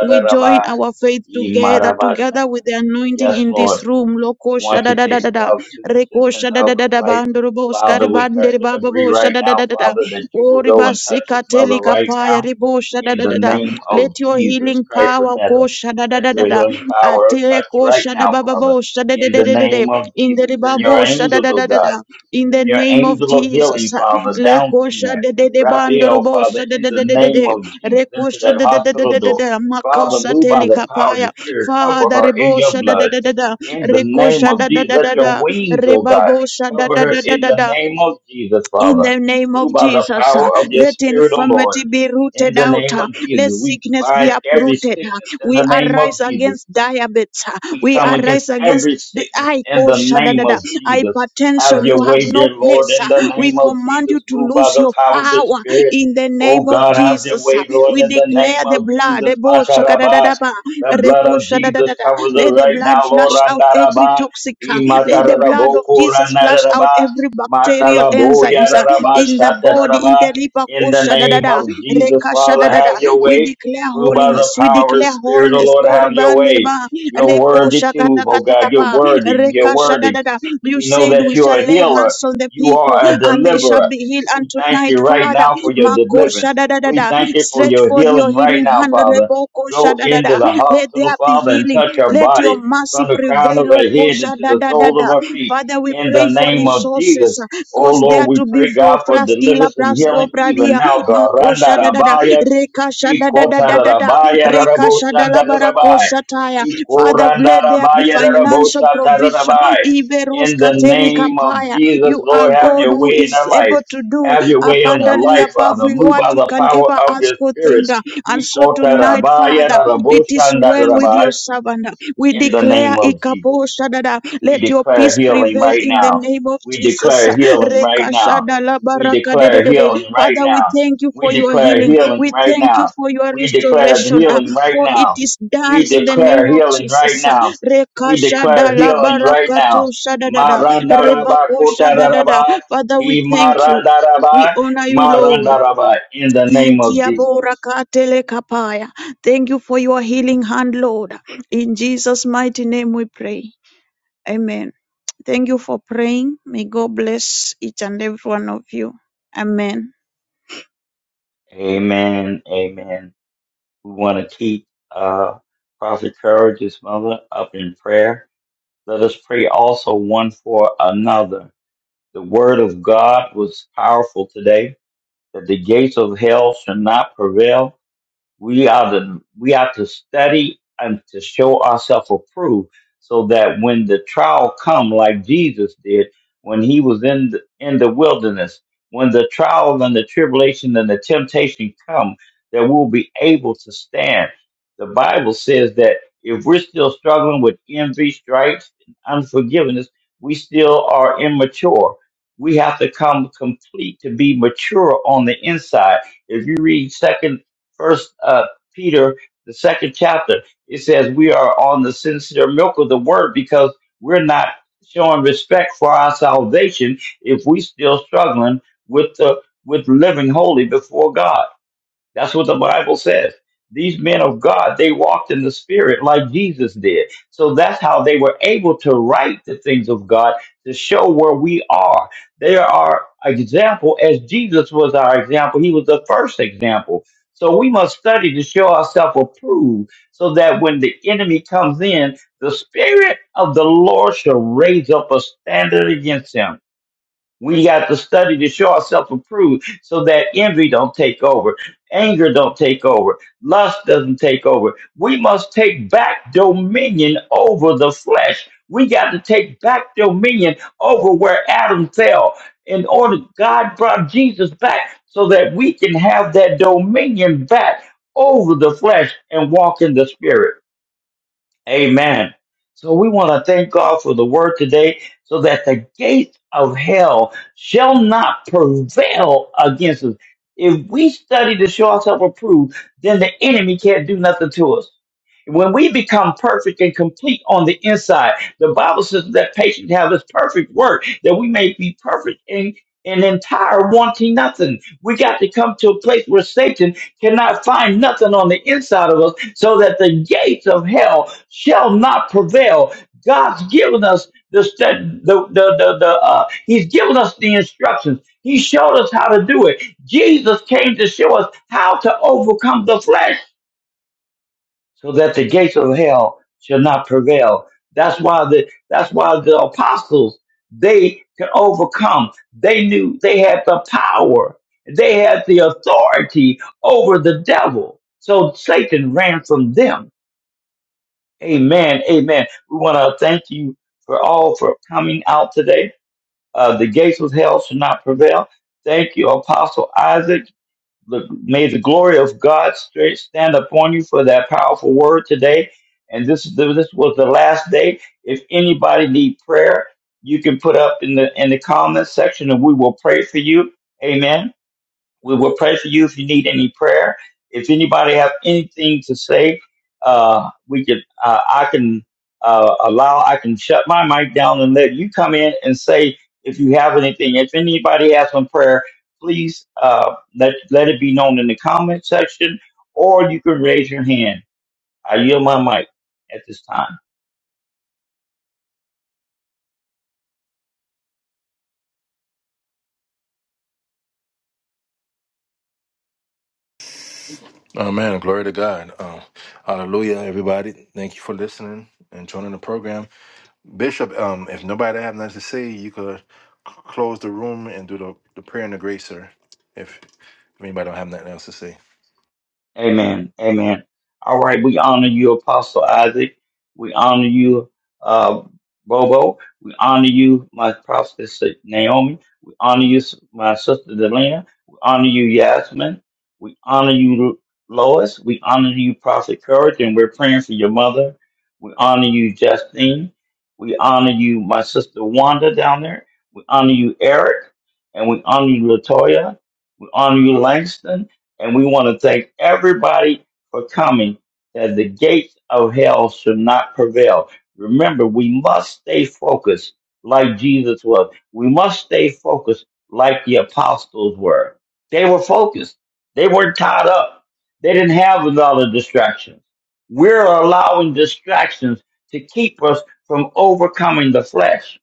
[SPEAKER 2] We join our faith together, together
[SPEAKER 4] Imaravashana.
[SPEAKER 2] with the anointing
[SPEAKER 4] Yes,
[SPEAKER 2] in
[SPEAKER 4] Lord.
[SPEAKER 2] this room. Lokosha
[SPEAKER 4] One
[SPEAKER 2] shada,
[SPEAKER 4] can
[SPEAKER 2] da
[SPEAKER 4] take
[SPEAKER 2] shada.
[SPEAKER 4] a
[SPEAKER 2] da da
[SPEAKER 4] thousand to the ten
[SPEAKER 2] rekosha shada.
[SPEAKER 4] thousand flight.
[SPEAKER 2] and
[SPEAKER 4] Father, we touch
[SPEAKER 2] the riba
[SPEAKER 4] and agree
[SPEAKER 2] bosha
[SPEAKER 4] right
[SPEAKER 2] da da
[SPEAKER 4] now,
[SPEAKER 2] da da da.
[SPEAKER 4] Father, that you
[SPEAKER 2] O
[SPEAKER 4] will go
[SPEAKER 2] riba
[SPEAKER 4] and touch his mother
[SPEAKER 2] sikateli
[SPEAKER 4] right now
[SPEAKER 2] kapaya ribosha shada,
[SPEAKER 4] in
[SPEAKER 2] da
[SPEAKER 4] the
[SPEAKER 2] da
[SPEAKER 4] name of
[SPEAKER 2] Let your
[SPEAKER 4] Jesus
[SPEAKER 2] healing
[SPEAKER 4] Christ of
[SPEAKER 2] power
[SPEAKER 4] Nazareth.
[SPEAKER 2] kosha shada, da
[SPEAKER 4] Let
[SPEAKER 2] da
[SPEAKER 4] your
[SPEAKER 2] da da.
[SPEAKER 4] healing power
[SPEAKER 2] Ate
[SPEAKER 4] touch right
[SPEAKER 2] kosha da
[SPEAKER 4] now,
[SPEAKER 2] ba shada,
[SPEAKER 4] Father. In the
[SPEAKER 2] bosha
[SPEAKER 4] name of
[SPEAKER 2] in the
[SPEAKER 4] Jesus, send your
[SPEAKER 2] ribabo shada
[SPEAKER 4] angels,
[SPEAKER 2] da
[SPEAKER 4] oh
[SPEAKER 2] da da
[SPEAKER 4] God.
[SPEAKER 2] da in the
[SPEAKER 4] Send your
[SPEAKER 2] name of
[SPEAKER 4] angel of healing,
[SPEAKER 2] Jesus
[SPEAKER 4] Father,
[SPEAKER 2] le
[SPEAKER 4] down in
[SPEAKER 2] kosha
[SPEAKER 4] there.
[SPEAKER 2] de de de
[SPEAKER 4] Raphael,
[SPEAKER 2] bandorobo
[SPEAKER 4] Father,
[SPEAKER 2] shada
[SPEAKER 4] in
[SPEAKER 2] da
[SPEAKER 4] the
[SPEAKER 2] da da da
[SPEAKER 4] name
[SPEAKER 2] de
[SPEAKER 4] of
[SPEAKER 2] re
[SPEAKER 4] Jesus, into that
[SPEAKER 2] da da da da
[SPEAKER 4] hospital
[SPEAKER 2] da da
[SPEAKER 4] door.
[SPEAKER 2] da
[SPEAKER 4] Father,
[SPEAKER 2] makosa
[SPEAKER 4] move by the power of
[SPEAKER 2] telikapaya
[SPEAKER 4] the Spirit. Cover
[SPEAKER 2] father
[SPEAKER 4] her in
[SPEAKER 2] rebo
[SPEAKER 4] your
[SPEAKER 2] shada da
[SPEAKER 4] blood.
[SPEAKER 2] da da da
[SPEAKER 4] In the
[SPEAKER 2] re
[SPEAKER 4] name of
[SPEAKER 2] da da
[SPEAKER 4] Jesus,
[SPEAKER 2] da
[SPEAKER 4] let
[SPEAKER 2] da
[SPEAKER 4] your
[SPEAKER 2] da
[SPEAKER 4] wings, oh God,
[SPEAKER 2] rebabo shada
[SPEAKER 4] cover
[SPEAKER 2] da
[SPEAKER 4] her
[SPEAKER 2] da da
[SPEAKER 4] in
[SPEAKER 2] da
[SPEAKER 4] the
[SPEAKER 2] da
[SPEAKER 4] name of Jesus,
[SPEAKER 2] in
[SPEAKER 4] Father.
[SPEAKER 2] the name
[SPEAKER 4] Move
[SPEAKER 2] of
[SPEAKER 4] by the
[SPEAKER 2] Jesus, uh,
[SPEAKER 4] power of your
[SPEAKER 2] let
[SPEAKER 4] Spirit, O Lord
[SPEAKER 2] infirmity be
[SPEAKER 4] in
[SPEAKER 2] rooted
[SPEAKER 4] the
[SPEAKER 2] out.
[SPEAKER 4] name
[SPEAKER 2] uh,
[SPEAKER 4] of
[SPEAKER 2] Let
[SPEAKER 4] Jesus. We
[SPEAKER 2] sickness be
[SPEAKER 4] bind every
[SPEAKER 2] uprooted. uh,
[SPEAKER 4] sickness in
[SPEAKER 2] We
[SPEAKER 4] the name
[SPEAKER 2] arise
[SPEAKER 4] of Jesus.
[SPEAKER 2] against diabetes. uh,
[SPEAKER 4] We
[SPEAKER 2] We
[SPEAKER 4] come against
[SPEAKER 2] arise against
[SPEAKER 4] every
[SPEAKER 2] the
[SPEAKER 4] sickness
[SPEAKER 2] I
[SPEAKER 4] in the name of
[SPEAKER 2] koshadadada,
[SPEAKER 4] Jesus.
[SPEAKER 2] hypertension.
[SPEAKER 4] Have your
[SPEAKER 2] You have
[SPEAKER 4] way, dear
[SPEAKER 2] no
[SPEAKER 4] Lord,
[SPEAKER 2] place.
[SPEAKER 4] in the
[SPEAKER 2] uh, We
[SPEAKER 4] name of
[SPEAKER 2] command you
[SPEAKER 4] Jesus.
[SPEAKER 2] to
[SPEAKER 4] Move by
[SPEAKER 2] lose
[SPEAKER 4] the
[SPEAKER 2] your
[SPEAKER 4] power of the
[SPEAKER 2] power
[SPEAKER 4] Spirit.
[SPEAKER 2] in the
[SPEAKER 4] Oh
[SPEAKER 2] name of
[SPEAKER 4] God, have your
[SPEAKER 2] Jesus. uh,
[SPEAKER 4] way, Lord,
[SPEAKER 2] We
[SPEAKER 4] in the name
[SPEAKER 2] declare the
[SPEAKER 4] of
[SPEAKER 2] blood.
[SPEAKER 4] Jesus.
[SPEAKER 2] Ebo
[SPEAKER 4] Matarabai.
[SPEAKER 2] shakadadadaba,
[SPEAKER 4] The blood
[SPEAKER 2] reko
[SPEAKER 4] of Jesus
[SPEAKER 2] shadadadada,
[SPEAKER 4] covers it
[SPEAKER 2] Let the
[SPEAKER 4] right
[SPEAKER 2] blood
[SPEAKER 4] now, Lord.
[SPEAKER 2] flush out every
[SPEAKER 4] Randarabai.
[SPEAKER 2] toxic. Uh, let the blood of
[SPEAKER 4] Imataraboko
[SPEAKER 2] Jesus flush out
[SPEAKER 4] randarabai.
[SPEAKER 2] every bacterial
[SPEAKER 4] Matalaboya
[SPEAKER 2] enzymes uh,
[SPEAKER 4] rarabai.
[SPEAKER 2] in the body. In
[SPEAKER 4] Shatarabai.
[SPEAKER 2] the liver,
[SPEAKER 4] In the
[SPEAKER 2] kosha da da
[SPEAKER 4] name
[SPEAKER 2] da,
[SPEAKER 4] of Jesus,
[SPEAKER 2] Rekasha da
[SPEAKER 4] Father,
[SPEAKER 2] da da.
[SPEAKER 4] have your
[SPEAKER 2] We
[SPEAKER 4] way.
[SPEAKER 2] declare
[SPEAKER 4] Move by the
[SPEAKER 2] holiness. We
[SPEAKER 4] power of the
[SPEAKER 2] declare
[SPEAKER 4] Spirit, O
[SPEAKER 2] wholeness.
[SPEAKER 4] Lord, have your
[SPEAKER 2] Korban,
[SPEAKER 4] way.
[SPEAKER 2] niriba,
[SPEAKER 4] You're
[SPEAKER 2] rebo
[SPEAKER 4] worthy too,
[SPEAKER 2] kata
[SPEAKER 4] oh
[SPEAKER 2] kata
[SPEAKER 4] God. You're
[SPEAKER 2] kapa,
[SPEAKER 4] worthy. You're
[SPEAKER 2] Rekasha da
[SPEAKER 4] worthy.
[SPEAKER 2] da da. You
[SPEAKER 4] We know
[SPEAKER 2] said
[SPEAKER 4] that
[SPEAKER 2] we
[SPEAKER 4] you're
[SPEAKER 2] shall
[SPEAKER 4] a
[SPEAKER 2] lay
[SPEAKER 4] healer.
[SPEAKER 2] hands on the
[SPEAKER 4] You
[SPEAKER 2] people
[SPEAKER 4] are a
[SPEAKER 2] and they shall
[SPEAKER 4] deliverer.
[SPEAKER 2] be healed. And
[SPEAKER 4] We thank
[SPEAKER 2] tonight,
[SPEAKER 4] you right
[SPEAKER 2] Father,
[SPEAKER 4] now for your
[SPEAKER 2] makosha
[SPEAKER 4] deliverance.
[SPEAKER 2] da da da
[SPEAKER 4] We
[SPEAKER 2] da.
[SPEAKER 4] thank you for
[SPEAKER 2] Stretch
[SPEAKER 4] your
[SPEAKER 2] forth your
[SPEAKER 4] healing right
[SPEAKER 2] healing
[SPEAKER 4] now,
[SPEAKER 2] hand.
[SPEAKER 4] Father.
[SPEAKER 2] Leboko
[SPEAKER 4] Go
[SPEAKER 2] da da
[SPEAKER 4] into
[SPEAKER 2] da.
[SPEAKER 4] the
[SPEAKER 2] Let
[SPEAKER 4] hospital,
[SPEAKER 2] there be
[SPEAKER 4] Father, and
[SPEAKER 2] healing.
[SPEAKER 4] touch her
[SPEAKER 2] Let your
[SPEAKER 4] body
[SPEAKER 2] mercy
[SPEAKER 4] from the crown of
[SPEAKER 2] prevail,
[SPEAKER 4] her
[SPEAKER 2] O
[SPEAKER 4] head
[SPEAKER 2] Kosha
[SPEAKER 4] into
[SPEAKER 2] da
[SPEAKER 4] the
[SPEAKER 2] da da
[SPEAKER 4] soles
[SPEAKER 2] da.
[SPEAKER 4] of her feet.
[SPEAKER 2] Father, we
[SPEAKER 4] In the
[SPEAKER 2] pray for
[SPEAKER 4] name of
[SPEAKER 2] resources.
[SPEAKER 4] Jesus.
[SPEAKER 2] uh,
[SPEAKER 4] Oh
[SPEAKER 2] Cause there
[SPEAKER 4] Lord, we
[SPEAKER 2] to be
[SPEAKER 4] pray,
[SPEAKER 2] flow,
[SPEAKER 4] God, for
[SPEAKER 2] fraskila,
[SPEAKER 4] deliverance and
[SPEAKER 2] prasko,
[SPEAKER 4] healing even
[SPEAKER 2] pradia,
[SPEAKER 4] now, God. Randa
[SPEAKER 2] makosha da da da,
[SPEAKER 4] rabaya,
[SPEAKER 2] rekasha da da da
[SPEAKER 4] ikota
[SPEAKER 2] da da da,
[SPEAKER 4] rabaya, rarabo
[SPEAKER 2] rekasha da la
[SPEAKER 4] shanda rabai,
[SPEAKER 2] barakosha taya. Father,
[SPEAKER 4] ikoranda
[SPEAKER 2] let there be
[SPEAKER 4] rabaya, rarabo
[SPEAKER 2] financial
[SPEAKER 4] shata
[SPEAKER 2] provision.
[SPEAKER 4] rabai
[SPEAKER 2] Iberos
[SPEAKER 4] in the
[SPEAKER 2] kateli
[SPEAKER 4] name of
[SPEAKER 2] kapaya.
[SPEAKER 4] Jesus,
[SPEAKER 2] You are
[SPEAKER 4] Lord, have
[SPEAKER 2] God
[SPEAKER 4] your
[SPEAKER 2] who
[SPEAKER 4] way in
[SPEAKER 2] is
[SPEAKER 4] our
[SPEAKER 2] able
[SPEAKER 4] life.
[SPEAKER 2] to do
[SPEAKER 4] Have your way on our
[SPEAKER 2] abundantly
[SPEAKER 4] life,
[SPEAKER 2] above
[SPEAKER 4] Father. Move
[SPEAKER 2] what
[SPEAKER 4] by
[SPEAKER 2] we
[SPEAKER 4] the
[SPEAKER 2] can
[SPEAKER 4] power
[SPEAKER 2] ever
[SPEAKER 4] of
[SPEAKER 2] ask
[SPEAKER 4] your
[SPEAKER 2] or
[SPEAKER 4] spirit.
[SPEAKER 2] think.
[SPEAKER 4] In
[SPEAKER 2] And so tonight, Father, it is well with your servant. We
[SPEAKER 4] the
[SPEAKER 2] declare
[SPEAKER 4] name of Jesus.
[SPEAKER 2] Ikapo Shadada,
[SPEAKER 4] We
[SPEAKER 2] let your
[SPEAKER 4] declare
[SPEAKER 2] peace
[SPEAKER 4] healing
[SPEAKER 2] prevail
[SPEAKER 4] right
[SPEAKER 2] in the
[SPEAKER 4] now.
[SPEAKER 2] name of
[SPEAKER 4] We
[SPEAKER 2] Jesus.
[SPEAKER 4] declare healing right
[SPEAKER 2] Reka
[SPEAKER 4] now.
[SPEAKER 2] Shadala
[SPEAKER 4] We
[SPEAKER 2] Baraka de de
[SPEAKER 4] declare
[SPEAKER 2] de de.
[SPEAKER 4] healing right
[SPEAKER 2] Father, we
[SPEAKER 4] now.
[SPEAKER 2] thank you
[SPEAKER 4] We
[SPEAKER 2] for your
[SPEAKER 4] declare
[SPEAKER 2] healing.
[SPEAKER 4] healing
[SPEAKER 2] We
[SPEAKER 4] right
[SPEAKER 2] thank
[SPEAKER 4] now.
[SPEAKER 2] you for your
[SPEAKER 4] We declare the
[SPEAKER 2] restoration, ah,
[SPEAKER 4] healing right
[SPEAKER 2] for it
[SPEAKER 4] now.
[SPEAKER 2] is
[SPEAKER 4] We
[SPEAKER 2] done in the
[SPEAKER 4] declare
[SPEAKER 2] name of
[SPEAKER 4] healing right
[SPEAKER 2] Jesus.
[SPEAKER 4] now.
[SPEAKER 2] Reka
[SPEAKER 4] We declare
[SPEAKER 2] Shadala
[SPEAKER 4] healing right
[SPEAKER 2] Baraka
[SPEAKER 4] now.
[SPEAKER 2] to Shadada,
[SPEAKER 4] Marandaraba
[SPEAKER 2] Rebako Shadada.
[SPEAKER 4] kotararaba.
[SPEAKER 2] Father, we thank you. We
[SPEAKER 4] Imarandaraba.
[SPEAKER 2] honor you, Lord.
[SPEAKER 4] Marandaraba. In the
[SPEAKER 2] Thank
[SPEAKER 4] name
[SPEAKER 2] you,
[SPEAKER 4] of Jesus.
[SPEAKER 2] Borakatele Kapaya. Thank you for your healing hand, Lord. In Jesus' mighty name we pray. Amen. Thank you for praying. May God bless each and every one of you. Amen.
[SPEAKER 4] Amen. Amen. We want to keep uh, Prophet Courage's mother up in prayer Let us pray also one for another. The word of God was powerful today, that the gates of hell should not prevail we are the we are to study and to show ourselves approved, so that when the trial come, like Jesus did when he was in the, in the wilderness, when the trial and the tribulation and the temptation come, that we'll be able to stand. The Bible says that if we're still struggling with envy, strife, and unforgiveness, we still are immature. We have to come complete to be mature on the inside. If you read 2 First uh, Peter, the second chapter, it says we are on the sincere milk of the word because we're not showing respect for our salvation if we still struggling with the with living holy before God. That's what the Bible says. These men of God, they walked in the spirit like Jesus did. So that's how they were able to write the things of God to show where we are. They are our example as Jesus was our example. He was the first example. So we must study to show ourselves approved so that when the enemy comes in, the spirit of the Lord shall raise up a standard against him we got to study to show ourselves approved so that envy don't take over, anger don't take over, lust doesn't take over. We must take back dominion over the flesh. We got to take back dominion over where Adam fell. In order, God brought Jesus back so that we can have that dominion back over the flesh and walk in the spirit. Amen. So we want to thank God for the word today so that the gates of hell shall not prevail against us. If we study to show ourselves approved, then the enemy can't do nothing to us. When we become perfect and complete on the inside, the Bible says that patience have this perfect work, that we may be perfect and, and entire, wanting nothing. We got to come to a place where Satan cannot find nothing on the inside of us, so that the gates of hell shall not prevail. God's given us the stu- the the the, the uh, He's given us the instructions. He showed us how to do it. Jesus came to show us how to overcome the flesh so that the gates of hell shall not prevail. That's why the that's why the apostles they could overcome. They knew they had the power. They had the authority over the devil. So Satan ran from them. Amen. Amen. We want to thank you for all for coming out today. Uh, the gates of hell shall not prevail. Thank you, Apostle Isaac the, may the glory of God straight stand upon you for that powerful word today. And this this was the last day. If anybody need prayer, you can put up in the in the comments section, and we will pray for you. Amen. We will pray for you if you need any prayer. If anybody have anything to say, uh, we could, uh, I can uh, allow, I can shut my mic down and let you come in and say if you have anything. If anybody has some prayer, please uh, let let it be known in the comment section, or you can raise your hand. I yield my mic at this time.
[SPEAKER 1] Amen. Glory to God. Uh, hallelujah, everybody. Thank you for listening and joining the program. Bishop, um, if nobody have nothing to say, you could c- close the room and do the, the prayer and the grace, sir. If, if anybody don't have nothing else to say.
[SPEAKER 4] Amen. Amen. All right. We honor you, Apostle Isaac. We honor you, uh, Bobo. We honor you, my prophetess uh, Naomi. We honor you, my sister Delina. We honor you, Yasmin. We honor you, Lois. We honor you, Prophet Courage, and we're praying for your mother. We honor you, Justine. We honor you, my sister Wanda down there. We honor you, Eric, and we honor you, Latoya. We honor you, Langston, and we want to thank everybody for coming. That the gates of hell should not prevail. Remember, we must stay focused like Jesus was. We must stay focused like the apostles were. They were focused. They weren't tied up. They didn't have another distractions. We're allowing distractions to keep us from overcoming the flesh.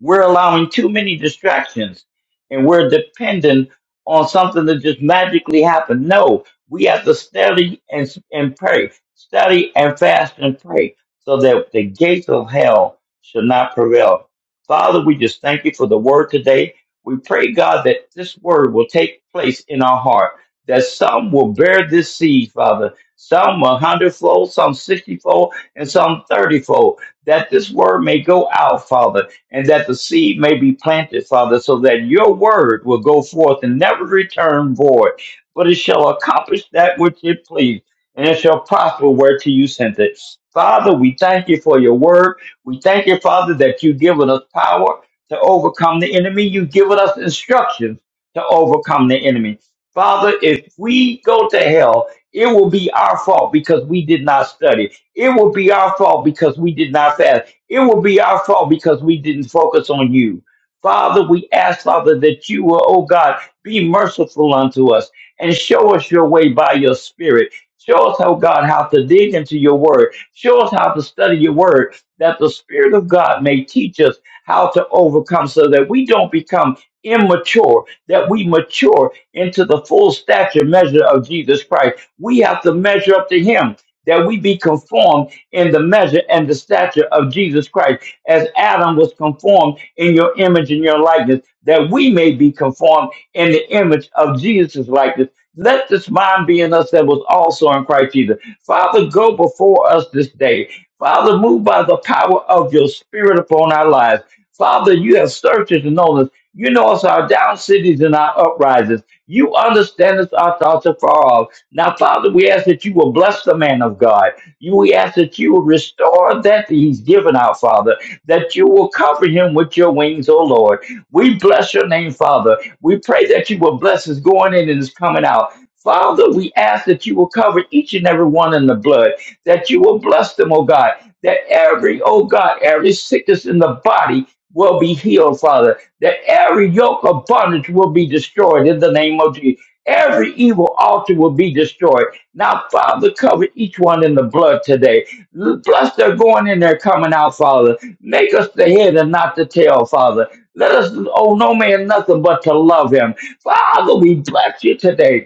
[SPEAKER 4] We're allowing too many distractions and we're dependent on something that just magically happened. No, we have to study and and pray, study and fast and pray, so that the gates of hell should not prevail. Father, we just thank you for the word today. We pray, God, that this word will take place in our heart, that some will bear this seed, Father, some a hundredfold, some sixtyfold, and some thirtyfold, that this word may go out, Father and that the seed may be planted, Father, so that your word will go forth and never return void, but it shall accomplish that which it pleased, and it shall prosper whereto you sent it. Father, we thank you for your word. We thank you, Father, that you've given us power to overcome the enemy. You've given us instructions to overcome the enemy. Father, if we go to hell, it will be our fault because we did not study. It will be our fault because we did not fast. It will be our fault because we didn't focus on you. Father, we ask, Father, that you will, oh God, be merciful unto us and show us your way by your spirit. Show us, oh God, how to dig into your word. Show us how to study your word, that the Spirit of God may teach us how to overcome so that we don't become immature, that we mature into the full stature measure of Jesus Christ. We have to measure up to him, that we be conformed in the measure and the stature of Jesus Christ, as Adam was conformed in your image and your likeness, that we may be conformed in the image of Jesus' likeness. Let this mind be in us that was also in Christ Jesus. Father, go before us this day. Father, move by the power of your spirit upon our lives. Father, you have searched us and known us. You know us our down cities and our uprisings. You understand us our thoughts afar off. Now, Father, we ask that you will bless the man of God. You- We ask that you will restore that he's given our Father, that you will cover him with your wings, O Lord. We bless your name, Father. We pray that you will bless his going in and his coming out. Father, we ask that you will cover each and every one in the blood, that you will bless them, O God, that every, oh God, every sickness in the body will be healed, Father, that every yoke of bondage will be destroyed in the name of Jesus. Every evil altar will be destroyed now, Father, cover each one in the blood today. Bless their going in their coming out, Father. Make us the head and not the tail, Father. Let us owe no man nothing but to love him. Father, we bless you today.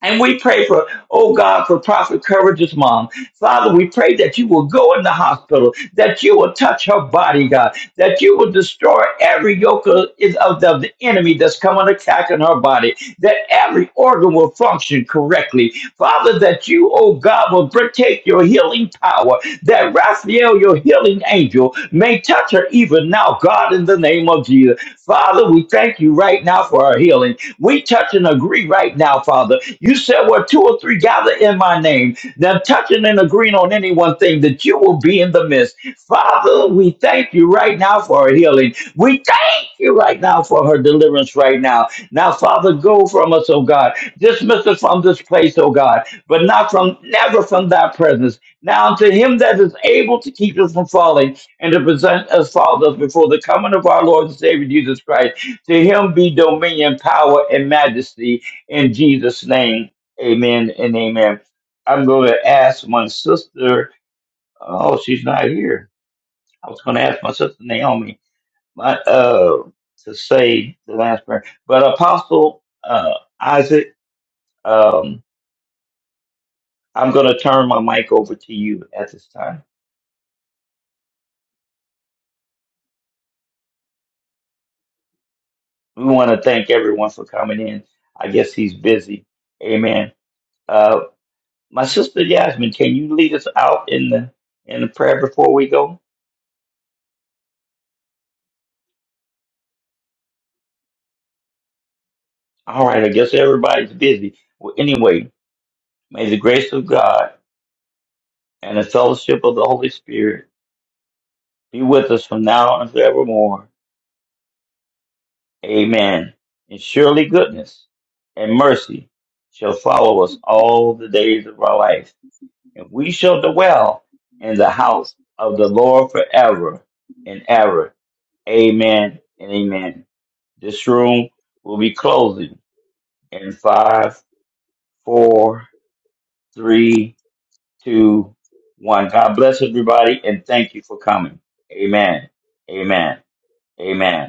[SPEAKER 4] And we pray for, oh God, for Prophet Courage's mom. Father, we pray that you will go in the hospital, that you will touch her body, God, that you will destroy every yoke of, is of the, of the enemy that's coming attacking her body, that every organ will function correctly. Father, that you, oh God, will br- take your healing power, that Raphael, your healing angel, may touch her even now, God, in the name of Jesus. Father, we thank you right now for our healing. We touch and agree right now, Father. You said, Well, two or three gather in my name. Now, touching and agreeing on any one thing that you will be in the midst. Father, we thank you right now for her healing. We thank you right now for her deliverance right now. Now, Father, go from us, oh God. Dismiss us from this place, oh God, but not from, never from thy presence. Now, to him that is able to keep us from falling and to present us faultless before the coming of our Lord and Savior Jesus Christ. To him be dominion, power, and majesty in Jesus' name. Amen and amen. I'm going to ask my sister. Oh, she's not here. I was going to ask my sister Naomi my, uh, to say the last prayer. But Apostle uh, Isaac, um, I'm going to turn my mic over to you at this time. We want to thank everyone for coming in. I guess he's busy. Amen. Uh, My sister Yasmin, can you lead us out in the in the prayer before we go? All right, I guess everybody's busy. Well, anyway, may the grace of God and the fellowship of the Holy Spirit be with us from now and forevermore. Amen. And surely goodness and mercy shall follow us all the days of our life, and we shall dwell in the
[SPEAKER 5] Yes,
[SPEAKER 4] house of the Lord forever
[SPEAKER 5] Lord.
[SPEAKER 4] and ever. Amen and amen. This room will be closing. in five, four, three, two, one. God bless everybody and thank you for coming. Amen. Amen. Amen.